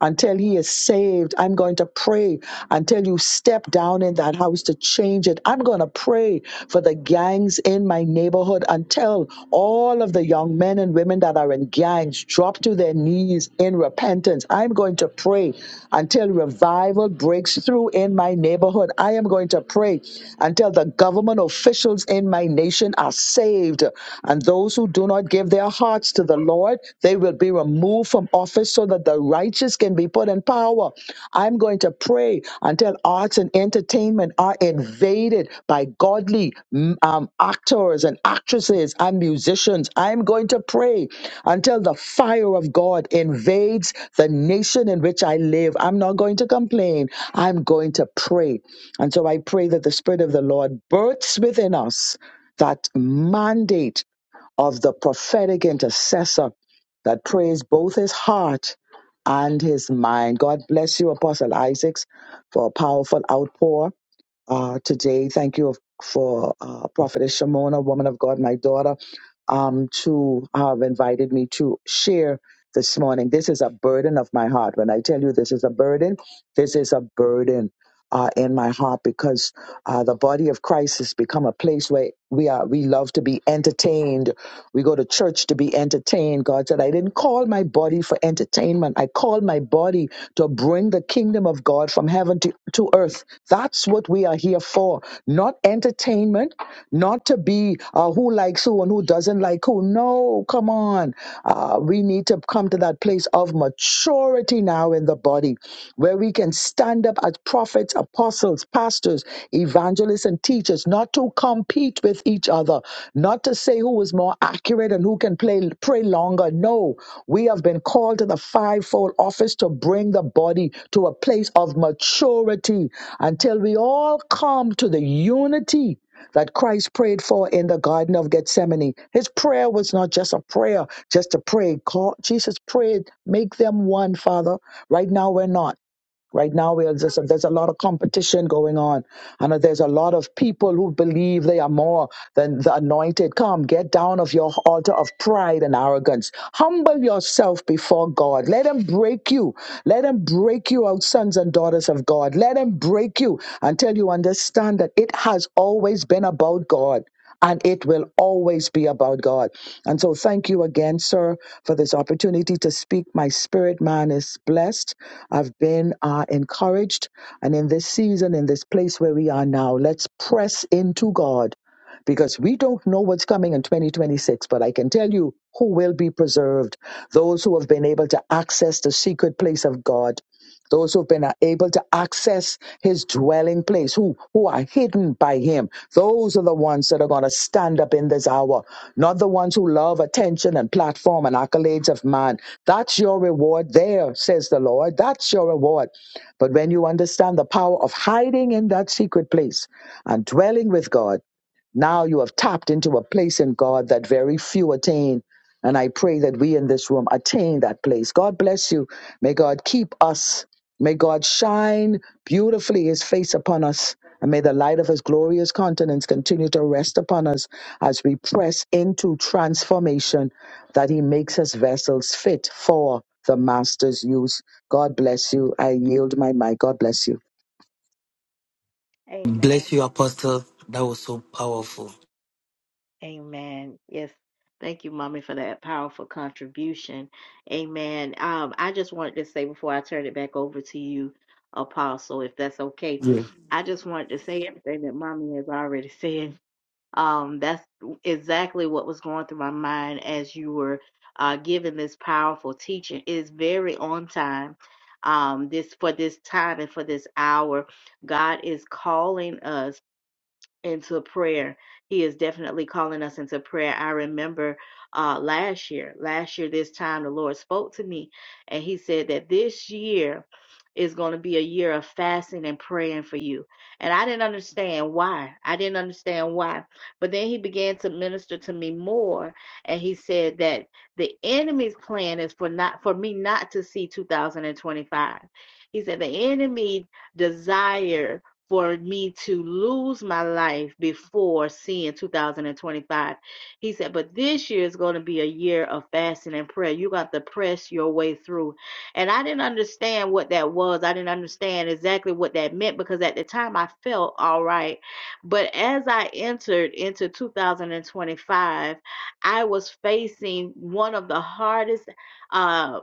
until he is saved. I'm going to pray until you step down in that house to change it. I'm going to pray for the gangs in my neighborhood until all of the young men and women that are in gangs drop to their knees in repentance. I'm going to pray until revival breaks through in my neighborhood. I am going to pray until the government officials in my nation are saved and those who do not give their hearts to the Lord, they will be removed from office so that the righteous can be put in power. I'm going to pray until arts and entertainment are invaded by godly mm, um, actors and actresses and musicians. I'm going to pray until the fire of God invades the nation in which I live. I'm not going to complain. I'm going to pray. And so I pray that the Spirit of the Lord births within us that mandate of the prophetic intercessor that prays both his heart and his mind. God bless you, Apostle Isaacs, for a powerful outpour uh, today. Thank you for uh, Prophetess Shimona, woman of God, my daughter, um, to have invited me to share this morning. This is a burden of my heart. When I tell you this is a burden, this is a burden uh, in my heart because uh, the body of Christ has become a place where we are we love to be entertained. We go to church to be entertained. God said, I didn't call my body for entertainment. I called my body to bring the kingdom of God from heaven to, to earth. That's what we are here for. Not entertainment, not to be uh, who likes who and who doesn't like who. No, come on. Uh, we need to come to that place of maturity now in the body where we can stand stand up as prophets, apostles, pastors, evangelists, and teachers, not to compete with each other, not to say who is more accurate and who can play, pray longer. No, we have been called to the fivefold office to bring the body to a place of maturity until we all come to the unity that Christ prayed for in the Garden of Gethsemane. His prayer was not just a prayer, just to pray. God, Jesus prayed, make them one, Father. Right now, we're not. Right now, we are just, there's a lot of competition going on, and there's a lot of people who believe they are more than the anointed. Come, get down of your altar of pride and arrogance. Humble yourself before God. Let Him break you. Let Him break you out, sons and daughters of God. Let Him break you until you understand that it has always been about God and it will always be about God. And so, thank you again, sir, for this opportunity to speak. My spirit man is blessed. I've been uh, encouraged. And in this season, in this place where we are now, let's press into God because we don't know what's coming in 2026. But I can tell you who will be preserved those who have been able to access the secret place of God those who've been uh, able to access his dwelling place, who, who are hidden by him. Those are the ones that are going to stand up in this hour, not the ones who love attention and platform and accolades of man. That's your reward there, says the Lord. That's your reward. But when you understand the power of hiding in that secret place and dwelling with God, now you have tapped into a place in God that very few attain. And I pray that we in this room attain that place. God bless you. May God keep us. May God shine beautifully his face upon us. And may the light of his glorious countenance continue to rest upon us as we press into transformation that he makes us vessels fit for the master's use. God bless you. I yield my mic. God bless you.
Amen.
Bless you, Apostle. That was so powerful.
Amen. Yes. Thank you, Mommy, for that powerful contribution. Amen. Um, I just wanted to say before I turn it back over to you, Apostle, if that's okay. I just wanted to say everything that Mommy has already said. Um, that's exactly what was going through my mind as you were uh, giving this powerful teaching. It is very on time. Um, this for this time and for this hour, God is calling us. into prayer. He is definitely calling us into prayer. I remember uh, last year, last year, this time, the Lord spoke to me and He said that this year is going to be a year of fasting and praying for you. And I didn't understand why. I didn't understand why. But then He began to minister to me more and He said that the enemy's plan is for not for me not to see 2025. He said the enemy desire for me to lose my life before seeing 2025. He said, but this year is going to be a year of fasting and prayer. You got to press your way through. And I didn't understand what that was. I didn't understand exactly what that meant because at the time I felt all right. But as I entered into 2025, I was facing one of the hardest uh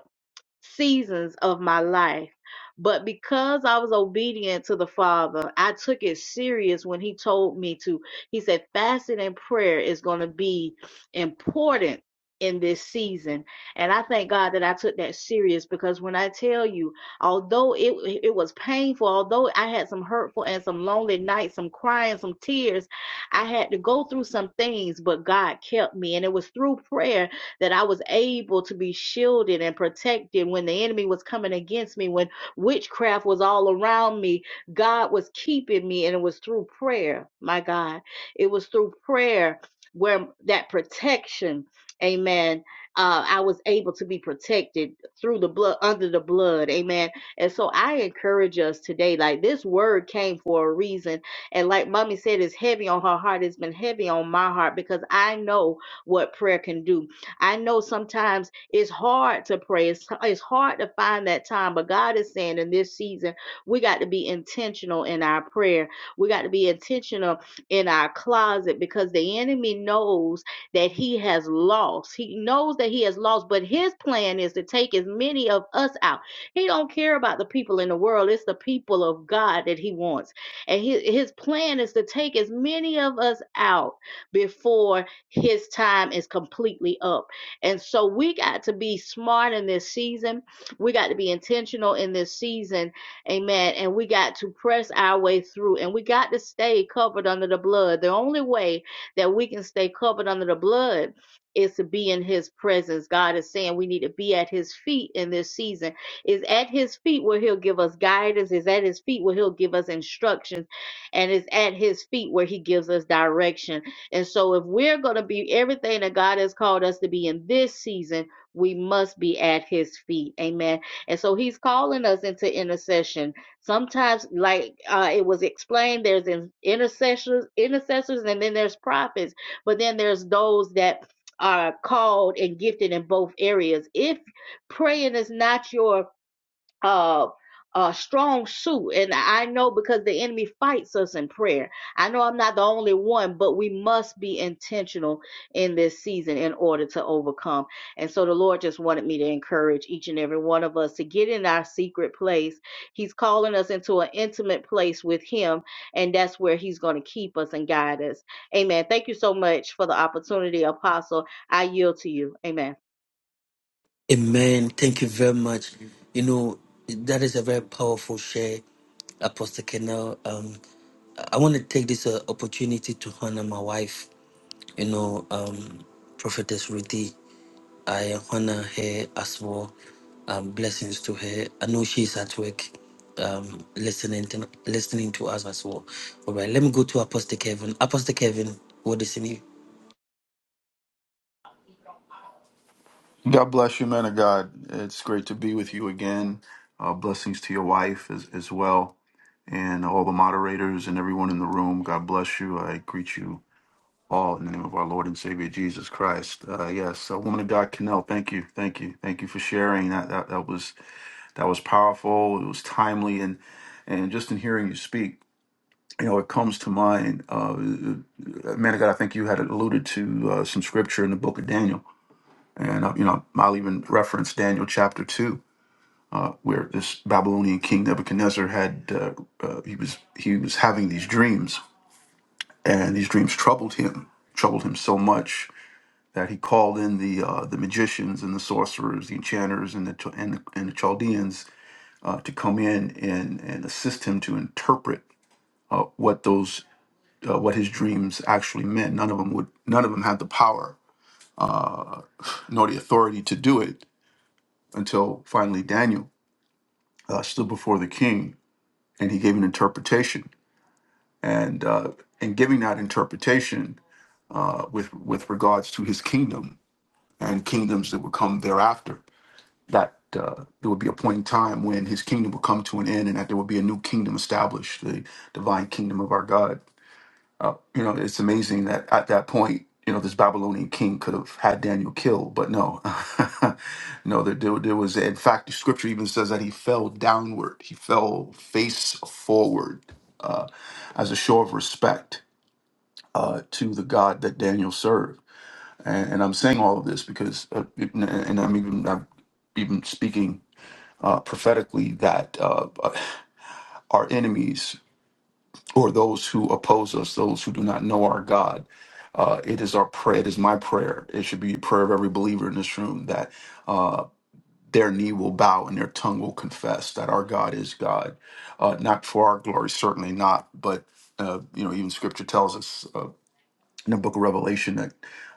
seasons of my life. But because I was obedient to the Father, I took it serious when He told me to. He said, fasting and prayer is going to be important in this season. And I thank God that I took that serious because when I tell you, although it, it was painful, although I had some hurtful and some lonely nights, some crying, some tears, I had to go through some things, but God kept me. And it was through prayer that I was able to be shielded and protected when the enemy was coming against me, when witchcraft was all around me. God was keeping me, and it was through prayer, my God. It was through prayer where that protection, amen, uh, I was able to be protected through the blood, under the blood, amen. And so I encourage us today, like this word came for a reason. And like mommy said, it's heavy on her heart. It's been heavy on my heart because I know what prayer can do. I know sometimes it's hard to pray. It's, it's hard to find that time, but God is saying in this season, we got to be intentional in our prayer. We got to be intentional in our closet because the enemy knows that he has lost. He knows that he has lost, but his plan is to take as many of us out. He don't care about the people in the world. It's the people of God that he wants. And his, his plan is to take as many of us out before his time is completely up and so we got to be smart in this season. We got to be intentional in this season. Amen. And we got to press our way through and we got to stay covered under the blood. The only way that we can stay covered under the blood is to be in his presence. God is saying we need to be at his feet in this season. Is at his feet where he'll give us guidance, is at his feet where he'll give us instructions, and it's at his feet where he gives us direction. And so, if we're going to be everything that God has called us to be in this season, we must be at His feet. Amen. And so, He's calling us into intercession. Sometimes, like uh, it was explained, there's intercessors, intercessors, and then there's prophets. But then there's those that are called and gifted in both areas. If praying is not your uh, a strong suit. And I know because the enemy fights us in prayer. I know I'm not the only one, but we must be intentional in this season in order to overcome. And so the Lord just wanted me to encourage each and every one of us to get in our secret place. He's calling us into an intimate place with Him, and that's where He's going to keep us and guide us. Amen. Thank you so much for the opportunity, Apostle. I yield to you. Amen.
Amen. Thank you very much. You know, that is a very powerful share, Apostle Kennel. Um, I want to take this uh, opportunity to honor my wife, you know, um, Prophetess Ruthie. I honor her as well. Um, blessings to her. I know she's at work um, listening, to, listening to us as well. All right, let me go to Apostle Kevin. Apostle Kevin, what is in you?
God bless you, man of God. It's great to be with you again. Uh, blessings to your wife as, as well, and all the moderators and everyone in the room. God bless you. I greet you all in the name of our Lord and Savior Jesus Christ. Uh, yes, uh, woman of God, Canel. Thank you, thank you, thank you for sharing. That that, that was that was powerful. It was timely, and and just in hearing you speak, you know, it comes to mind, uh, man of God, I think you had alluded to uh, some scripture in the book of Daniel. And, uh, you know, I'll even reference Daniel chapter 2. where this Babylonian king Nebuchadnezzar had uh, uh, he was he was having these dreams, and these dreams troubled him, troubled him so much that he called in the uh, the magicians and the sorcerers, the enchanters, and the Ch- and the, and the Chaldeans uh, to come in and and assist him to interpret uh, what those uh, what his dreams actually meant. None of them would none of them had the power nor the authority to do it until finally Daniel uh, stood before the king and he gave an interpretation and uh, and giving that interpretation uh, with with regards to his kingdom and kingdoms that would come thereafter. That uh, there would be a point in time when his kingdom would come to an end, and that there would be a new kingdom established, the divine kingdom of our God. You know, it's amazing that at that point, you know, this Babylonian king could have had Daniel killed, but no, no, there, there, there was. In fact, the scripture even says that he fell downward, he fell face forward uh, as a show of respect uh, to the God that Daniel served. And, and I'm saying all of this because, uh, and, and I'm even I'm even speaking uh, prophetically that uh, our enemies or those who oppose us, those who do not know our God. Uh, it is our prayer. It is my prayer. It should be a prayer of every believer in this room that uh, their knee will bow and their tongue will confess that our God is God, uh, not for our glory, certainly not, but uh, you know, even Scripture tells us. uh, in the book of Revelation that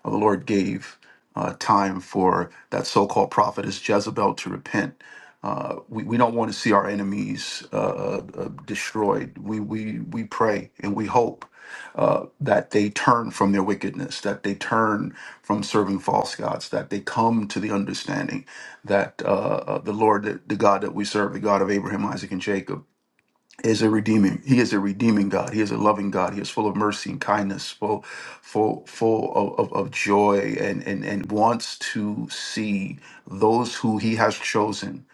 uh, the Lord gave uh, time for that so called prophetess Jezebel to repent. Uh, we, we don't want to see our enemies uh, uh, uh, destroyed. We, we, we pray and we hope uh, that they turn from their wickedness, that they turn from serving false gods, that they come to the understanding that uh, uh, the Lord, the the God that we serve, the God of Abraham, Isaac, and Jacob, is a redeeming. He is a redeeming God. He is a loving God. He is full of mercy and kindness, full, full, full of, of, of joy, and, and and wants to see those who He has chosen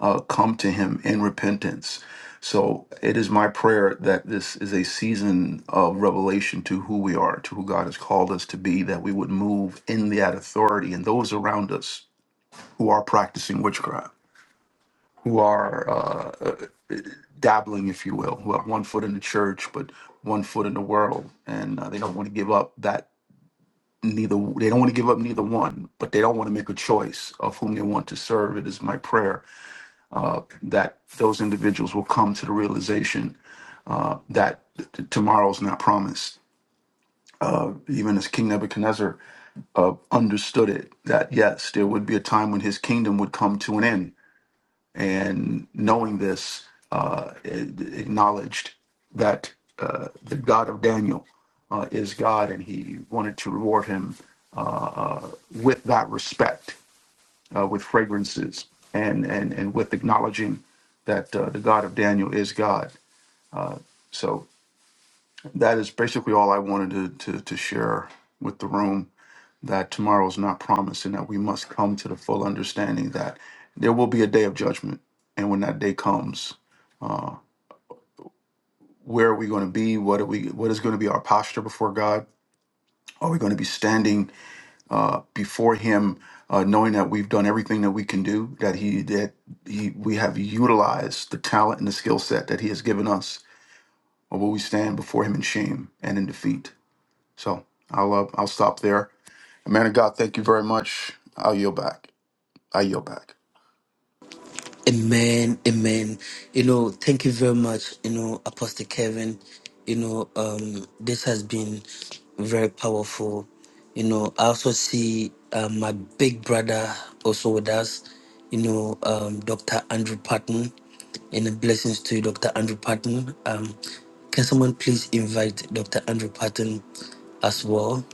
uh, come to Him in repentance. So it is my prayer that this is a season of revelation to who we are, to who God has called us to be, that we would move in that authority and those around us who are practicing witchcraft, who are uh, dabbling, if you will, who have one foot in the church but one foot in the world, and uh, they don't want to give up that neither. They don't want to give up neither one, but they don't want to make a choice of whom they want to serve. It is my prayer uh, that those individuals will come to the realization that t- t- tomorrow's not promised. Uh, even as King Nebuchadnezzar uh, understood it, that yes, there would be a time when his kingdom would come to an end and knowing this, uh, acknowledged that uh, the God of Daniel uh, is God, and he wanted to reward him uh, uh, with that respect, uh, with fragrances, and, and, and with acknowledging that uh, the God of Daniel is God. So that is basically all I wanted to, to, to share with the room that tomorrow is not promised and that we must come to the full understanding that there will be a day of judgment. And when that day comes, where are we going to be what are we what is going to be our posture before god are we going to be standing uh, before him uh, knowing that we've done everything that we can do that he that he we have utilized the talent and the skill set that he has given us or will we stand before him in shame and in defeat so i'll uh, i'll stop there man of god thank you very much i'll yield back i yield back
Amen, amen. You know, thank you very much, you know, Apostle Kevin. You know, um, this has been very powerful. You know, I also see uh, my big brother also with us, you know, um, Dr. Andrew Patton. And the blessings to you, Dr. Andrew Patton. Um, can someone please invite Dr. Andrew Patton as well?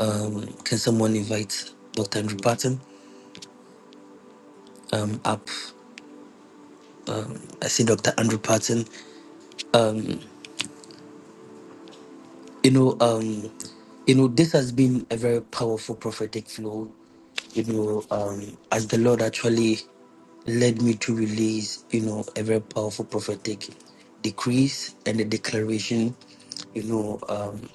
Um, can someone invite Dr. Andrew Patton um, up? I see Dr. Andrew Patton. Um, You know, um, you know, this has been a very powerful prophetic flow. You know, um, as the Lord actually led me to release, you know, a very powerful prophetic decrease and a declaration. You know, um,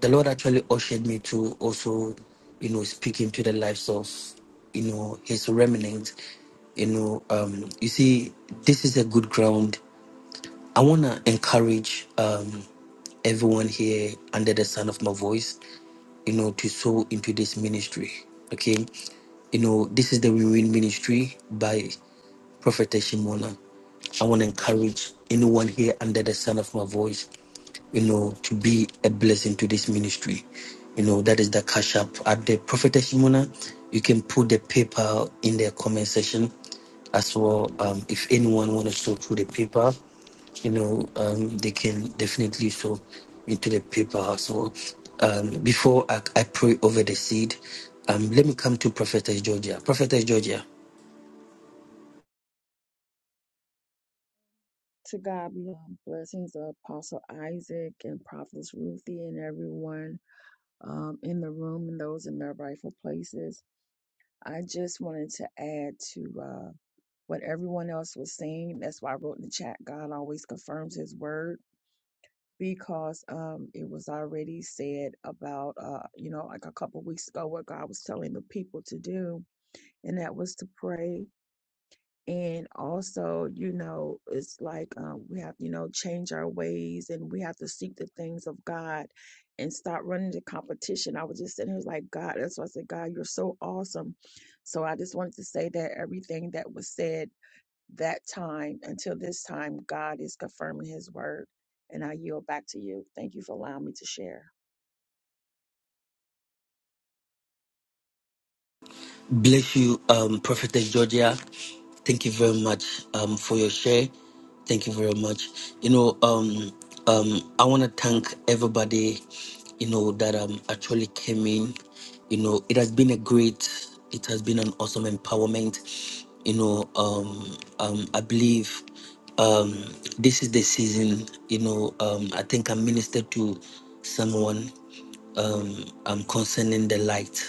the Lord actually ushered me to also, you know, speaking to the lives of, you know, His remnant. You know, um, you see, this is a good ground. I wanna encourage. Um, everyone here under the sound of my voice, you know, to sow into this ministry. Okay. You know, this is the Win Win Ministry by Prophet Shimona. I want to encourage anyone here under the sound of my voice, you know, to be a blessing to this ministry. You know, that is the cash app at the Prophet Shimona. You can put the PayPal in the comment section as well. Um, if anyone want to sow through the PayPal, you know, um, they can definitely sow into the paper. So um, before I, I pray over the seed, um, let me come to Prophetess Georgia. Prophetess Georgia,
To God be all blessings of Apostle Isaac and Prophetess Ruthie and everyone um, in the room and those in their rightful places. I just wanted to add to uh, what everyone else was saying. That's why I wrote in the chat, God always confirms his word because um, it was already said about, uh, you know, like a couple weeks ago, what God was telling the people to do, and that was to pray and also you know it's like um, we have you know change our ways and we have to seek the things of god and stop running the competition i was just sitting here like god that's why i said god you're so awesome so i just wanted to say that everything that was said that time until this time god is confirming his word and i yield back to you thank you for allowing me to share
Bless you, um, Prophetess Georgia. Thank you very much um, for your share. Thank you very much. You know, um, um, I want to thank everybody, you know, that um, actually came in. You know, it has been a great, it has been an awesome empowerment. You know, um, um, I believe um, this is the season. You know, um, I think I ministered to someone um, um, concerning the light.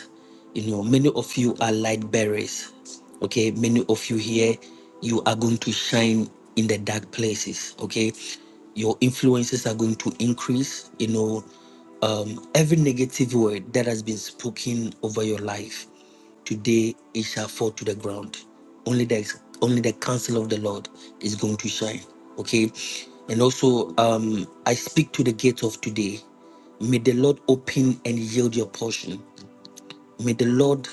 You know, many of you are light bearers. Okay, many of you here, you are going to shine in the dark places. Okay, your influences are going to increase. You know, um, every negative word that has been spoken over your life. Today it shall fall to the ground. Only the only the counsel of the Lord is going to shine. Okay. And also, um, I speak to the gate of today. May the Lord open and yield your portion. May the Lord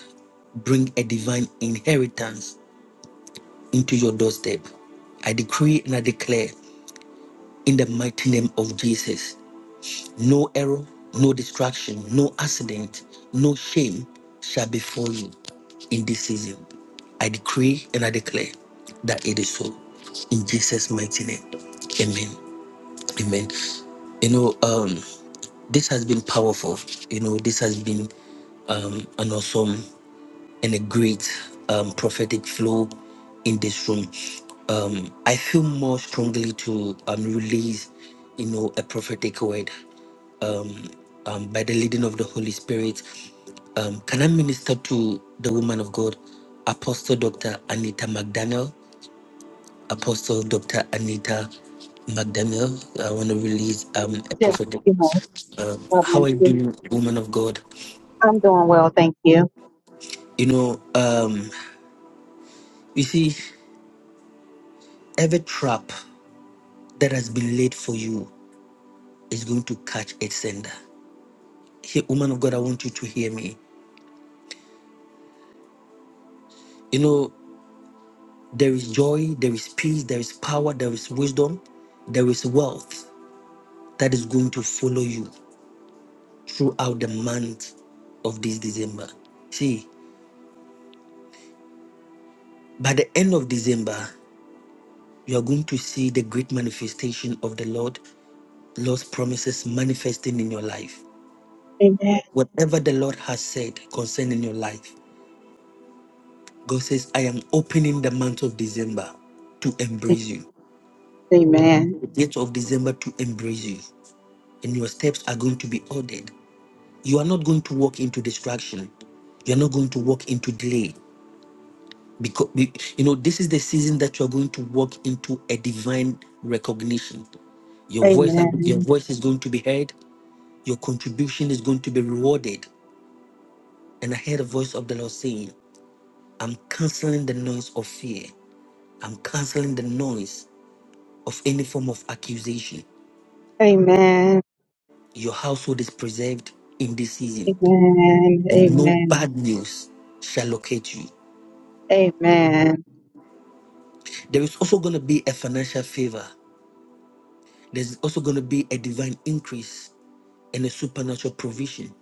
bring a divine inheritance into your doorstep. I decree and I declare in the mighty name of Jesus. No error, no distraction, no accident, no shame shall befall you in this season. I decree and I declare that it is so. In Jesus' mighty name. Amen. Amen. You know, um, this has been powerful. You know, this has been um, an awesome and a great um, prophetic flow in this room. Um, I feel more strongly to um, release, you know, a prophetic word um, um, by the leading of the Holy Spirit. Um, can I minister to the woman of God, Apostle Dr. Anita McDaniel? Apostle Dr. Anita McDaniel, I want to release um, a
Just,
prophetic.
you know,
Um,
God bless
how I
you.
do, woman of God.
I'm doing well, thank you.
You know, um, you see, every trap that has been laid for you is going to catch its sender. Hey, woman of God, I want you to hear me. You know, There is joy, there is peace, there is power, there is wisdom, there is wealth that is going to follow you throughout the month of this December. See, by the end of December, you are going to see the great manifestation of the Lord, Lord's promises manifesting in your life.
Amen.
Whatever the Lord has said concerning your life, God says, I am opening the month of December to embrace you.
Amen.
The date of December to embrace you. And your steps are going to be ordered. you are not going to walk into distraction you're not going to walk into delay because be- you know this is the season that you're going to walk into a divine recognition your voice your
Amen.
voice is going to be heard your contribution is going to be rewarded and i heard a voice of the lord saying i'm canceling the noise of fear i'm canceling the noise of any form of accusation
Amen.
your household is preserved in this season
Amen.
and no
Amen.
bad news shall locate you
Amen.
There is also going to be a financial favor. There's also going to be a divine increase and a supernatural provision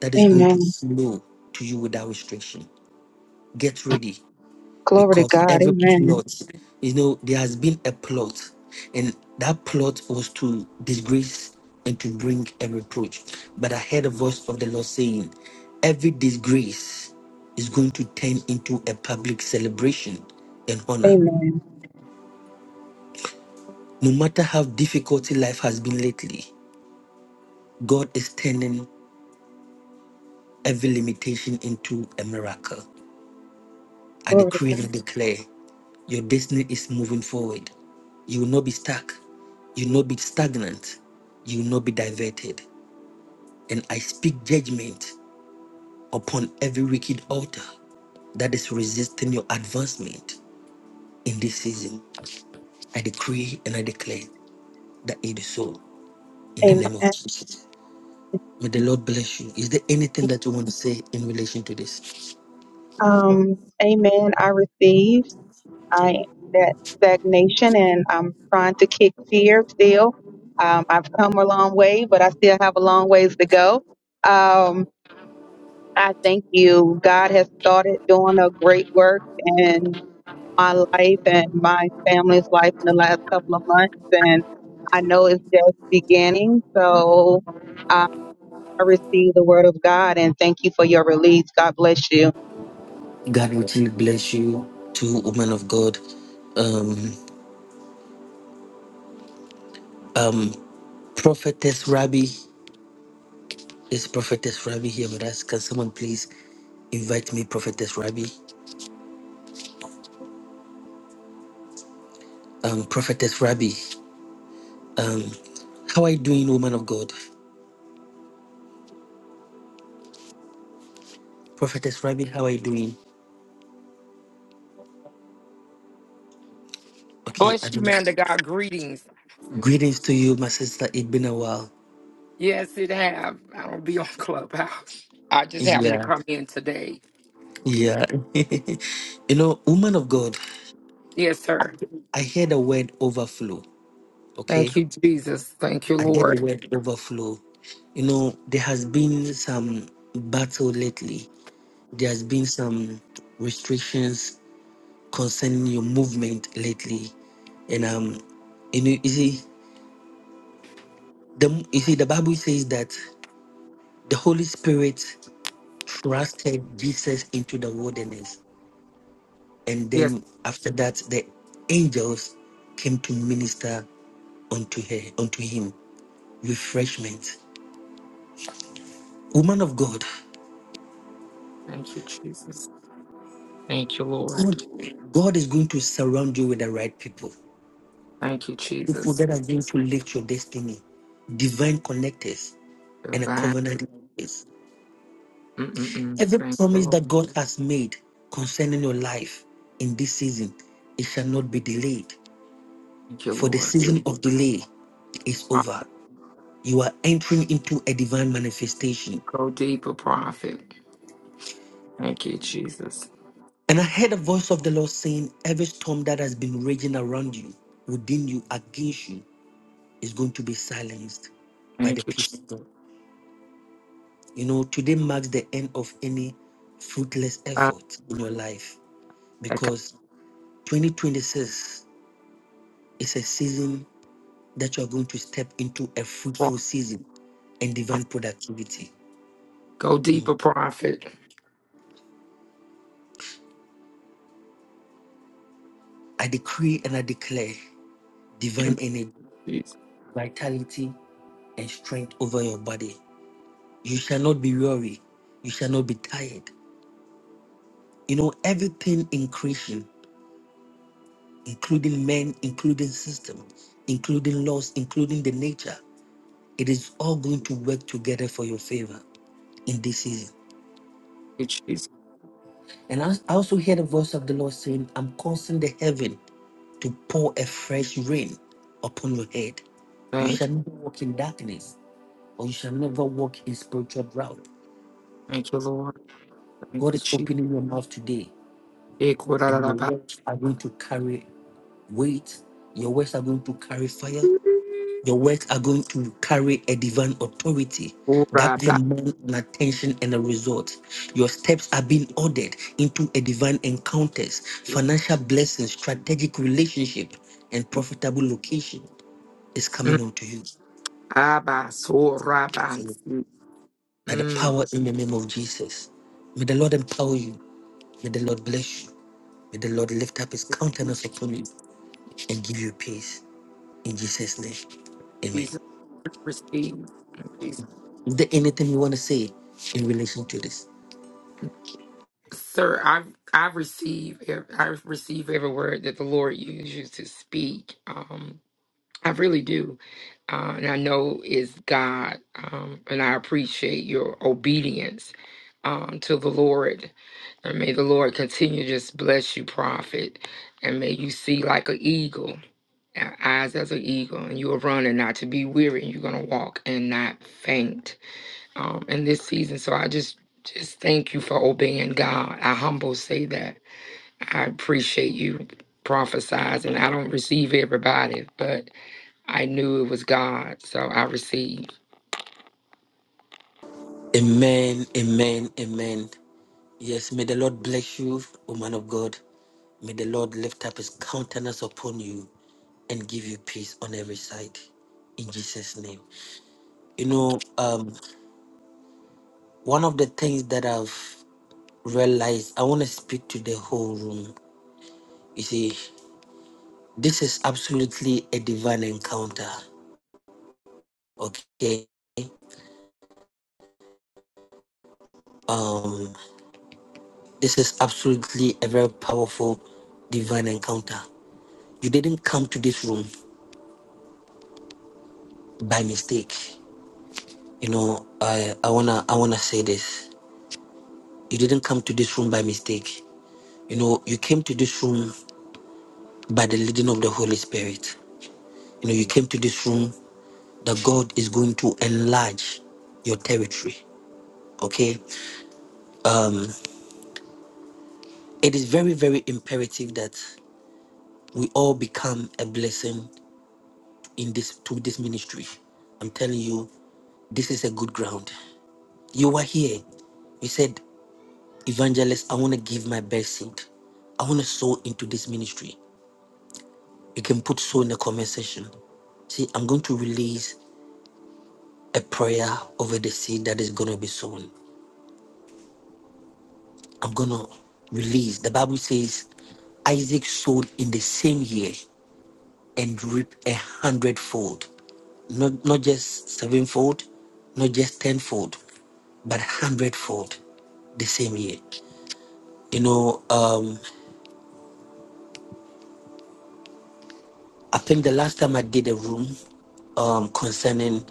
that is going to
Amen.
flow to you without restriction. Get ready
Glory to
because
God.
every
Amen.
plot, you know, there has been a plot, and that plot was to disgrace and to bring a reproach. But I heard a voice of the Lord saying, Every disgrace is going to turn into a public celebration and honor.
Amen.
No matter how difficult life has been lately, God is turning every limitation into a miracle. I
Glory to
decree
God.
and declare your destiny is moving forward. You will not be stuck. You will not be stagnant. You will not be diverted. And I speak judgment upon every wicked altar that is resisting your advancement in this season. I decree and I declare that it is so in the name of
Amen.
Jesus. May the Lord bless you. Is there anything that you want to say in relation to this?
Um, amen. I receive I that stagnation and I'm trying to kick fear still. Um, I've come a long way, but I still have a long ways to go. Um, I thank you. God has started doing a great work in my life and my family's life in the last couple of months. And I know it's just beginning. So I I receive the word of God and thank you for your release. God bless
God will truly bless you, two woman of God. Um, Prophetess Rabbi is Prophetess Rabbi here with us. Can someone please invite me, Prophetess Rabbi? Um, Prophetess Rabbi, how are you doing, woman of God? Prophetess Rabbi, how are you doing? Okay, I
Bless you,
don't.
man. To God, greetings.
Greetings to you, my sister. It's been a while.
Yes, it have. I don't be on Clubhouse. I just happened to
Yeah,
come in today.
yeah. you know, woman of God,
Yes, sir.
I heard the word overflow.
Thank
Okay,
you, Jesus. Thank you,
I heard the
Lord.
word overflow. You know, there has been some battle lately. There has been some restrictions concerning your movement lately. And um, you know, you see, the you see, the Bible says that the Holy Spirit thrusted Jesus into the wilderness, and
Yes,
then after that, the angels came to minister unto her, unto him, refreshment. Woman of God,
thank you, Jesus. Thank you, Lord.
God, God is going to surround you with the right people.
Thank you,
People
Jesus.
that are going to lift your destiny, divine connectors, and a
Divine.
covenant. is.
Mm-mm-mm.
Every
Thank you,
promise
Lord.
that God has made concerning your life in this season, it shall not be delayed.
Thank you,
For the
Lord.
season of delay is
I
over. You are entering into a divine manifestation.
Go deeper, prophet. Thank you, Jesus.
And I heard a voice of the Lord saying, Every storm that has been raging around you, within you, against you, is going to be silenced by the
Thank you, Jesus.
peace of God. You know, today marks the end of any fruitless
Uh,
effort in your life
That kind
because 2026 is a season that you are going to step into a
of
fruitful season and divine
prophet.
productivity.
Go deeper, prophet.
I decree and I declare divine
In the
energy,
Jesus.
vitality, and strength over your body. You shall not be weary. You shall not be tired. You know, everything in creation, including men, including systems, including laws, including the nature. It is all going to work together for your favor in this season.
Thank you, Jesus.
And I I also hear the voice of the Lord saying, I'm causing the heaven to pour a fresh rain upon your head. You
Thank you.
shall never walk in darkness, or you shall never walk in spiritual drought.
Thank you, Lord. Thank
God
you,
is
Jesus.
opening your mouth today, and your
Ekuraraba.
words are going to carry weight. Your words are going to carry fire. Your works are going to carry a divine authority that
Uraba.
demands an attention and a result. Your steps are being ordered into a divine encounters, financial blessings, strategic relationship, and profitable location is
Mm.
coming onto you.
Abba.
So
Sorabansi.
by the
Mm.
power in the name of Jesus, may the Lord empower you. May the Lord bless you. May the Lord lift up his countenance upon you and give you peace. In Jesus' name. Amen.
Jesus receive. Jesus.
Is there anything you want to say in relation to this?
Sir, I I receive ev- I receive every word that the Lord uses to speak. Um, I really do, uh, and I know is God, um, and I appreciate your obedience um, to the Lord. And may the Lord continue to just bless you, prophet. And may you see like an eagle. Our eyes as an eagle, and you will run and not to be weary, and you're gonna walk and not faint. Um, in this season, so I just just thank you for obeying God. I humble say that I appreciate you prophesizing. I don't receive everybody, but I knew it was God, so I received.
Amen, amen, amen. Yes, may the Lord bless you, O man of God. May the Lord lift up his countenance upon you and give you peace on every side. In Jesus' name. You
Thank
know, um, one of the things that I've realized, I want to speak to the whole room. You see, this is absolutely a divine encounter. Okay. Um, this is absolutely a very powerful divine encounter. You didn't come to this room by mistake. You know, I I wanna I wanna say this. You didn't come to this room by mistake. You know, you came to this room by the leading of the Holy Spirit. You know, you came to this room that God is going to enlarge your territory. Okay? It is very, very imperative that we all become a blessing in this to this ministry. I'm telling you, this is a good ground. You were here. You said Evangelist, I want to give my best seed. I want to sow into this ministry. You can put sow in the comment section. See, I'm going to release a prayer over the seed that is going to be sown. I'm going to release. The Bible says Isaac sowed in the same year and reaped a hundredfold. Not, not just sevenfold, not just tenfold, but hundredfold the same year. You know, um, I think the last time I did a room um, concerning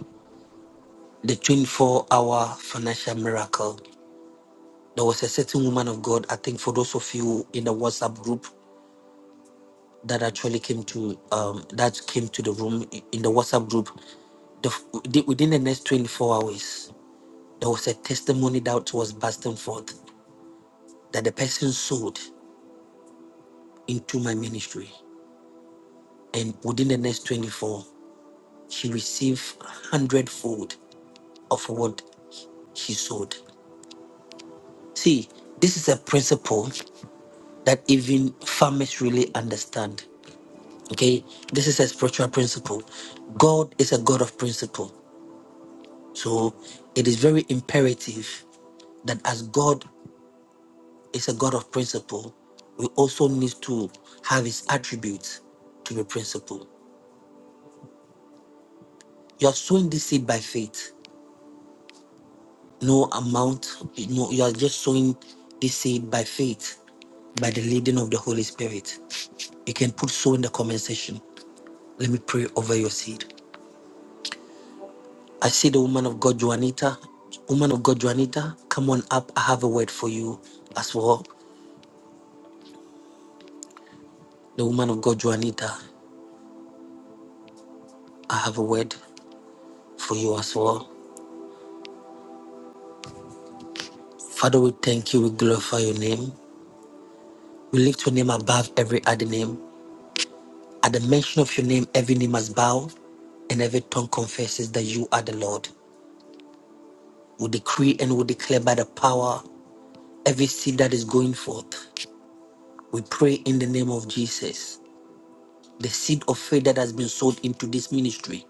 the 24 hour financial miracle, there was a certain woman of God, I think for those of you in the WhatsApp group that actually came to um, that came to the room in the WhatsApp group, the, within the next 24 hours, there was a testimony that was bursting forth that the person sold into my ministry. And within the next 24, she received hundredfold of what she sold. See, this is a principle that even farmers really understand. Okay, this is a spiritual principle. God is a God of principle. So it is very imperative that as God is a God of principle, we also need to have his attributes to be principle. You are sowing this seed by faith. No amount, you know, you are just sowing this seed by faith, by the leading of the Holy Spirit. You can put so in the comment section. Let me pray over your seed. I see the woman of God, Juanita. Woman of God, Juanita, come on up. I have a word for you as well. The woman of God, Juanita, I have a word for you as well. Father, we thank you. We glorify your name. We lift your name above every other name. At the mention of your name, every name must bow and every tongue confesses that you are the Lord. We decree and we declare by the power every seed that is going forth. We pray in the name of Jesus the seed of faith that has been sown into this ministry,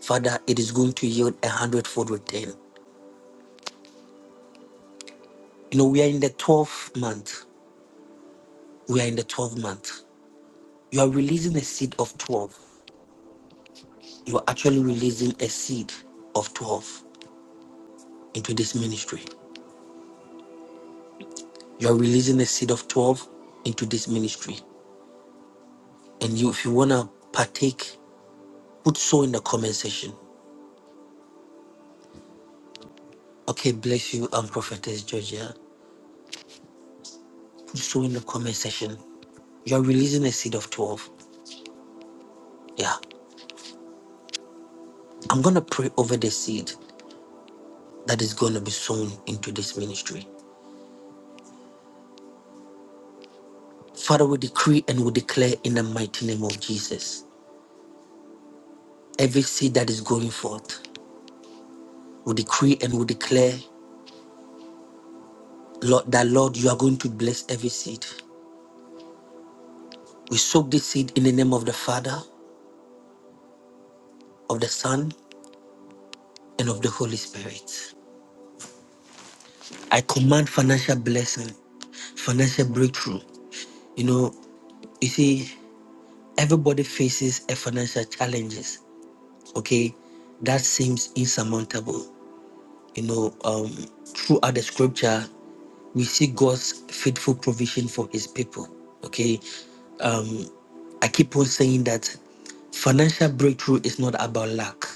Father, it is going to yield a hundredfold return. You know, we are in the 12th month. We are in the 12th month. You are releasing a seed of 12. You are actually releasing a seed of 12 into this ministry. You are releasing a seed of 12 into this ministry. And you, if you want to partake, put so in the comment section. Okay, bless you, um, Prophetess Georgia. Put so in the comment section you're releasing a seed of 12. Yeah. I'm going to pray over the seed that is going to be sown into this ministry. Father, we decree and we declare in the mighty name of Jesus every seed that is going forth. We decree and we declare, Lord, that Lord, you are going to bless every seed. We soak this seed in the name of the Father, of the Son, and of the Holy Spirit. I command financial blessing, financial breakthrough. You know, you see, everybody faces a financial challenges, okay? That seems insurmountable. you know, um, throughout the scripture, we see God's faithful provision for his people. Okay. Um, I keep on saying that financial breakthrough is not about luck,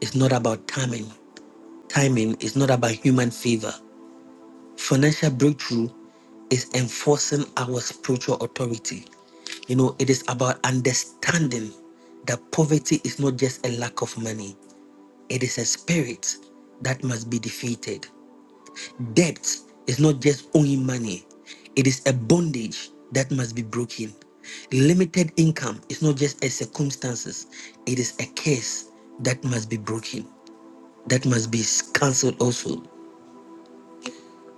it's not about timing. Timing is not about human favor. Financial breakthrough is enforcing our spiritual authority. You know, it is about understanding that poverty is not just a lack of money, it is a spirit that must be defeated. Debt is not just owing money, it is a bondage that must be broken. Limited income is not just a circumstances, it is a curse that must be broken, that must be cancelled also.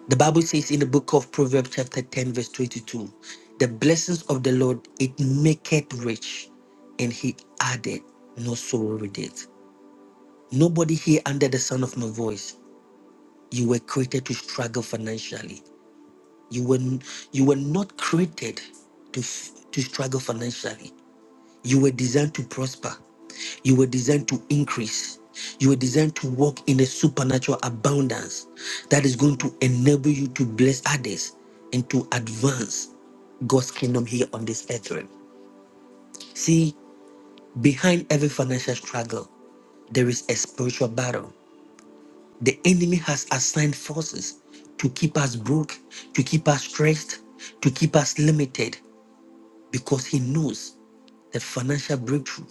The Bible says in the book of Proverbs chapter 10, verse 22, the blessings of the Lord it maketh rich, and he added no sorrow with it. Nobody here under the sound of my voice, you were created to struggle financially. You were, you were not created to, f- to struggle financially. You were designed to prosper. You were designed to increase. You were designed to walk in a supernatural abundance that is going to enable you to bless others and to advance God's kingdom here on this earth realm. See, behind every financial struggle, there is a spiritual battle. The enemy has assigned forces to keep us broke, to keep us stressed, to keep us limited. because he knows that financial breakthrough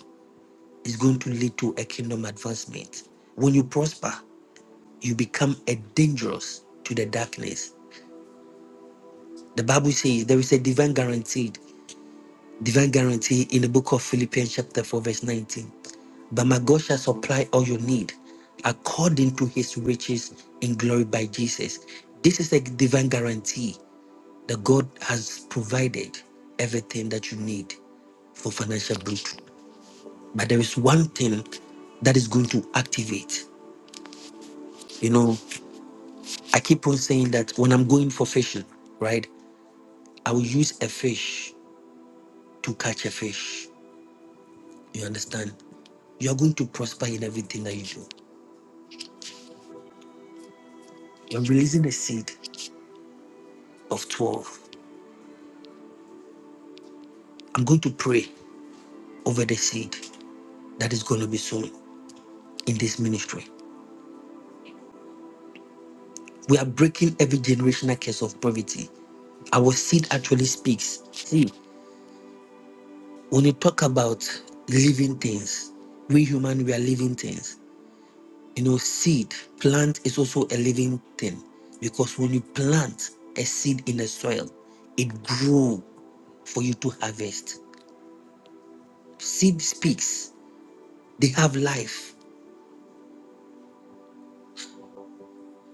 is going to lead to a kingdom advancement. When you prosper, you become a dangerous to the darkness. The Bible says there is a divine guaranteed, divine guarantee in the book of Philippians chapter 4, verse 19. But my God shall supply all your need according to his riches in glory by Jesus. This is a divine guarantee that God has provided everything that you need for financial breakthrough. But there is one thing that is going to activate. You know, I keep on saying that when I'm going for fishing, right, I will use a fish to catch a fish. You understand? You are going to prosper in everything that you do. You're releasing a seed of 12. I'm going to pray over the seed that is going to be sown in this ministry. We are breaking every generational curse of poverty. Our seed actually speaks. See. when you talk about living things, we human we are living things. You know, seed, plant is also a living thing because when you plant a seed in the soil, it grows for you to harvest. Seed speaks, they have life.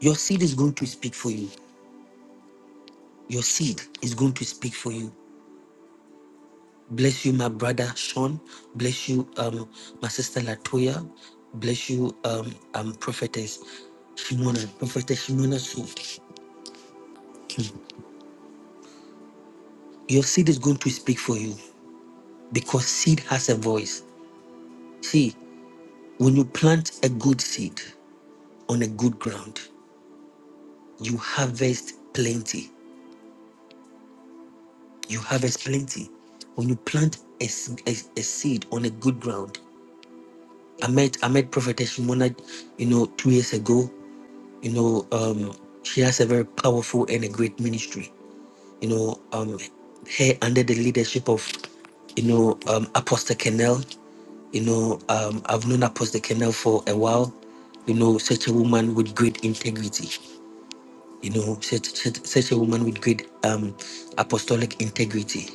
Your seed is going to speak for you. Your seed is going to speak for you. Bless you, my brother Sean. Bless you, um, my sister Latoya. Bless you, um, um, prophetess Shimona, prophetess Shimona Sue. Your seed is going to speak for you because seed has a voice. See, when you plant a good seed on a good ground, you harvest plenty. You harvest plenty. When you plant a, s- a- a seed on a good ground, I met I met Prophetess Shimona, you know, two years ago. You know, um, she has a very powerful and a great ministry. You know, um, her under the leadership of, you know, um, Apostle Kennel. You know, um, I've known Apostle Kennel for a while. You know, such a woman with great integrity. You know, such such, such a woman with great um, apostolic integrity.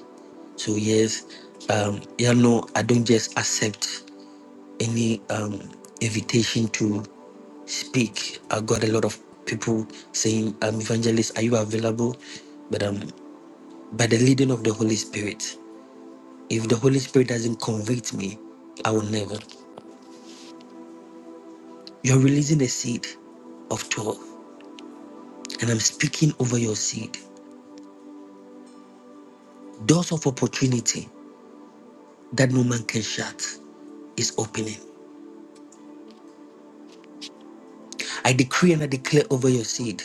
So yes, um, you know, I don't just accept any um, invitation to speak. I got a lot of people saying, um, "Evangelist, are you available?" But um, by the leading of the Holy Spirit, if the Holy Spirit doesn't convict me, I will never. You're releasing a seed of 12, and I'm speaking over your seed. Doors of opportunity that no man can shut is opening. I decree and I declare over your seed.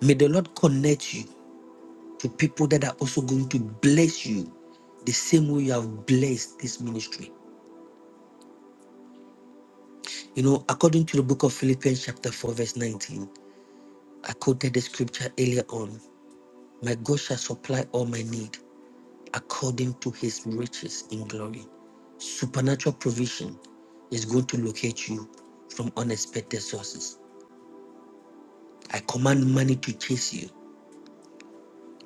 May the Lord connect you to people that are also going to bless you the same way you have blessed this ministry. You know, according to the book of Philippians, chapter 4, verse 19, I quoted the scripture earlier on My God shall supply all my need according to his riches in glory. Supernatural provision is going to locate you from unexpected sources. I command money to chase you.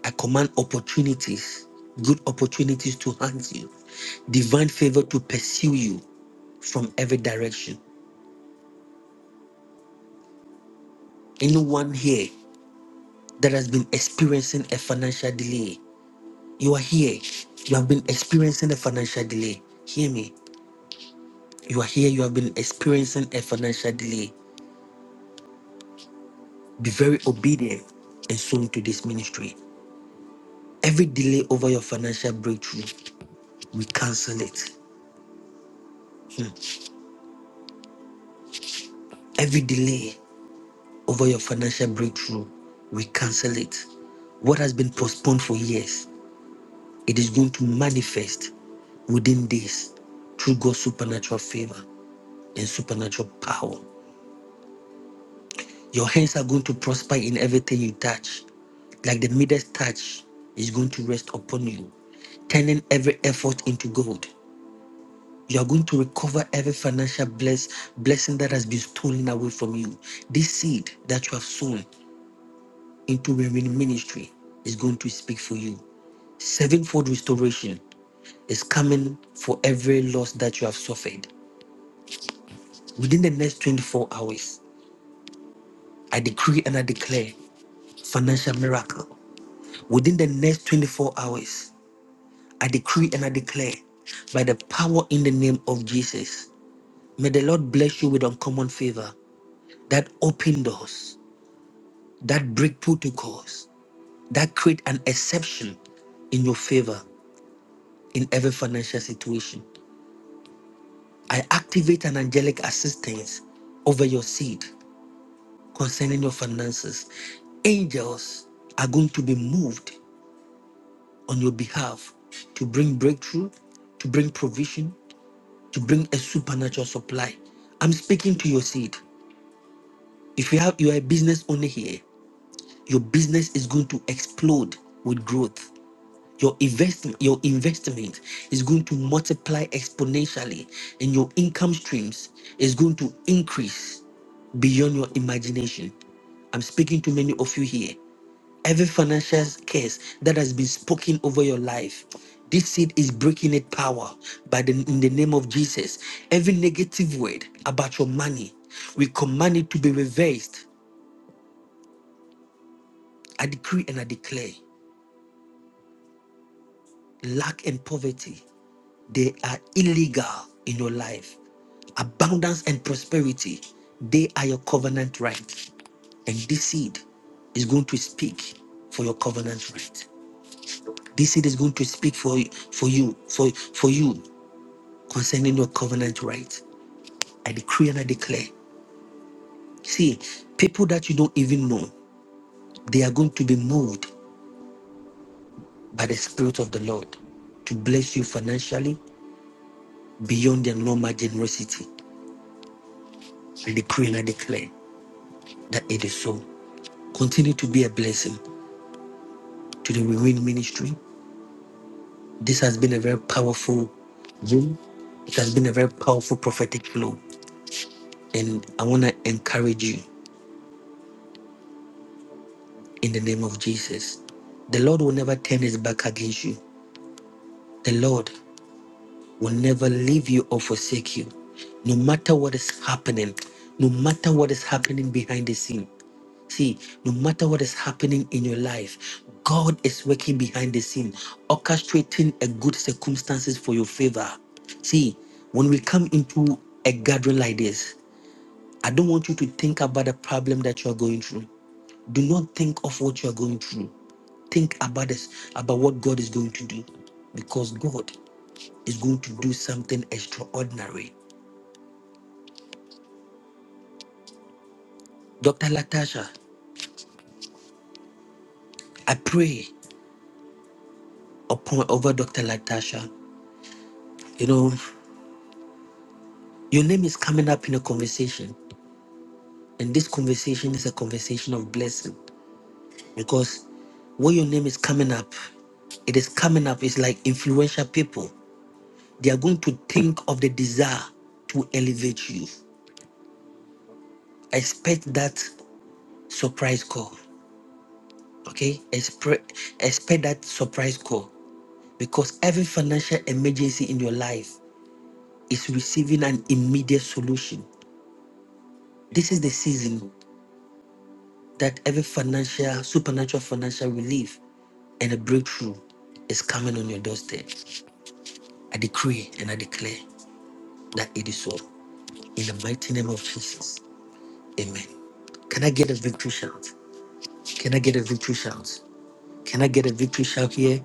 I command opportunities, good opportunities to hunt you, divine favor to pursue you from every direction. Anyone here that has been experiencing a financial delay, you are here. You have been experiencing a financial delay. Hear me. You are here. You have been experiencing a financial delay. Be very obedient and sow to this ministry. Every delay over your financial breakthrough, we cancel it. Every delay over your financial breakthrough, we cancel it. What has been postponed for years, it is going to manifest within days through God's supernatural favor and supernatural power. Your hands are going to prosper in everything you touch. Like the Midas touch is going to rest upon you, turning every effort into gold You are going to recover every financial bless, blessing that has been stolen away from you. This seed that you have sown into remaining ministry is going to speak for you. Sevenfold restoration is coming for every loss that you have suffered. Within the next 24 hours, I decree and I declare financial miracle. Within the next 24 hours, I decree and I declare by the power in the name of Jesus. May the Lord bless you with uncommon favor that open doors that break protocols, that create an exception in your favor in every financial situation. I activate an angelic assistance over your seed concerning your finances. Angels are going to be moved on your behalf to bring breakthrough, to bring provision, to bring a supernatural supply. I'm speaking to your seed. If you have you are a business owner here, your business is going to explode with growth. Your investment, your investment is going to multiply exponentially, and your income streams is going to increase beyond your imagination. I'm speaking to many of you here. Every financial curse that has been spoken over your life, this seed is breaking its power by the in the name of Jesus. Every negative word about your money, we command it to be reversed. I decree and I declare lack and poverty They are illegal in your life. Abundance and prosperity, they are your covenant right. And this seed is going to speak for your covenant right. This seed is going to speak for, for you, for, for you concerning your covenant right. I decree and I declare. See, people that you don't even know, they are going to be moved by the Spirit of the Lord to bless you financially beyond their normal generosity. I decree and I declare that it is so. Continue to be a blessing to the Rewind Ministry. This has been a very powerful room. It has been a very powerful prophetic flow. And I want to encourage you in the name of Jesus. The Lord will never turn his back against you. The Lord will never leave you or forsake you. No matter what is happening, no matter what is happening behind the scene, See, no matter what is happening in your life, God is working behind the scene, orchestrating a good circumstances for your favor. See, when we come into a gathering like this, I don't want you to think about the problem that you are going through. Do not think of what you are going through. Think about this, about what God is going to do, because God is going to do something extraordinary. Dr. Latasha, I pray upon over Dr. Latasha. You know, Your name is coming up in a conversation, and this conversation is a conversation of blessing because when your name is coming up, it is coming up. It's like influential people. They are going to think of the desire to elevate you. Expect that surprise call, okay? Expre- Expect that surprise call because every financial emergency in your life is receiving an immediate solution. This is the season that every financial, supernatural financial relief and a breakthrough is coming on your doorstep. I decree and I declare that it is so. In the mighty name of Jesus. Amen. Can I get a victory shout? Can I get a victory shout? Can I get a victory shout here?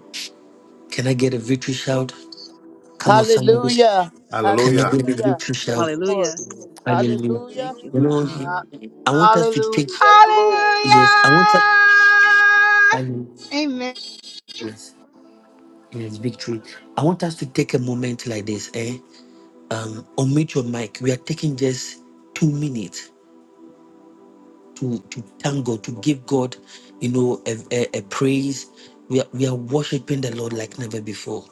Can I get a victory shout? Come on, somebody.
Hallelujah.
Can I
Hallelujah.
get a
Hallelujah.
victory
Yes,
shout?
Hallelujah.
Lord.
Hallelujah.
Hallelujah.
Thank you,
You
Lord.
know,
Hallelujah.
I want us to take,
Hallelujah.
Hallelujah.
Glory.
yes, I want us, hallelujah.
Amen.
yes, yes, victory. I want us to take a moment like this, eh? um, unmute your mic. We are taking just two minutes to, to thank God, to give God, you know, a, a, a praise. We are, we are worshiping the Lord like never before.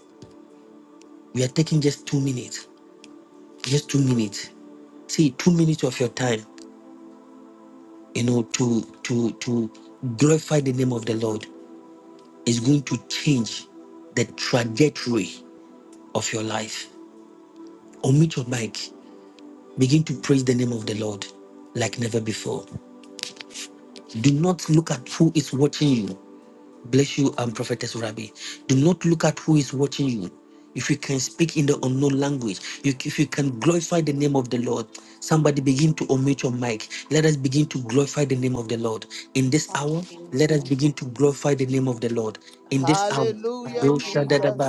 We are taking just two minutes, just two minutes. See, two minutes of your time, you know, to to to glorify the name of the Lord is going to change the trajectory of your life. Unmute your mic. Begin to praise the name of the Lord like never before. Do not look at who is watching you. Bless you, um, Prophetess Rabbi. Do not look at who is watching you. If you can speak in the unknown language, you, if you can glorify the name of the Lord, somebody begin to omit your mic. Let us begin to glorify the name of the Lord. In this hour, let us begin to glorify the name of the Lord. In this hour,
Hallelujah, Jesus.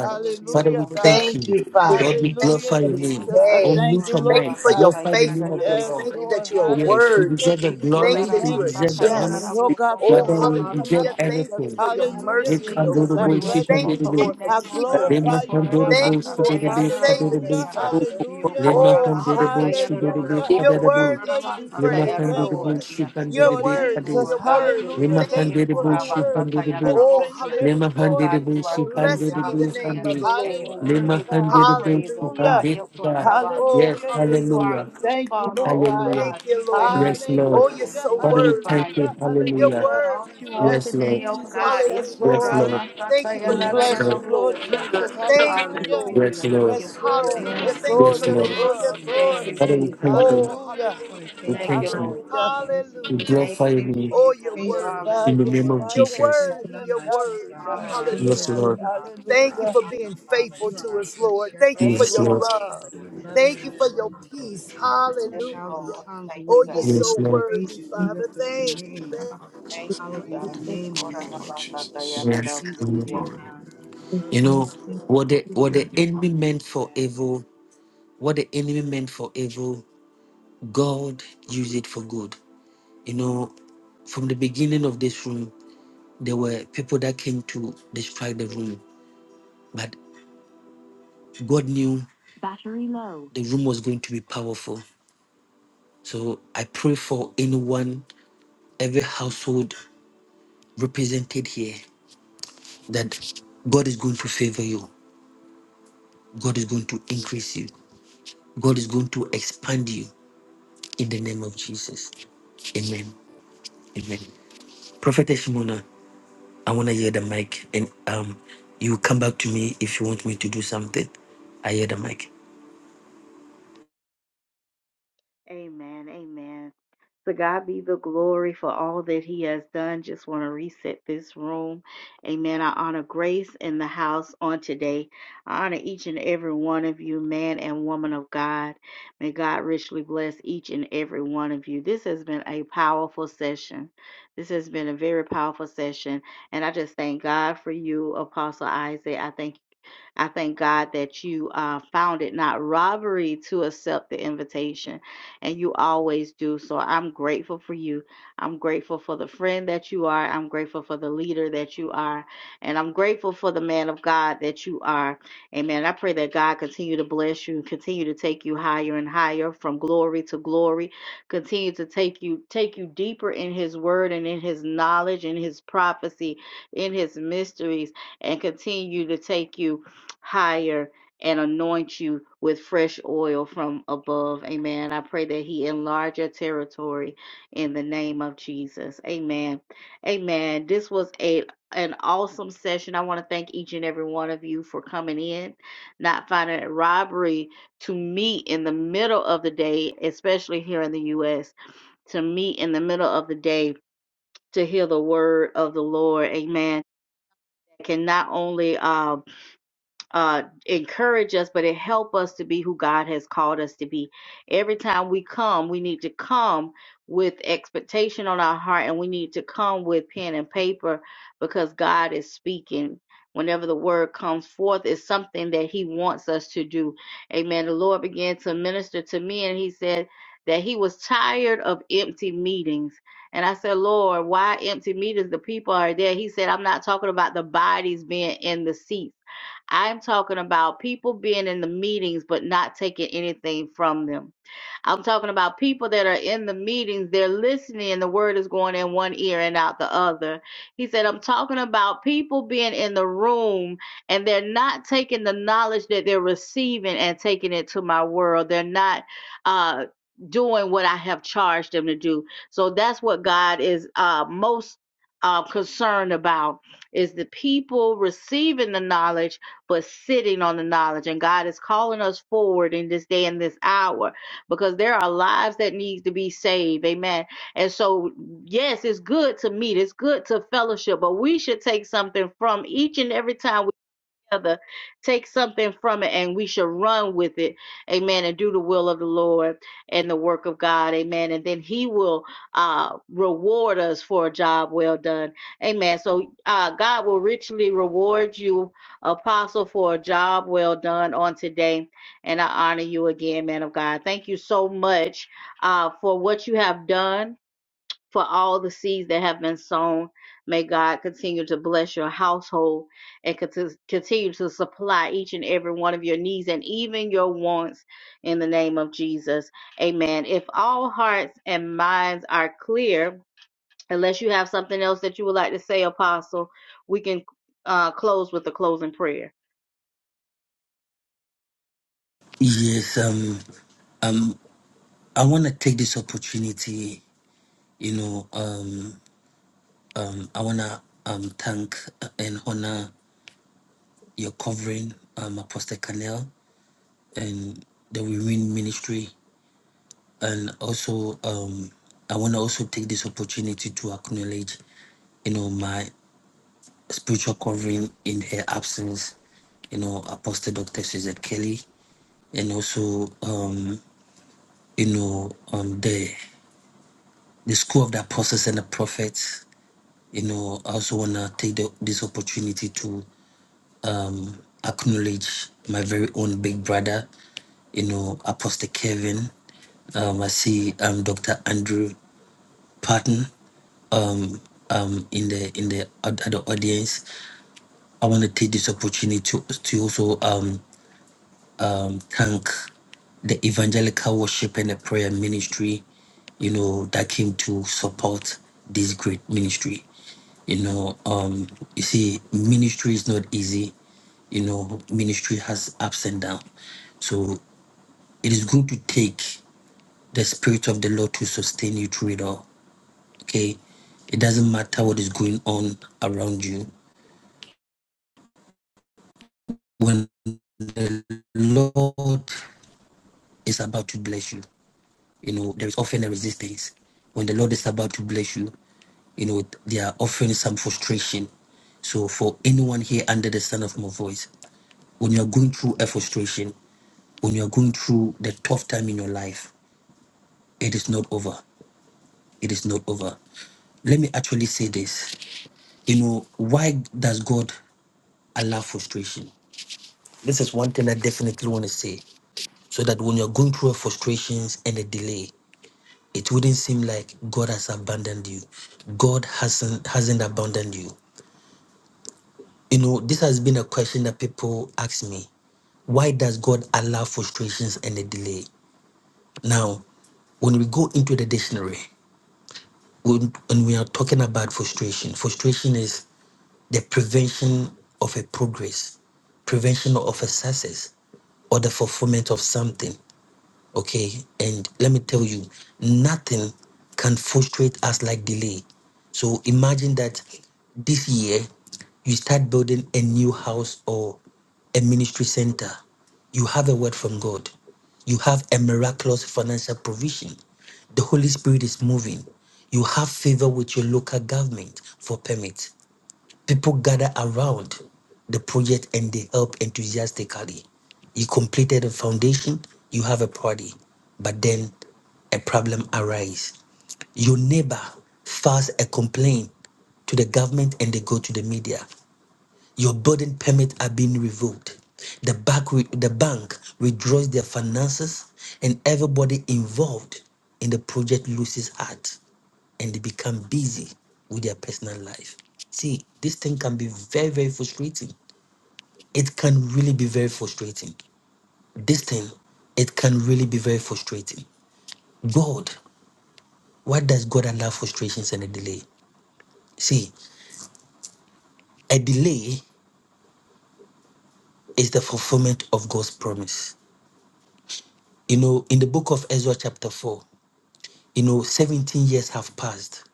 Father, we
Hallelujah, God.
thank
Thank
you.
you, Father.
Lord, we
Thank you
Hallelujah,
glorify
for
your
this
name.
Jesus. I
day.
thank
Omit
you,
your
Lord
Thank
mic.
you for your
God.
Glorify the name of the
faithfulness.
Yes,
Lord.
Thank you
Lord.
that you are
Yes, you
Hallelujah,
worthy.
deserve the
Jesus. I
Thank you
glory,
that
you
you
thank
are
you,
deserve the honor.
just.
Lord God, for the
Oh,
Father, we
order of my
hallelujah.
deserve
Yeah.
Thank you
footsteps.
everything.
for your
Hallelujah,
Lima
mercy and your
handed
Jesus.
the
I
bush,
grace.
she
bless
Thank
handed
you.
the
you,
bush,
Lord,
and
for
I
keeping
be.
us.
Lima
glorify you,
handed the
Lord
Thank
bush,
you,
Jesus.
Lord, for saving us,
Hallelujah,
Father.
hallelujah,
Oh, hallelujah.
hallelujah,
you.
You're worthy
hallelujah,
to be
Jesus. I
praised,
thank
Lord.
you.
You're
Lord
worthy.
Jesus,
You're worthy.
hallelujah. Thank
Thank
you
you,
for your
Father.
word.
Oh,
Penetrating the very
hallelujah.
core of the soul, Lord
Blessed be the
Jesus.
name of the Lord.
Hallelujah, God.
she
Hallelujah.
Hallelujah.
handed that.
Oh,
Yes,
Hallelujah,
hallelujah.
Jesus.
hallelujah,
We Thank you, Lord God.
hallelujah.
Thank you, Lord.
Yes, Lord.
Oh, you're
Hallelujah,
so
Father, we
worthy.
thank you,
hallelujah,
You're
hallelujah.
hallelujah.
worthy, Father.
Yes,
Yes,
Lord.
Jesus. Yes,
Yes,
Hallelujah.
Lord.
Lord.
Thank you for
We
you.
Yes,
keeping
bless
Lord.
us,
you, Lord
Lord.
Jesus.
Thank you,
Hallelujah.
Lord.
Yes, Lord.
Yes, Lord.
Hallelujah.
Yes,
Yes,
Thank you
Lord.
Lord,
Yes,
for
you're
Lord.
Yes,
your
Lord. Yes,
wonderful
love,
in all
Lord.
Lord.
your
Father, we
ways, oh
thank
God.
Oh,
you.
Hallelujah.
Just want to
We
hallelujah.
thank you,
thank you.
God, for
Hallelujah.
your grace and your
We
Hallelujah.
mercy.
glorify
Thank you
you
for
Oh,
your
you're
Yes,
faithfulness,
worthy.
in
God.
oh
the
Yes,
name
Lord.
of
God.
You're
Yes,
Jesus.
God.
There's
worthy.
Yes,
none
You're
like
God.
you,
Yes,
God.
worthy.
You
God.
are a
Hallelujah.
Yes,
good, good
Lord.
Father. You are
Thank you
our
Hallelujah.
for
Abba
being
Father.
faithful
You
to
are
us,
a good
Lord. Thank you
shepherd,
Yes,
oh
for
Yes,
your
Lord.
God.
Lord.
love.
I love you
Thank
and I
you for
adore
your
you, Lord.
peace.
If I had 10,000
Hallelujah.
tongues, it
Oh,
wouldn't be
you're
Yes,
enough
so
to
Lord.
praise
worthy,
you, to
Father.
lift up your
Thank
name,
you.
to hallow be thy name, oh Lord.
Yes.
Jesus'
Lord.
name, God. I love
You
you.
know
Lord. Thank you,
what the
God.
what the enemy meant for
Amen.
evil, what the enemy meant for evil, God used it for good. You know, from the beginning of this room, there were people that came to destroy the room, but God knew battery low. The room was going to be powerful. So I pray for anyone every household represented here that God is going to favor you, God is going to increase you, God is going to expand you in the name of Jesus. Amen. Amen. Prophetess Shimona, I want to hear the mic and um you come back to me if you want me to do something. I hear the mic.
Amen. Amen. To God be the glory for all that He has done. Just want to reset this room. Amen. I honor grace in the house on today. I honor each and every one of you, man and woman of God. May God richly bless each and every one of you. This has been a powerful session. This has been a very powerful session. And I just thank God for you, Apostle Isaac. I thank I thank God that you uh, found it not robbery to accept the invitation, and you always do. So I'm grateful for you. I'm grateful for the friend that you are. I'm grateful for the leader that you are. And I'm grateful for the man of God that you are. Amen. I pray that God continue to bless you, continue to take you higher and higher from glory to glory, continue to take you take you deeper in his word and in his knowledge, in his prophecy, in his mysteries, and continue to take you higher and anoint you with fresh oil from above. Amen. I pray that He enlarge your territory in the name of Jesus. Amen. Amen. This was a an awesome session. I want to thank each and every one of you for coming in, not finding it robbery to meet in the middle of the day, especially here in the U.S., to meet in the middle of the day to hear the word of the Lord. Amen. Can not only um uh, encourage us, but it help us to be who God has called us to be. Every time we come, we need to come with expectation on our heart, and we need to come with pen and paper because God is speaking. Whenever the word comes forth, it's something that He wants us to do. Amen. The Lord began to minister to me, and He said that He was tired of empty meetings. And I said, Lord, why empty meetings? The people are there. He said, I'm not talking about the bodies being in the seats. I'm talking about people being in the meetings but not taking anything from them. I'm talking about people that are in the meetings, they're listening, and the word is going in one ear and out the other. He said, I'm talking about people being in the room and they're not taking the knowledge that they're receiving and taking it to my world. They're not uh doing what I have charged them to do. So that's what God is uh most uh, concerned about is the people receiving the knowledge but sitting on the knowledge and god is calling us forward in this day and this hour because there are lives that needs to be saved. Amen. And so, yes, it's good to meet. It's good to fellowship, but we should take something from each and every time we together, take something from it, and we shall run with it. Amen. And do the will of the Lord and the work of God. Amen. And then He will uh, reward us for a job well done. Amen. So uh, God will richly reward you, Apostle, for a job well done on today. And I honor you again, man of God. Thank you so much uh, for what you have done for all the seeds that have been sown. May God continue to bless your household and continue to supply each and every one of your needs and even your wants in the name of Jesus. Amen. If all hearts and minds are clear, unless you have something else that you would like to say, Apostle, we can uh, close with a closing prayer.
Yes, um um I wanna take this opportunity, you know, um um I wanna um thank and honor your covering, um Apostle Canel. and the We Win Ministry. And also, um, I want to also take this opportunity to acknowledge, you know, my spiritual covering in her absence, you know, Apostle Dr. Suzette Kelly, and also, um, you know, um, the the School of the Apostles and the Prophets. You know, I also want to take the, this opportunity to. um, acknowledge my very own big brother, you know, Apostle Kevin. Um, I see um, Dr. Andrew Patton um, um, in the in the, other audience. I want to take this opportunity to, to also um, um, thank the evangelical worship and the prayer ministry, you know, that came to support this great ministry. You know, um, you see, ministry is not easy. You know, ministry has ups and downs. So it is good to take the spirit of the Lord to sustain you through it all. Okay. It doesn't matter what is going on around you. When the Lord is about to bless you, you know, there is often a resistance. When the Lord is about to bless you, you know, there are often some frustration. So for anyone here under the sound of my voice, when you are going through a frustration, when you are going through the tough time in your life, it is not over. It is not over. Let me actually say this. You know, why does God allow frustration? This is one thing I definitely want to say. So that when you're going through frustrations and a delay, it wouldn't seem like God has abandoned you. God hasn't hasn't abandoned you. You know, this has been a question that people ask me. Why does God allow frustrations and a delay? Now, when we go into the dictionary, when, when we are talking about frustration, frustration is the prevention of a progress, prevention of a success, or the fulfillment of something. Okay, and let me tell you, nothing can frustrate us like delay. So imagine that this year you start building a new house or a ministry center. You have a word from God, you have a miraculous financial provision. The Holy Spirit is moving. You have favor with your local government for permit. People gather around the project and they help enthusiastically. You completed a foundation, you have a party, but then a problem arises. Your neighbor files a complaint to the government and they go to the media. Your building permit are being revoked. The bank, re- the bank withdraws their finances and everybody involved in the project loses heart and they become busy with their personal life. See, this thing can be very, very frustrating. It can really be very frustrating. This thing, it can really be very frustrating. God, why does God allow frustrations and a delay? See, a delay is the fulfillment of God's promise. You know, in the book of Ezra, chapter 4, you know, 17 years have passed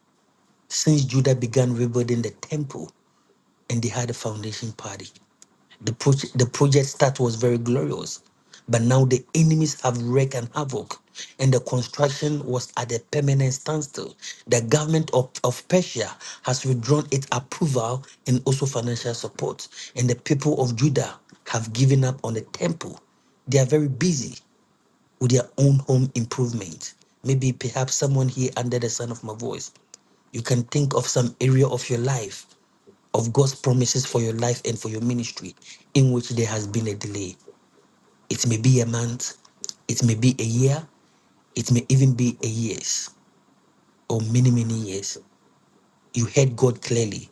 since Judah began rebuilding the temple and they had a foundation party. The, pro the project start was very glorious, but now the enemies have wreaked and havoc, and the construction was at a permanent standstill. The government of, of Persia has withdrawn its approval and also financial support, and the people of Judah have given up on the temple. They are very busy with their own home improvement. Maybe perhaps someone here under the sound of my voice, you can think of some area of your life of God's promises for your life and for your ministry in which there has been a delay. It may be a month, it may be a year, it may even be a years or many, many years. You heard God clearly.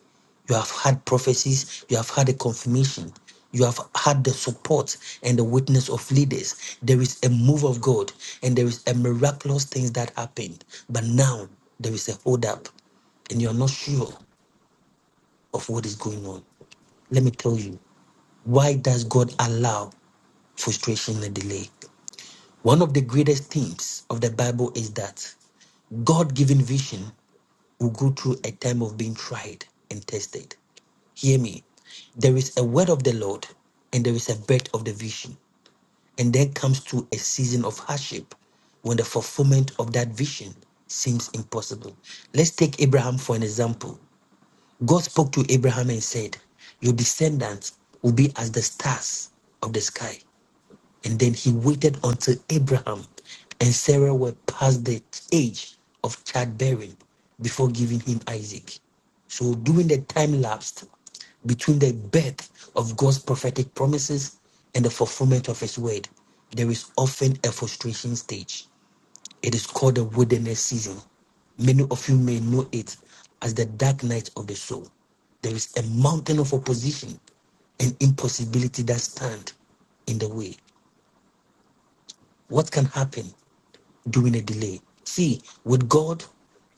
You have had prophecies, you have had a confirmation, you have had the support and the witness of leaders. There is a move of God and there is a miraculous things that happened. But now there is a hold up and you're not sure of what is going on. Let me tell you, Why does God allow frustration and delay? One of the greatest themes of the Bible is that God given vision will go through a time of being tried and tested. Hear me. There is a word of the Lord and there is a birth of the vision. And then comes to a season of hardship when the fulfillment of that vision seems impossible. Let's take Abraham for an example. God spoke to Abraham and said, Your descendants will be as the stars of the sky. And then he waited until Abraham and Sarah were past the age of childbearing before giving him Isaac. So, during the time lapsed between the birth of God's prophetic promises and the fulfillment of his word, there is often a frustration stage. It is called the wilderness season. Many of you may know it as the dark night of the soul. There is a mountain of opposition and impossibility that stand in the way. What can happen during a delay? See, with God,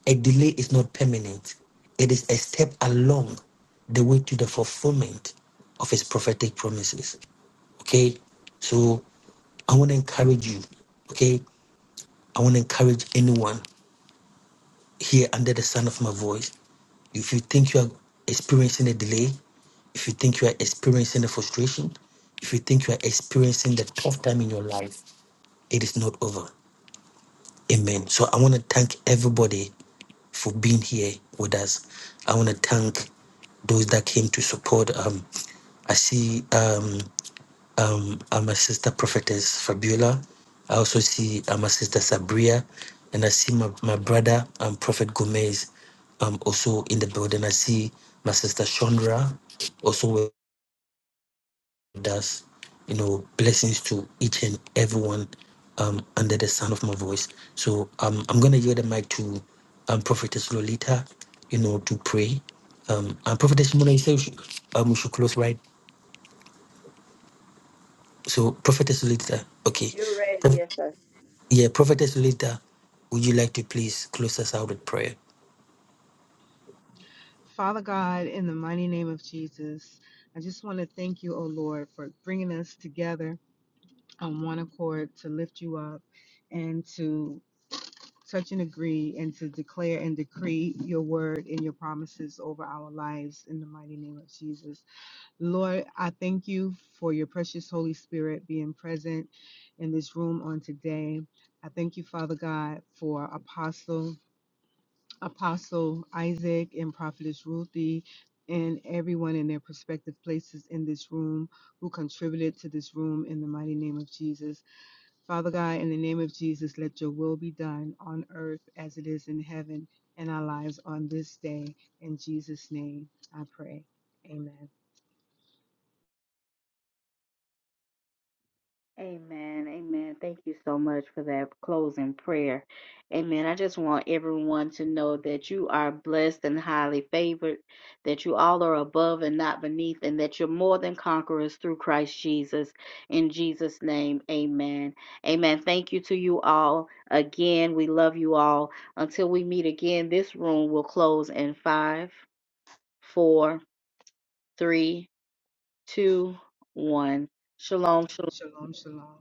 a delay is not permanent, it is a step along the way to the fulfillment of His prophetic promises. Okay? So I want to encourage you. Okay? I want to encourage anyone here under the sound of my voice. If you think you are experiencing a delay, if you think you are experiencing the frustration, if you think you are experiencing the tough time in your life, it is not over. Amen. So I want to thank everybody for being here with us. I want to thank those that came to support. Um, I see um, um, uh, my sister prophetess Fabiola. I also see uh, my sister Sabria, and I see my, my brother um, Prophet Gomez um, also in the building. I see my sister Chandra also does you know blessings to each and everyone um under the sound of my voice so um i'm gonna yield the mic to um prophetess lolita you know to pray um and prophetess Mona, you say we should, um we should close right so prophetess lolita okay Prophet- yeah prophetess lolita would you like to please close us out with prayer
Father God, in the mighty name of Jesus, I just want to thank you, O Lord, for bringing us together on one accord to lift you up and to touch and agree and to declare and decree your word and your promises over our lives in the mighty name of Jesus. Lord, I thank you for your precious Holy Spirit being present in this room on today. I thank you, Father God, for Apostle. Apostle Isaac and Prophetess Ruthie and everyone in their prospective places in this room who contributed to this room in the mighty name of Jesus. Father God, in the name of Jesus, let your will be done on earth as it is in heaven in our lives on this day. In Jesus' name, I pray. Amen.
Amen. Amen. Thank you so much for that closing prayer. Amen. I just want everyone to know that you are blessed and highly favored, that you all are above and not beneath, and that you're more than conquerors through Christ Jesus. In Jesus' name, amen. Amen. Thank you to you all. Again, we love you all. Until we meet again, this room will close in five, four, three, two, one. Shalom, shalom.
Shalom, shalom.